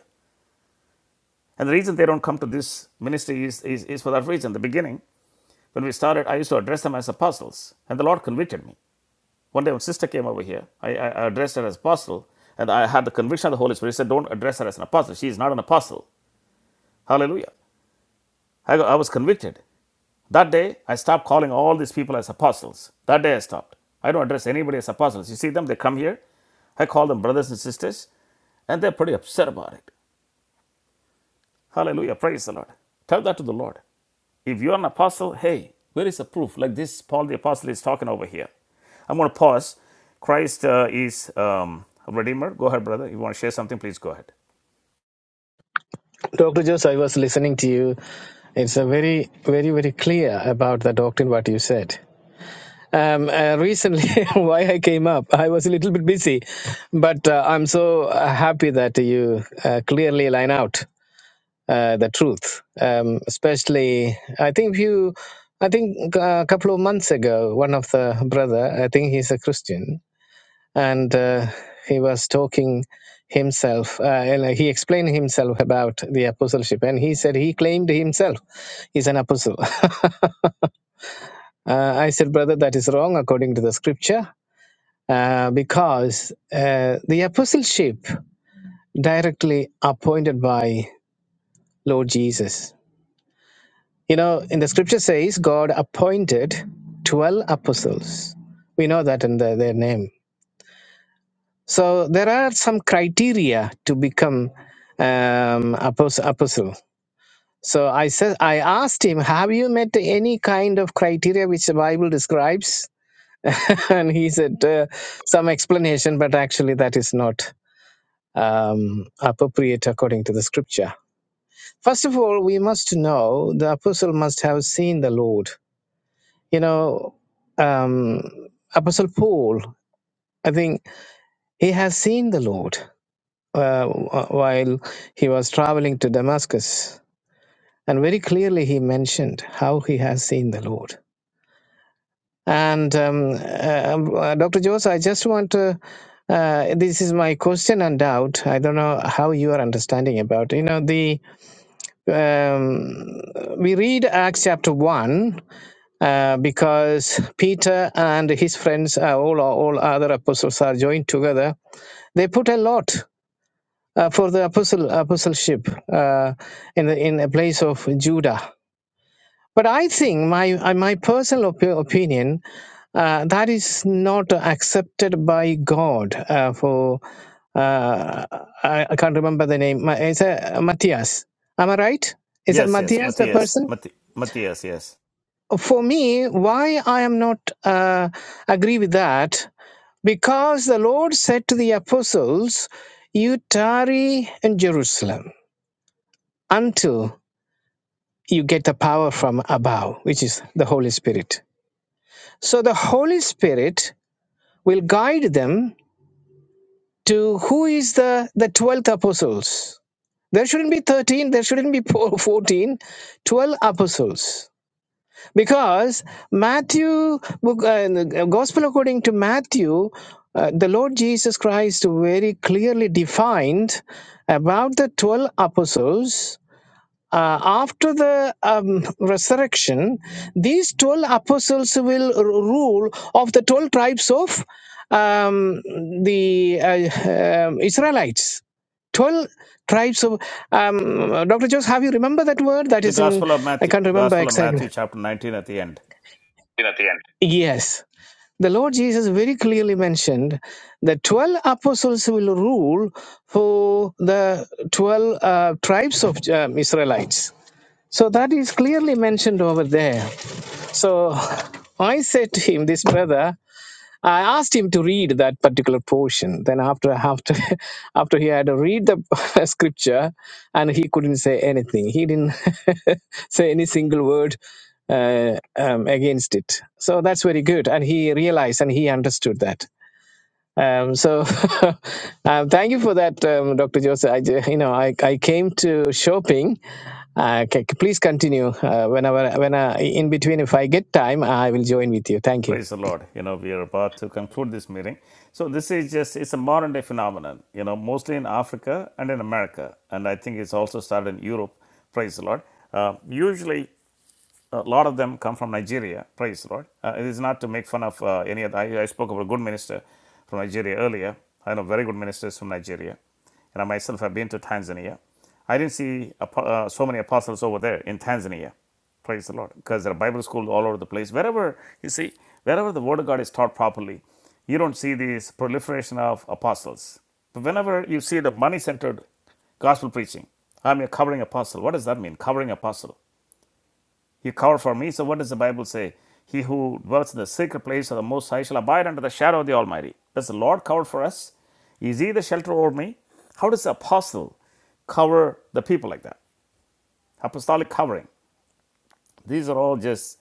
Speaker 1: And the reason they don't come to this ministry is, is, is for that reason. In The beginning, when we started, I used to address them as apostles, and the Lord convicted me. One day, when sister came over here, I, I I addressed her as apostle, and I had the conviction of the Holy Spirit. He said, Don't address her as an apostle. She is not an apostle. Hallelujah. I, I was convicted. That day, I stopped calling all these people as apostles. That day, I stopped. I don't address anybody as apostles. You see them, they come here. I call them brothers and sisters, and they're pretty upset about it. Hallelujah. Praise the Lord. Tell that to the Lord. If you're an apostle, hey, where is the proof? Like this, Paul the apostle is talking over here. I'm going to pause. Christ uh, is um, a Redeemer. Go ahead, brother. If you want to share something, please go ahead.
Speaker 4: Dr. Jose, I was listening to you. It's a very, very, very clear about the doctrine what you said. Um, uh, recently, why I came up, I was a little bit busy, but uh, I'm so uh, happy that you uh, clearly line out uh, the truth. Um, especially, I think you, I think uh, a couple of months ago, one of the brother, I think he's a Christian, and uh, he was talking himself uh, and uh, he explained himself about the apostleship and he said he claimed himself is an apostle uh, i said brother that is wrong according to the scripture uh, because uh, the apostleship directly appointed by lord jesus you know in the scripture says god appointed 12 apostles we know that in the, their name So there are some criteria to become um, apos- apostle. So I said, I asked him, "Have you met any kind of criteria which the Bible describes?" and he said, uh, "Some explanation, but actually that is not um, appropriate according to the Scripture." First of all, we must know the apostle must have seen the Lord. You know, um, Apostle Paul, I think he has seen the Lord uh, while he was traveling to Damascus. And very clearly, he mentioned how he has seen the Lord. And um, uh, um, uh, Dr. Jose, I just want to. Uh, this is my question and doubt. I don't know how you are understanding about. You know, the um, we read Acts chapter one uh, because Peter and his friends, uh, all all other apostles, are joined together. They put a lot. uh, for the apostle, apostleship uh, in the in a place of Judah. But I think my uh, my personal opi- opinion uh, that is not accepted by God uh, for uh, I, I can't remember the name. Ma- Is it Matthias? Am I right? Is that
Speaker 1: Yes, yes.
Speaker 4: Matthias the
Speaker 1: Matthias.
Speaker 4: person?
Speaker 1: Matt- Matthias, yes.
Speaker 4: For me, why I am not uh, agree with that? Because the Lord said to the apostles, "You tarry in Jerusalem." until." you get the power from above, which is the Holy Spirit. So the Holy Spirit will guide them to who is the, the twelve apostles. There shouldn't be 13, there shouldn't be 14, 12 apostles. Because Matthew, book, uh, in the Gospel according to Matthew, uh, the Lord Jesus Christ very clearly defined about the 12 apostles Uh, after the um, resurrection, these 12 apostles will r- rule of the 12 tribes of um, the uh, um, Israelites. 12 tribes of. Um, Dr. Jose, have you remember that word? That
Speaker 1: The
Speaker 4: is in.
Speaker 1: Gospel of
Speaker 4: I
Speaker 1: Matthew,
Speaker 4: can't remember
Speaker 1: Gospel of
Speaker 4: exactly.
Speaker 1: Matthew, chapter 19 at the end.
Speaker 4: In at the end. Yes. The Lord Jesus very clearly mentioned the 12 apostles will rule for the 12 uh, tribes of um, Israelites so that is clearly mentioned over there. So I said to him, this brother, I asked him to read that particular portion. Then after after after he had to read the scripture, and he couldn't say anything. He didn't say any single word uh, um, against it. So that's very good, and he realized and he understood that. Um, so, um, thank you for that, um, Dr. Joseph. I, ju- you know, I, I came to shopping. Uh, c- c- please continue. Uh, whenever, when I, in between, if I get time, I will join with you. Thank you.
Speaker 1: Praise the Lord. You know, we are about to conclude this meeting. So this is just it's a modern day phenomenon, you know, mostly in Africa and in America. And I think it's also started in Europe. Praise the Lord. Uh, usually a lot of them come from Nigeria. Praise the Lord. Uh, it is not to make fun of uh, any other. I, I spoke about a good minister from Nigeria earlier. I know very good ministers from Nigeria, and I myself have been to Tanzania. I didn't see uh, so many apostles over there in Tanzania. Praise the Lord, because there are Bible schools all over the place. Wherever you see, wherever the Word of God is taught properly, you don't see this proliferation of apostles. But whenever you see the money-centered gospel preaching, I'm a covering apostle. What does that mean? Covering apostle. He covered for me. So what does the Bible say? He who dwells in the secret place of the Most High shall abide under the shadow of the Almighty. Does the Lord cover for us? Is He the shelter over me? How does the apostle cover the people like that? Apostolic covering. These are all just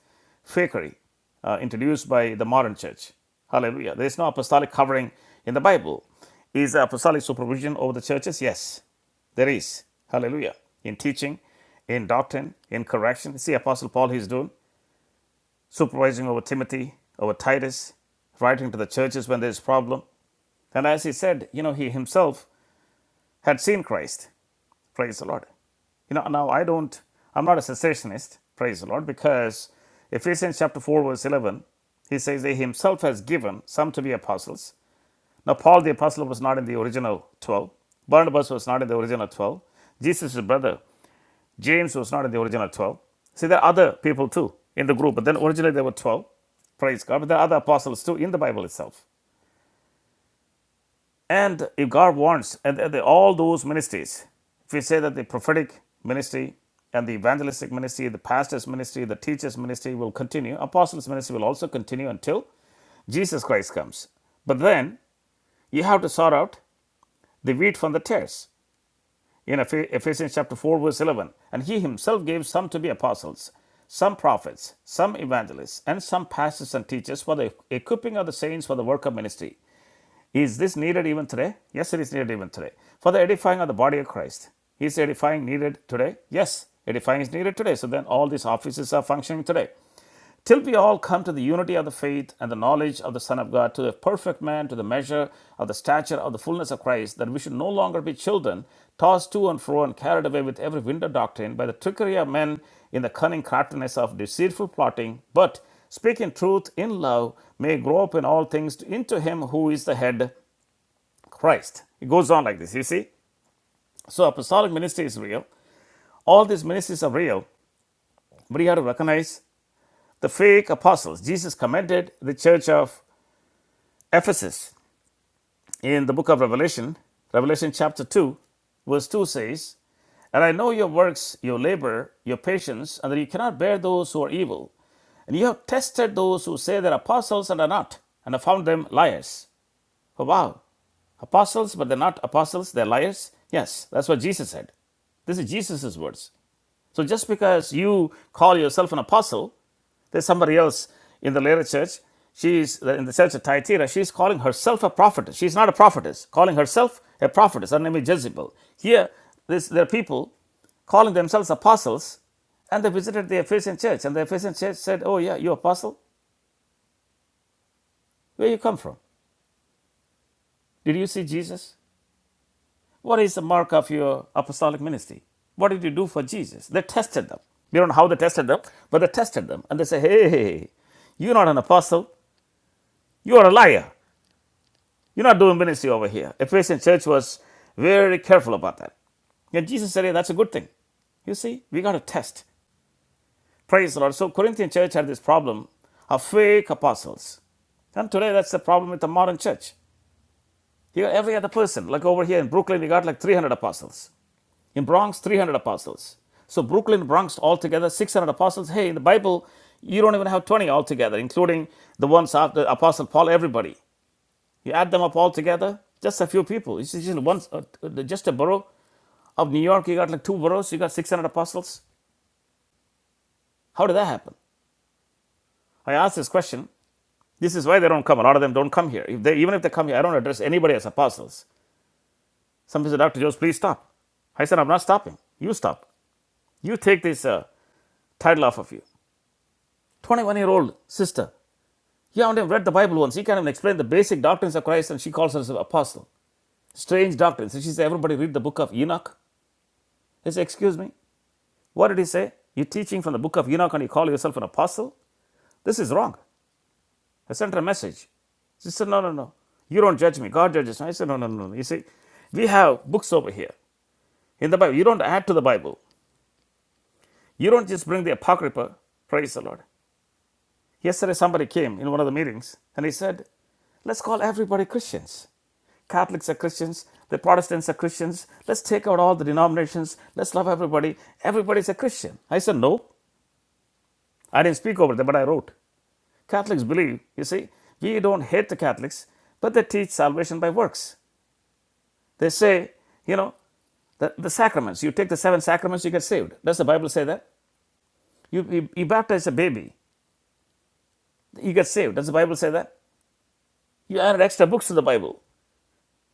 Speaker 1: fakery uh, introduced by the modern church. Hallelujah. There is no apostolic covering in the Bible. Is there apostolic supervision over the churches? Yes, there is. Hallelujah. In teaching, in doctrine, in correction. See, Apostle Paul, he's doing supervising over Timothy, over Titus, writing to the churches when there's problem. And as he said, you know, he himself had seen Christ. Praise the Lord. You know, now I don't, I'm not a cessationist, praise the Lord, because Ephesians chapter 4, verse 11, he says that he himself has given some to be apostles. Now, Paul the apostle was not in the original 12, Barnabas was not in the original 12, Jesus' brother James was not in the original 12. See, there are other people too in the group, but then originally there were 12. Praise God. But there are other apostles too in the Bible itself. And if God wants, and all those ministries, if we say that the prophetic ministry and the evangelistic ministry, the pastor's ministry, the teacher's ministry will continue, apostles' ministry will also continue until Jesus Christ comes. But then you have to sort out the wheat from the tares. in Ephesians chapter 4, verse 11. And he himself gave some to be apostles, some prophets, some evangelists, and some pastors and teachers for the equipping of the saints for the work of ministry. Is this needed even today? Yes, it is needed even today. For the edifying of the body of Christ. Is edifying needed today? Yes, edifying is needed today. So then all these offices are functioning today till we all come to the unity of the faith and the knowledge of the Son of God, to a perfect man, to the measure of the stature of the fullness of Christ, that we should no longer be children, tossed to and fro and carried away with every wind of doctrine by the trickery of men in the cunning craftiness of deceitful plotting, but speaking truth in love, may grow up in all things into him who is the head, Christ. It goes on like this, you see. So apostolic ministry is real. All these ministries are real, but you have to recognize the fake apostles. Jesus commended the church of Ephesus in the book of Revelation, Revelation chapter 2, verse 2 says, And I know your works, your labor, your patience, and that you cannot bear those who are evil. And you have tested those who say they're apostles and are not, and have found them liars. Oh, wow. Apostles, but they're not apostles, they're liars? Yes, that's what Jesus said. This is Jesus' words. So just because you call yourself an apostle, there's somebody else in the later church. She's in the church at Thyatira. She's calling herself a prophetess. She's not a prophetess. Calling herself a prophetess. Her name is Jezebel. Here, this, there are people calling themselves apostles, and they visited the Ephesian church. And the Ephesian church said, "Oh yeah, you apostle? Where you come from? Did you see Jesus? What is the mark of your apostolic ministry? What did you do for Jesus? They tested them. We don't know how they tested them, but they tested them. And they say, hey, hey, hey, you're not an apostle. You're a liar. You're not doing ministry over here. Ephesian church was very careful about that. And Jesus said, hey, that's a good thing. You see, we got to test. Praise the Lord. So Corinthian church had this problem of fake apostles. And today that's the problem with the modern church. You got every other person. Like over here in Brooklyn, we got like 300 apostles. In Bronx, 300 apostles. So Brooklyn, Bronx, altogether 600 apostles. Hey, in the Bible, you don't even have 20 altogether, including the ones after Apostle Paul, everybody. You add them up all together, just a few people. It's just, one, uh, uh, just a borough of New York. You got like two boroughs, you got 600 apostles. How did that happen? I asked this question. This is why they don't come. A lot of them don't come here. If they, even if they come here, I don't address anybody as apostles. Some people say, Dr. Jose, please stop. I said, I'm not stopping. You stop. You take this uh, title off of you. 21 year old sister. You haven't even read the Bible once. She can't even explain the basic doctrines of Christ and she calls herself an apostle. Strange doctrines. And she says, Everybody read the book of Enoch. He says, Excuse me. What did he say? You're teaching from the book of Enoch and you call yourself an apostle? This is wrong. I sent her a message. She said, No, no, no. You don't judge me. God judges me. I said, No, no, no. no. You see, we have books over here in the Bible. You don't add to the Bible. You don't just bring the Apocrypha. Praise the Lord. Yesterday, somebody came in one of the meetings and he said, Let's call everybody Christians. Catholics are Christians, the Protestants are Christians. Let's take out all the denominations. Let's love everybody. Everybody's a Christian. I said, No. I didn't speak over them, but I wrote. Catholics believe, you see, we don't hate the Catholics, but they teach salvation by works. They say, you know, the, the sacraments. You take the seven sacraments, you get saved. Does the Bible say that? You, you, you baptize a baby, you get saved. Does the Bible say that? You added extra books to the Bible.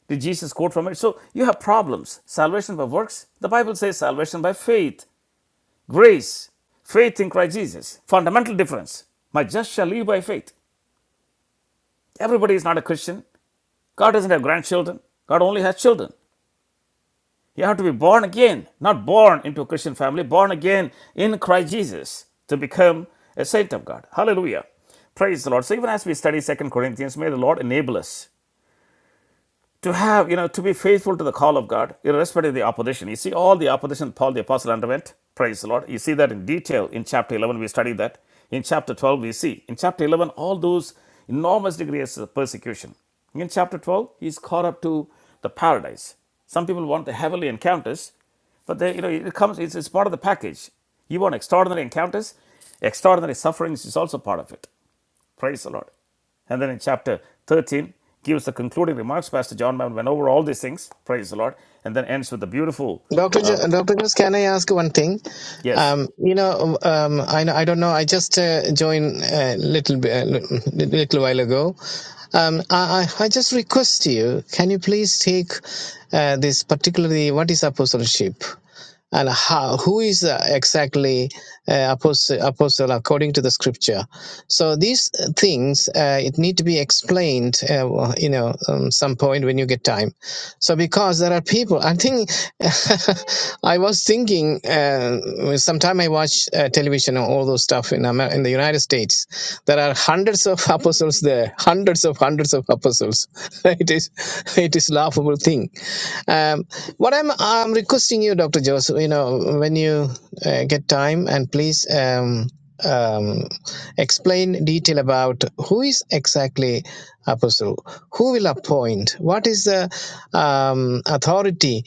Speaker 1: Did Jesus quote from it? So you have problems. Salvation by works? The Bible says salvation by faith, grace, faith in Christ Jesus. Fundamental difference. My just shall live by faith. Everybody is not a Christian. God doesn't have grandchildren. God only has children. You have to be born again, not born into a Christian family, born again in Christ Jesus to become a saint of God. Hallelujah. Praise the Lord. So even as we study Second Corinthians, may the Lord enable us to have, you know, to be faithful to the call of God, irrespective of the opposition. You see all the opposition Paul the Apostle underwent. Praise the Lord. You see that in detail in chapter 11. We study that. In chapter 12, we see. In chapter 11, all those enormous degrees of persecution. In chapter 12, he's caught up to the paradise. Some people want the heavenly encounters, but they, you know, it comes, it's, it's part of the package. You want extraordinary encounters, extraordinary sufferings is also part of it. Praise the Lord. And then in chapter 13, gives the concluding remarks. Pastor John Mammon went over all these things. Praise the Lord. And then ends with the beautiful,
Speaker 4: Doctor,
Speaker 1: uh,
Speaker 4: Jo- Doctor Jones, can I ask one thing?
Speaker 1: yes.
Speaker 4: Um, you know, um, I know- I don't know. I just uh, joined a little bit, a little while ago. Um, I, I I just request you, can you please take uh, this particularly what is apostleship? and how who is uh, exactly uh, apostle, apostle according to the scripture so these uh, things uh, it need to be explained uh, well, you know um, some point when you get time so because there are people i think i was thinking uh, sometime i watch uh, television and all those stuff in, Amer- in the united states there are hundreds of of apostles there, hundreds of hundreds of apostles. It is it is laughable thing. Um, what I'm I'm requesting you, Doctor Joseph, you know, when you uh, get time, and please um, um, explain detail about who is exactly apostle, who will appoint, what is the um, authority.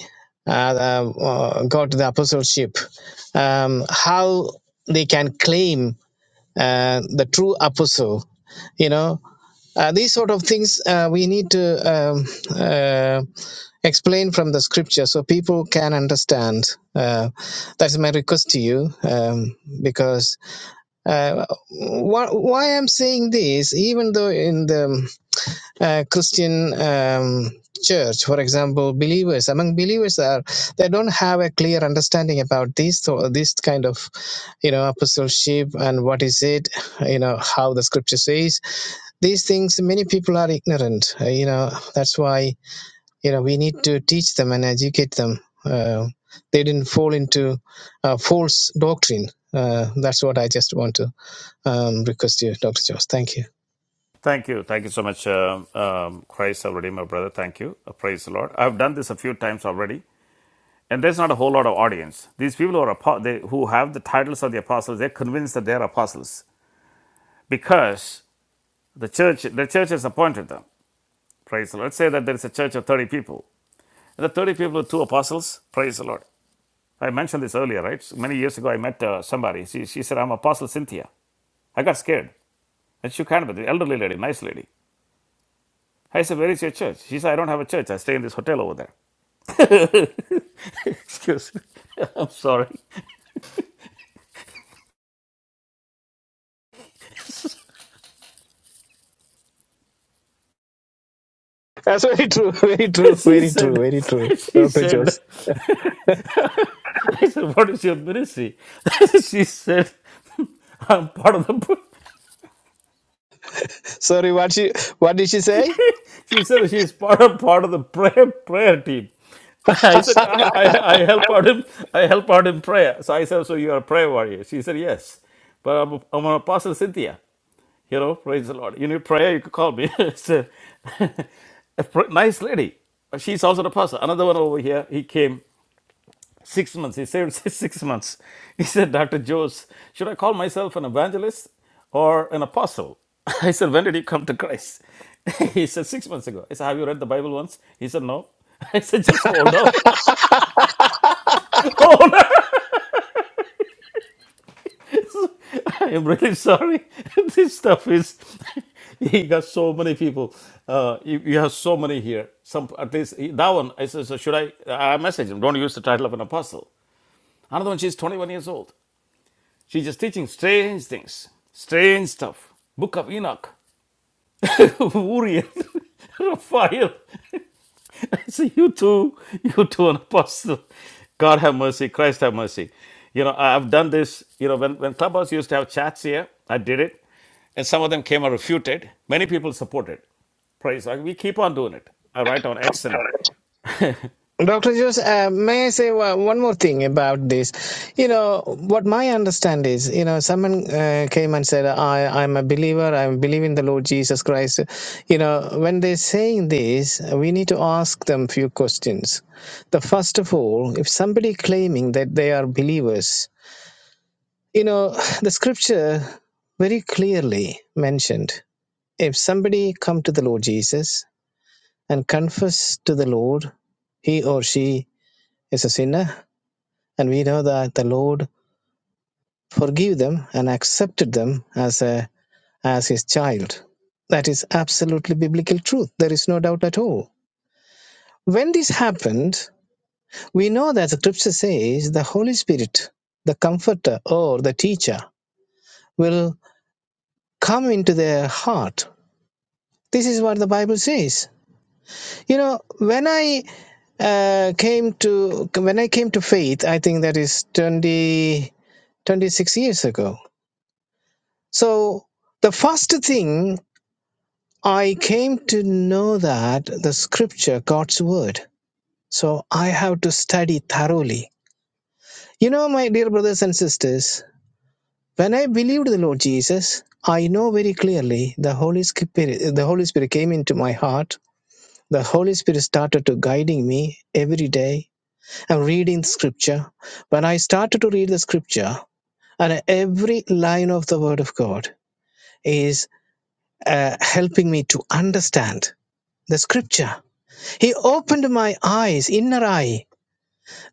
Speaker 4: Uh, uh, got the apostleship um, how they can claim and the true apostle you know uh, these sort of things uh, we need to um, uh, explain from the scripture so people can understand uh, that's my request to you um, because uh, wh- why i'm saying this even though in the uh, Christian um, church, for example, believers among believers are they don't have a clear understanding about these so this kind of you know apostleship and what is it you know how the scripture says these things many people are ignorant uh, you know that's why you know we need to teach them and educate them uh, they didn't fall into uh, false doctrine uh, that's what I just want to um, request you, Dr. Jones. Thank you.
Speaker 1: Thank you. Thank you so much, um, um, Christ, our Redeemer, brother. Thank you. Uh, praise the Lord. I've done this a few times already. And there's not a whole lot of audience. These people who, are, they, who have the titles of the apostles, they're convinced that they're apostles because the church, the church has appointed them. Praise the Lord. Let's say that there is a church of 30 people. And the 30 people are two apostles, praise the Lord. I mentioned this earlier, right? So many years ago, I met uh, somebody. She, she said, I'm Apostle Cynthia. I got scared. And she kind of, the elderly lady, nice lady. I said, Where is your church? She said, I don't have a church. I stay in this hotel over there. Excuse me. I'm sorry.
Speaker 4: That's very true, very true,
Speaker 1: She
Speaker 4: very true,
Speaker 1: said,
Speaker 4: very true.
Speaker 1: She
Speaker 4: Dr.
Speaker 1: said,
Speaker 4: Jose.
Speaker 1: I said, What is your ministry? she said, I'm part of the
Speaker 4: Sorry, what she what did she say?
Speaker 1: She said she is part of part of the prayer prayer team. I said I, I, I help out in I help out in prayer. So I said, so you are a prayer warrior. She said yes, but I'm, I'm an apostle Cynthia. You know, praise the Lord. You need prayer, you could call me. It's a, a pr- nice lady. She's also an apostle. Another one over here. He came. Six months. He saved six months. He said, Dr. Jose, should I call myself an evangelist or an apostle? I said, When did you come to Christ? He said, Six months ago. I said, Have you read the Bible once? He said, No. I said, Just hold on. Hold on. I am really sorry. this stuff is. He got so many people. Uh, you, you have so many here. Some at least that one. I said, so should I? I messaged him. Don't use the title of an apostle. Another one. She's 21 years old. She's just teaching strange things, strange stuff. Book of Enoch, Uriel, Raphael. I say, you two, you two, an apostle. God have mercy, Christ have mercy. You know, I- have done this, you know, when, when Clubhouse used to have chats here, I did it. And some of them came and refuted. Many people supported. Praise God. We keep on doing it. I write on X and
Speaker 4: Dr. Jose, uh, may I say one one more thing about this? You know, what my understand is, you know, someone uh, came and said, I, I'm a believer, I believe in the Lord Jesus Christ. You know, when they're saying this, we need to ask them few questions. The first of all, if somebody claiming that they are believers, you know, the scripture very clearly mentioned, if somebody come to the Lord Jesus and confess to the Lord, he or she is a sinner and we know that the Lord forgave them and accepted them as a as his child. That is absolutely biblical truth. There is no doubt at all. When this happened, we know that the scripture says the Holy Spirit, the comforter or the teacher, will come into their heart. This is what the Bible says. You know, when I uh, came to when I came to faith, I think that is 20 26 years ago So the first thing I came to know that the scripture, God's word. So I have to study thoroughly. You know, my dear brothers and sisters, when I believed the Lord Jesus, I know very clearly the Holy Spirit the Holy Spirit came into my heart. The Holy Spirit started to guiding me every day. I'm reading scripture. When I started to read the scripture, and every line of the word of God is uh, helping me to understand the scripture. He opened my eyes, inner eye.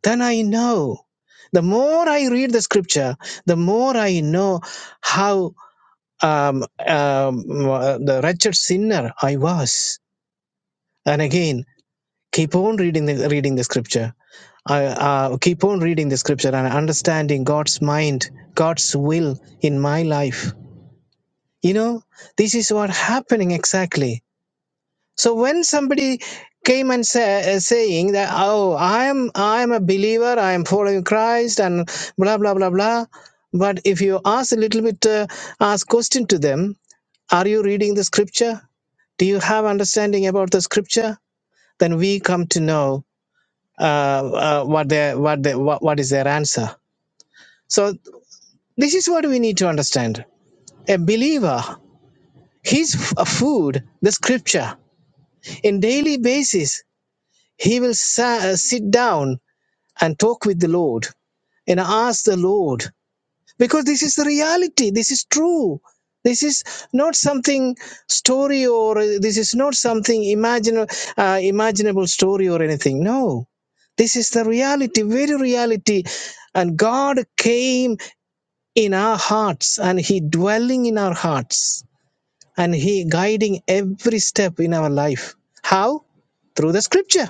Speaker 4: Then I know. The more I read the scripture, the more I know how um, um, uh, the wretched sinner I was. And again, keep on reading the, reading the scripture. I uh, keep on reading the scripture and understanding God's mind, God's will in my life. You know, this is what happening exactly So when somebody came and say, uh, saying that, oh, I am I am a believer, I am following Christ, and blah blah blah blah, but if you ask a little bit, uh, ask question to them, are you reading the scripture? Do you have understanding about the scripture? Then we come to know uh, uh, what their what their, what, what is their answer. So this is what we need to understand. A believer, his f- food, the scripture, in daily basis He will sa- uh, sit down and talk with the Lord and ask the Lord because this is the reality. This is true. This is not something story or uh, this is not something imaginal, uh, imaginable story or anything. No, this is the reality, very reality. And God came in our hearts and He dwelling in our hearts and He guiding every step in our life. How? Through the scripture.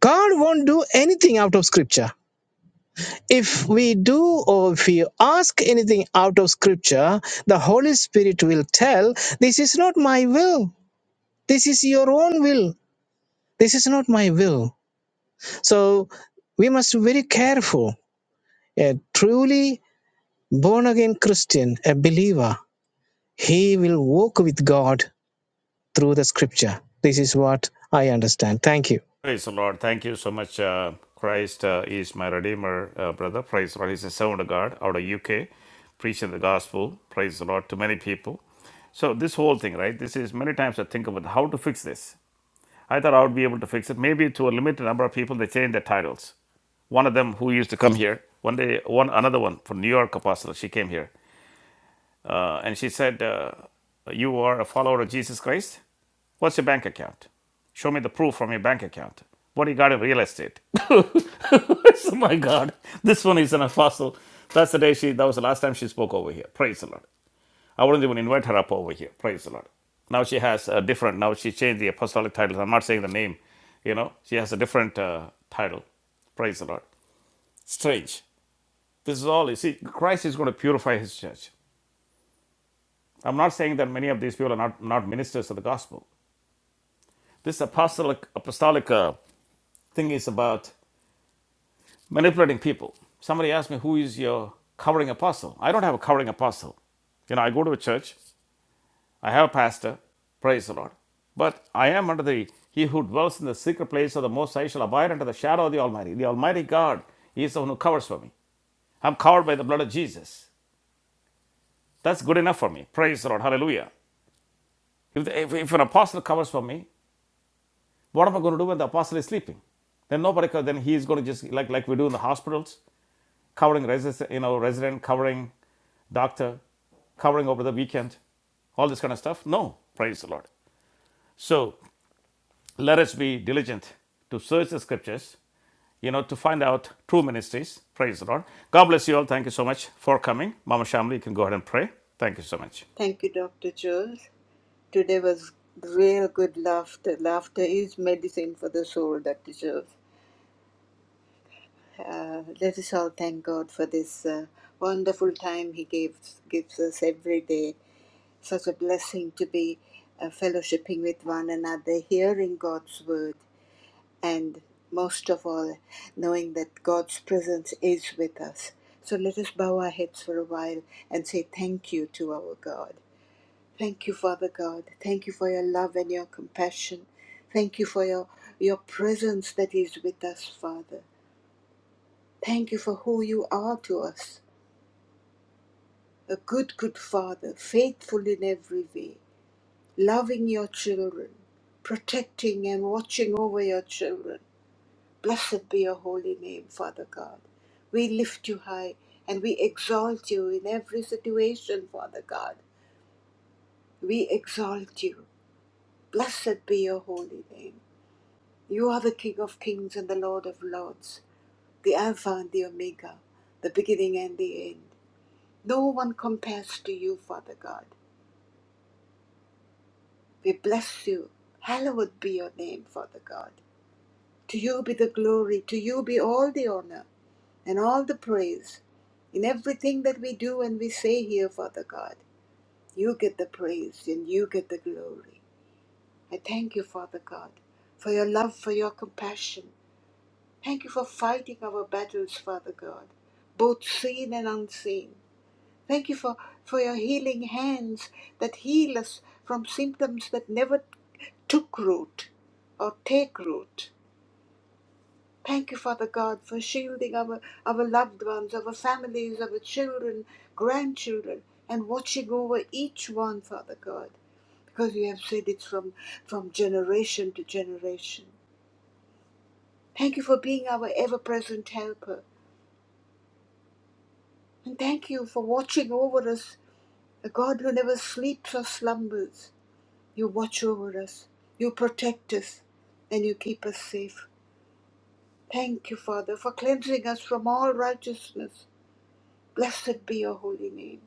Speaker 4: God won't do anything out of scripture. If we do or if we ask anything out of scripture, the Holy Spirit will tell, This is not my will. This is your own will. This is not my will. So we must be very careful. A truly born again Christian, a believer, he will walk with God through the scripture. This is what I understand. Thank you.
Speaker 1: Praise the Lord. Thank you so much. Uh, Christ uh, is my Redeemer, uh, brother. Praise the Lord. He's a servant of God out of UK, preaching the gospel. Praise the Lord to many people. So this whole thing, right? This is many times I think about how to fix this. I thought I would be able to fix it. Maybe to a limited number of people, they change their titles. One of them who used to come here, one day, one another one from New York Apostle, she came here. Uh, and she said, uh, You are a follower of Jesus Christ? What's your bank account? Show me the proof from your bank account. What do you got in real estate? so my God, this one is an apostle. That's the day she, that was the last time she spoke over here. Praise the Lord. I wouldn't even invite her up over here. Praise the Lord. Now she has a different, now she changed the apostolic title. I'm not saying the name, you know, she has a different uh, title. Praise the Lord. Strange. This is all, you see, Christ is going to purify his church. I'm not saying that many of these people are not, not ministers of the gospel. This apostolic, apostolic uh, thing is about manipulating people. Somebody asked me, Who is your covering apostle? I don't have a covering apostle. You know, I go to a church, I have a pastor, praise the Lord. But I am under the, he who dwells in the secret place of the Most High shall abide under the shadow of the Almighty. The Almighty God is the one who covers for me. I'm covered by the blood of Jesus. That's good enough for me. Praise the Lord. Hallelujah. If, the, if, if an apostle covers for me, What am I going to do when the apostle is sleeping? Then nobody. Then he is going to just like like we do in the hospitals, covering resident, you know, resident, covering doctor, covering over the weekend, all this kind of stuff. No, praise the Lord. So let us be diligent to search the scriptures, you know, to find out true ministries. Praise the Lord. God bless you all. Thank you so much for coming, Mama Shamli. You can go ahead and pray. Thank you so much.
Speaker 2: Thank you, Dr. Jules. Today was real good laughter. Laughter is medicine for the soul, Dr. Joseph. Uh, let us all thank God for this uh, wonderful time He gives gives us every day. Such a blessing to be uh, fellowshipping with one another, hearing God's word, and most of all, knowing that God's presence is with us. So let us bow our heads for a while and say thank you to our God. Thank you, Father God. Thank you for your love and your compassion. Thank you for your, your presence that is with us, Father. Thank you for who you are to us a good, good Father, faithful in every way, loving your children, protecting and watching over your children. Blessed be your holy name, Father God. We lift you high and we exalt you in every situation, Father God. We exalt you. Blessed be your holy name. You are the King of kings and the Lord of lords, the Alpha and the Omega, the beginning and the end. No one compares to you, Father God. We bless you. Hallowed be your name, Father God. To you be the glory, to you be all the honor and all the praise. In everything that we do and we say here, Father God, you get the praise and you get the glory. I thank you, Father God, for your love, for your compassion, Thank you for fighting our battles, Father God, both seen and unseen. Thank you for, for your healing hands that heal us from symptoms that never took root or take root. Thank you, Father God, for shielding our, our loved ones, our families, our children, grandchildren, and watching over each one, Father God, because you have said it's from, from generation to generation. Thank you for being our ever present helper. And thank you for watching over us, a God who never sleeps or slumbers. You watch over us, you protect us, and you keep us safe. Thank you, Father, for cleansing us from all righteousness. Blessed be your holy name.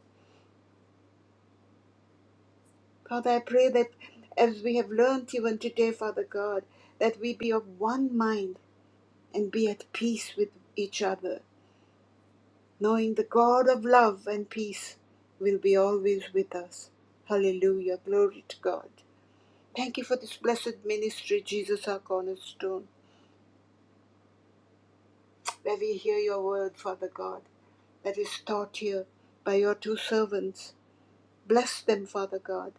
Speaker 2: Father, I pray that as we have learnt even today, Father God, that we be of one mind and be at peace with each other, knowing the God of love and peace will be always with us. Hallelujah. Glory to God. Thank you for this blessed ministry, Jesus, our cornerstone, where we hear your word, Father God, that is taught here by your two servants. Bless them, Father God.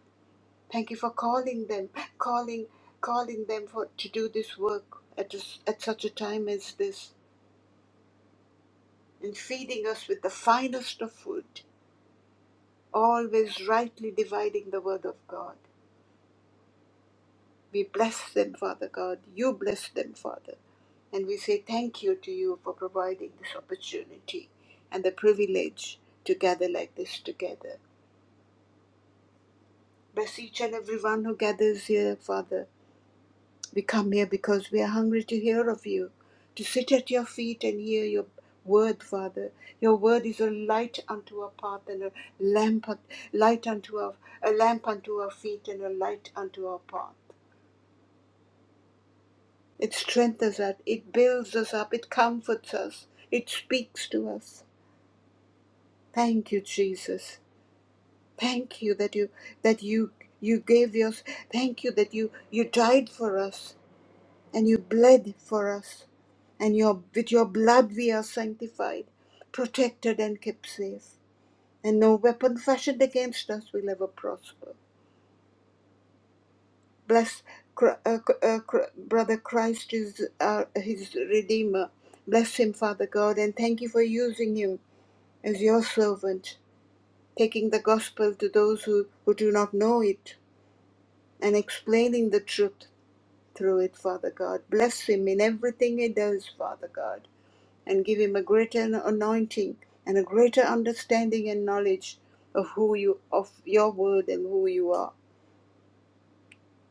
Speaker 2: Thank you for calling them, calling, calling them for to do this work at this, at such a time as this, and feeding us with the finest of food, always rightly dividing the word of God. We bless them, Father God. You bless them, Father. And we say thank you to you for providing this opportunity and the privilege to gather like this together. Bless each and everyone who gathers here, Father. We come here because we are hungry to hear of you, to sit at your feet and hear your word, Father. Your word is a light unto our path and a lamp, light unto our, a lamp unto our feet and a light unto our path. It strengthens us, it builds us up, it comforts us, it speaks to us. Thank you, Jesus. Thank you that you that you you gave us. Thank you that you you died for us and you bled for us, and your with your blood we are sanctified, protected and kept safe, and no weapon fashioned against us will ever prosper. Bless Chr- uh, uh, Chr- Brother Christ is uh, his Redeemer. Bless him, Father God, and thank you for using him as your servant, taking the gospel to those who, who do not know it and explaining the truth through it, Father God. Bless him in everything he does, Father God, and give him a greater anointing and a greater understanding and knowledge of who you, of your word and who you are.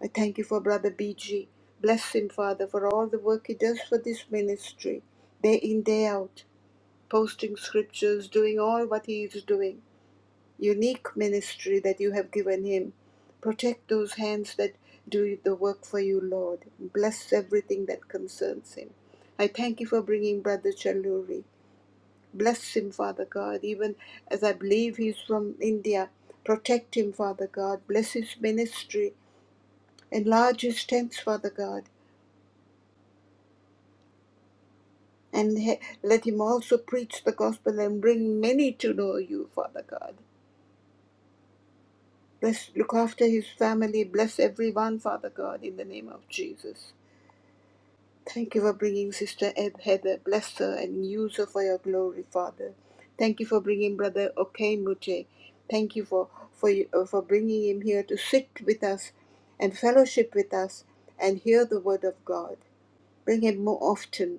Speaker 2: I thank you for Brother BG. Bless him, Father, for all the work he does for this ministry, day in, day out, posting scriptures, doing all what he is doing. Unique ministry that you have given him. Protect those hands that do the work for you, Lord. Bless everything that concerns him. I thank you for bringing Brother Chaluri. Bless him, Father God, even as I believe he's from India. Protect him, Father God. Bless his ministry. Enlarge his tents, Father God. And he- let him also preach the gospel and bring many to know you, Father God. Bless, look after his family. Bless everyone, Father God, in the name of Jesus. Thank you for bringing Sister Ed Heather. Bless her and use her for your glory, Father. Thank you for bringing Brother Okemute. Thank you for for you- uh, for bringing him here to sit with us and fellowship with us and hear the word of God. Bring him more often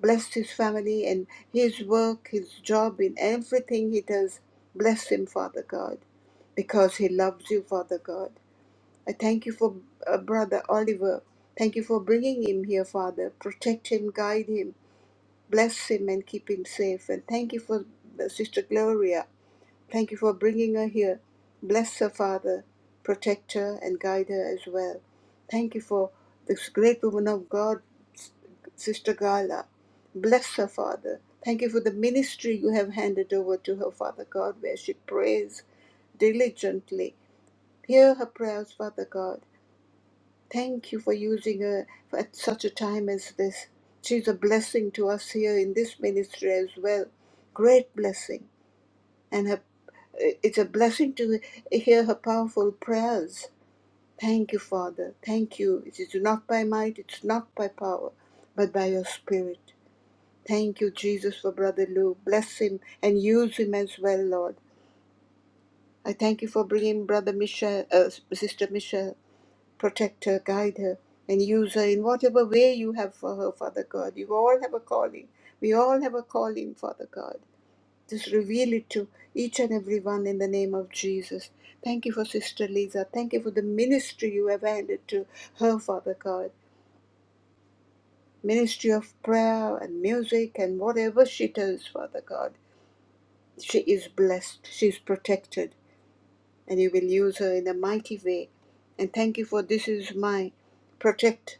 Speaker 2: blessed his family and his work, his job, in everything he does. Bless him, Father God, because he loves you, Father God. I thank you for uh, Brother Oliver. Thank you for bringing him here, Father. Protect him, guide him, bless him, and keep him safe. And thank you for uh, Sister Gloria. Thank you for bringing her here. Bless her, Father. Protect her and guide her as well. Thank you for this great woman of God, Sister Gala. Bless her, Father. Thank you for the ministry you have handed over to her, Father God, where she prays diligently. Hear her prayers, Father God. Thank you for using her at such a time as this. She's a blessing to us here in this ministry as well. Great blessing and her, it's a blessing to hear her powerful prayers. Thank you, Father. Thank you. It is not by might, it's not by power, but by your Spirit. Thank you, Jesus, for Brother Lou. Bless him and use him as well, Lord. I thank you for bringing Brother Michelle, uh, Sister Michelle. Protect her, guide her, and use her in whatever way you have for her, Father God. You all have a calling. We all have a calling, Father God. Just reveal it to each and every one in the name of Jesus. Thank you for Sister Lisa. Thank you for the ministry you have handed to her, Father God. Ministry of prayer and music and whatever she does, Father God. She is blessed. She is protected. And you will use her in a mighty way. And thank you for this is my protect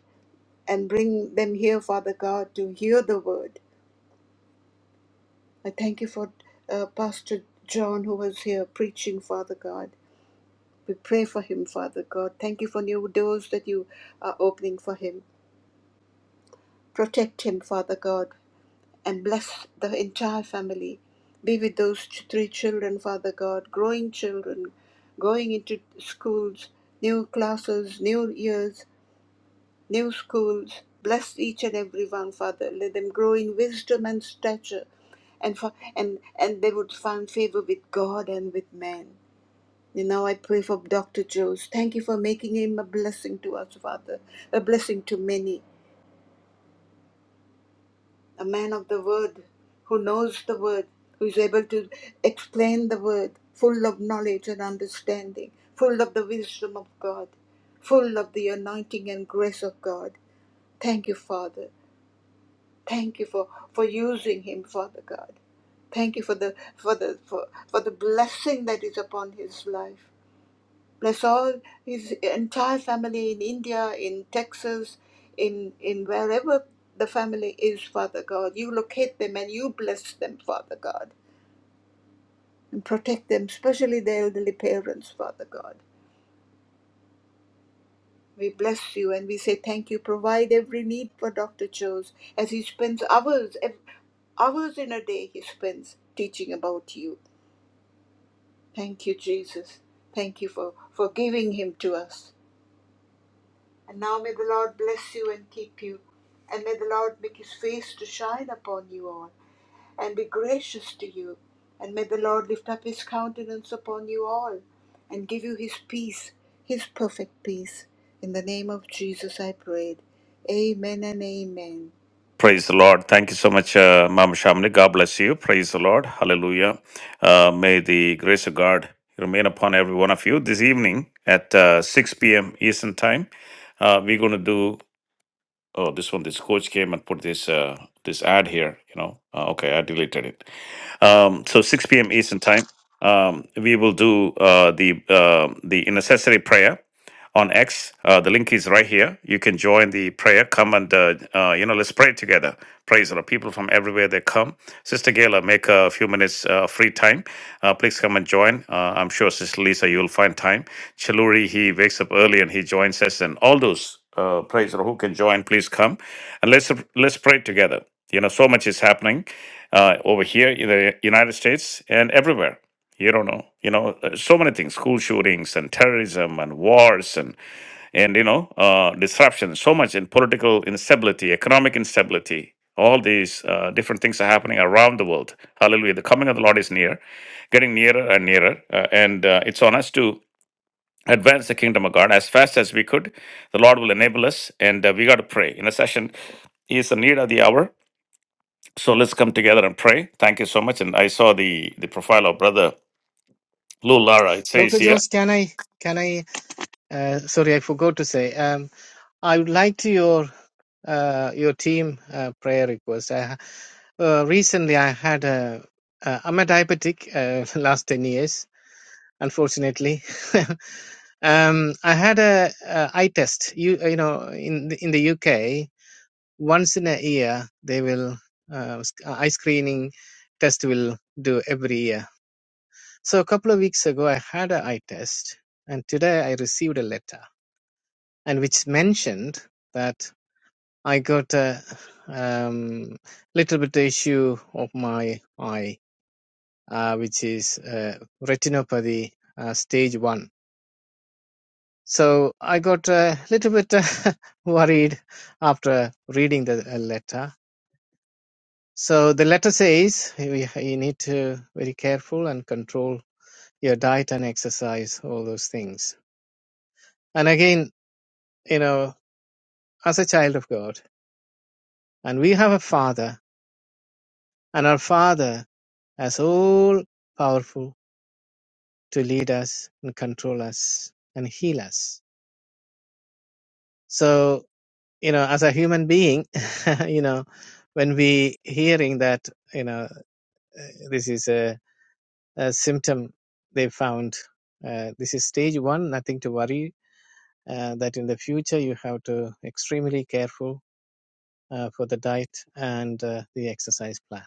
Speaker 2: and bring them here, Father God, to hear the word. I thank you for uh, Pastor John who was here preaching, Father God. We pray for him, Father God. Thank you for new doors that you are opening for him. Protect him, Father God, and bless the entire family. Be with those three children, Father God, growing children, going into schools, new classes, new years, new schools. Bless each and every one, Father. Let them grow in wisdom and stature, and for, and and they would find favor with God and with man. And now I pray for Dr. Jones. Thank you for making him a blessing to us, Father, a blessing to many, a man of the word who knows the word, who is able to explain the word, full of knowledge and understanding, full of the wisdom of God, full of the anointing and grace of God. Thank you, Father. Thank you for, for using him, Father God. Thank you for the for the for, for the blessing that is upon his life. Bless all his entire family in India, in Texas, in in wherever the family is, Father God. You locate them and you bless them, Father God, and protect them, especially their elderly parents, Father God. We bless you and we say thank you. Provide every need for Dr. Chose as he spends hours, ev- hours in a day he spends teaching about you. Thank you, Jesus. Thank you for, for giving him to us. And now may the Lord bless you and keep you, and may the Lord make his face to shine upon you all, and be gracious to you, and may the Lord lift up his countenance upon you all, and give you his peace, his perfect peace. In the name of Jesus I prayed. Amen and amen.
Speaker 1: Praise the Lord. Thank you so much, uh, Mama Shamini. God bless you. Praise the Lord. Hallelujah. Uh, may the grace of God remain upon every one of you. This evening at uh, 6 p.m. Eastern Time, uh, we're going to do. Oh, this one, this coach came and put this uh, this ad here. You know, uh, okay, I deleted it. Um, so 6 p.m. Eastern Time, um, we will do uh, the uh, the intercessory prayer on X. Uh, the link is right here. You can join the prayer. Come and uh, uh, you know, let's pray together. Praise the Lord. People from everywhere they come. Sister Gayla, make a few minutes uh, free time. Uh, please come and join. Uh, I'm sure Sister Lisa, you'll find time. Chaluri, he wakes up early and he joins us. And all those uh, praise the Lord who can join, please come and let's let's pray together. You know, so much is happening uh, over here in the United States and everywhere. You don't know. You know, uh, so many things: school shootings and terrorism and wars and and you know uh, disruption. So much in political instability, economic instability. All these uh, different things are happening around the world. Hallelujah! The coming of the Lord is near, getting nearer and nearer, uh, and uh, it's on us to advance the kingdom of God as fast as we could. The Lord will enable us, and uh, we got to pray. Intercession is the need of the hour. So let's come together and pray. Thank you so much. And I saw the the profile of brother Lou Lara, it says
Speaker 4: Dr.
Speaker 1: here,
Speaker 4: Jones, can I, can I, uh, sorry, I forgot to say. um, I would like to your uh, your team uh, prayer request. I, ha- uh, recently, I had a uh, I'm a diabetic uh, last ten years, unfortunately. um, I had a, a eye test. You you know in the, in the UK once in a year they will uh, sc- uh, eye screening test will do every year. So a couple of weeks ago, I had an eye test, and today I received a letter and which mentioned that. I got a um, little bit issue of my eye, uh, which is uh, retinopathy uh, stage one. So I got a little bit worried after reading the uh, letter. So the letter says you, you need to be very careful and control your diet and exercise, all those things. And again, you know, as a child of God, and we have a father, and our father has all powerful to lead us and control us and heal us. So, you know, as a human being, you know, when we hearing that, you know, uh, this is a, a symptom they found, uh, this is stage one, nothing to worry, uh, that in the future you have to extremely careful uh, for the diet and uh, the exercise plan.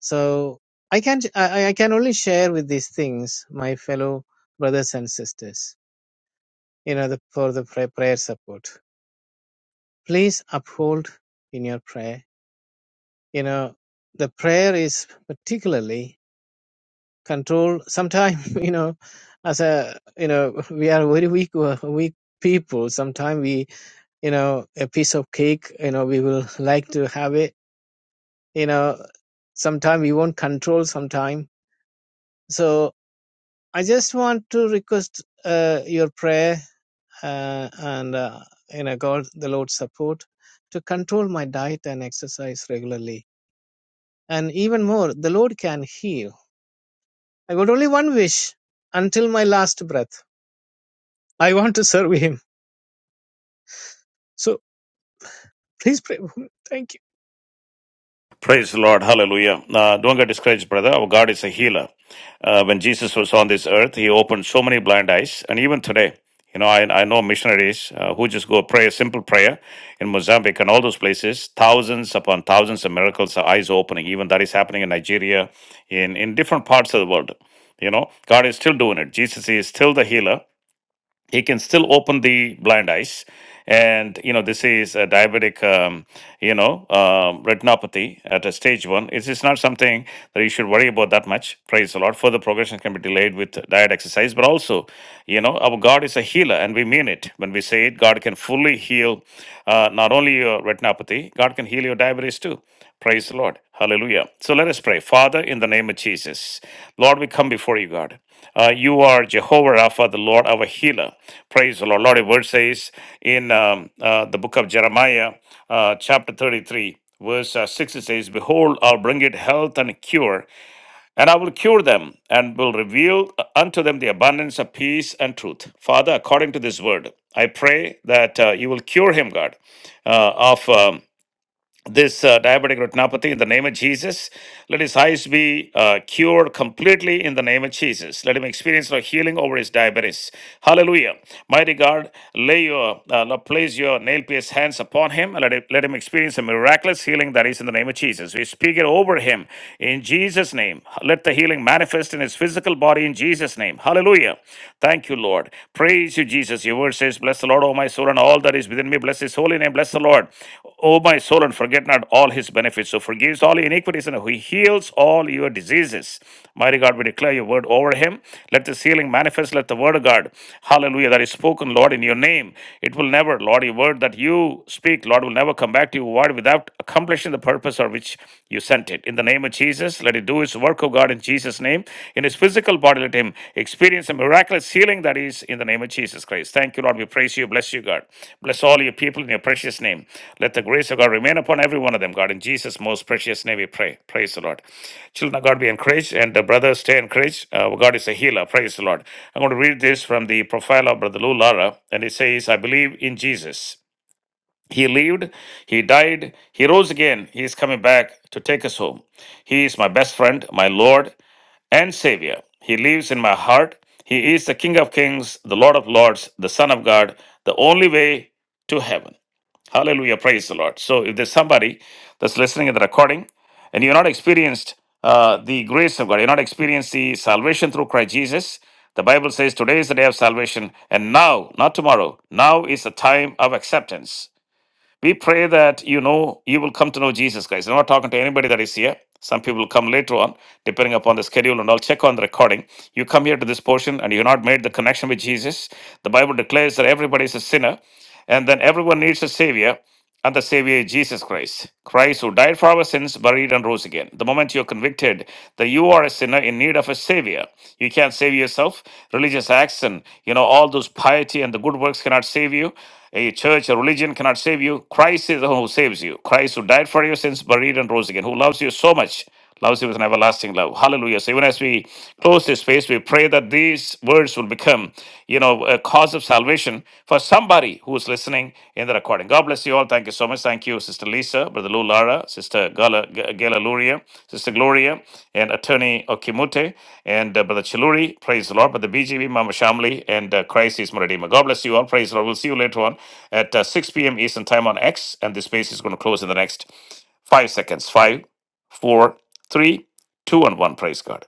Speaker 4: So I can, I, I can only share with these things, my fellow brothers and sisters, you know, the, for the pray- prayer support please uphold in your prayer. You know, the prayer is particularly controlled. Sometimes, you know, as a, you know, we are very weak, weak people. Sometimes we, you know, a piece of cake, you know, we will like to have it, you know, sometimes we won't control Sometimes, So I just want to request uh, your prayer uh, and, uh, you know, God, the Lord's support to control my diet and exercise regularly and even more, the Lord can heal. I got only one wish until my last breath. I want to serve Him. So please pray. Thank you.
Speaker 1: Praise the Lord, hallelujah. Uh, don't get discouraged, brother. Our God is a healer. Uh, when Jesus was on this earth, he opened so many blind eyes. And even today, you know, I, I know missionaries uh, who just go pray a simple prayer in Mozambique and all those places. Thousands upon thousands of miracles, are eyes opening. Even that is happening in Nigeria, in, in different parts of the world. You know, God is still doing it. Jesus is still the healer. he can still open the blind eyes and you know this is a diabetic um, you know um, retinopathy at a stage one it is not something that you should worry about that much praise the lord further progression can be delayed with diet exercise but also you know our god is a healer and we mean it when we say it god can fully heal uh, not only your retinopathy god can heal your diabetes too Praise the Lord. Hallelujah. So let us pray. Father, in the name of Jesus, Lord, we come before you, God. Uh, you are Jehovah Rapha, the Lord, our healer. Praise the Lord. Lord, your word says in um, uh, the book of Jeremiah, uh, chapter 33, verse uh, 6, it says, Behold, I'll bring it health and cure, and I will cure them, and will reveal uh, unto them the abundance of peace and truth. Father, according to this word, I pray that uh, you will cure him, God, uh, of. Um, this uh, diabetic retinopathy in the name of Jesus. Let his eyes be uh, cured completely in the name of Jesus. Let him experience a healing over his diabetes. Hallelujah. Mighty God, lay your, uh, lo- place your nail pierced hands upon him and let, him let him experience a miraculous healing that is in the name of Jesus. We speak it over him in Jesus' name. Let the healing manifest in his physical body in Jesus' name. Hallelujah. Thank you, Lord. Praise Praise you, Jesus. Your word says, Bless the Lord, O my soul, and all that is within me. Bless his holy name. Bless the Lord, O my soul, and forget not all his benefits. So forgives all your iniquities and he heals all your diseases. Mighty God, we declare your word over him. Let this healing manifest. Let the word of God, hallelujah, that is spoken, Lord, in your name. It will never, Lord, your word that you speak, Lord, will never come back to you void without accomplishing the purpose for which you sent it. In the name of Jesus. Jesus. Let it do its work, O God, in Jesus' name. In his physical body, let him experience a miraculous healing that is in the name of Jesus Christ. Thank you, Lord. We praise you. Bless you, God. Bless all your people in your precious name. Let the grace of God remain upon every one of them, God. In Jesus' most precious name, we pray. Praise the Lord. Children of God, be encouraged, and the brothers stay encouraged. Uh, God is a healer. Praise the Lord. I'm going to read this from the profile of Brother Lou Lara, and it says, I believe in Jesus. He lived, he died, he rose again, he is coming back to take us home. He is my best friend, my Lord and Savior. He lives in my heart. He is the King of Kings, the Lord of Lords, the Son of God, the only way to heaven. Hallelujah. Praise the Lord. So, if there's somebody that's listening at the recording and you're not experienced uh, the grace of God, you're not experienced the salvation through Christ Jesus, the Bible says today is the day of salvation, and now, not tomorrow, now is the time of acceptance. We pray that you know you will come to know Jesus, guys. I'm not talking to anybody that is here. Some people will come later on, depending upon the schedule, and I'll check on the recording. You come here to this portion and you're not made the connection with Jesus. The Bible declares that everybody is a sinner, and then everyone needs a savior and the Savior Jesus Christ. Christ who died for our sins, buried, and rose again. The moment you're convicted that you are a sinner in need of a Savior, you can't save yourself. Religious acts and you know all those piety and the good works cannot save you. A church, a religion cannot save you. Christ is the one who saves you. Christ who died for your sins, buried, and rose again, who loves you so much loves you with an everlasting love. Hallelujah. So even as we close this space, we pray that these words will become, you know, a cause of salvation for somebody who's listening in the recording. God bless you all. Thank you so much. Thank you, Sister Lisa, Brother Lou Lara, Sister Gala, G- Gala Luria, Sister Gloria, and Attorney Okimute, and uh, Brother Chiluri. Praise the Lord. Brother BGB, Mama Shamli, and uh, Christ is my Redeemer. God bless you all. Praise the Lord. We'll see you later on at uh, 6 p.m. Eastern Time on X, and this space is going to close in the next five seconds. Five, four Three, two, and one. Praise God.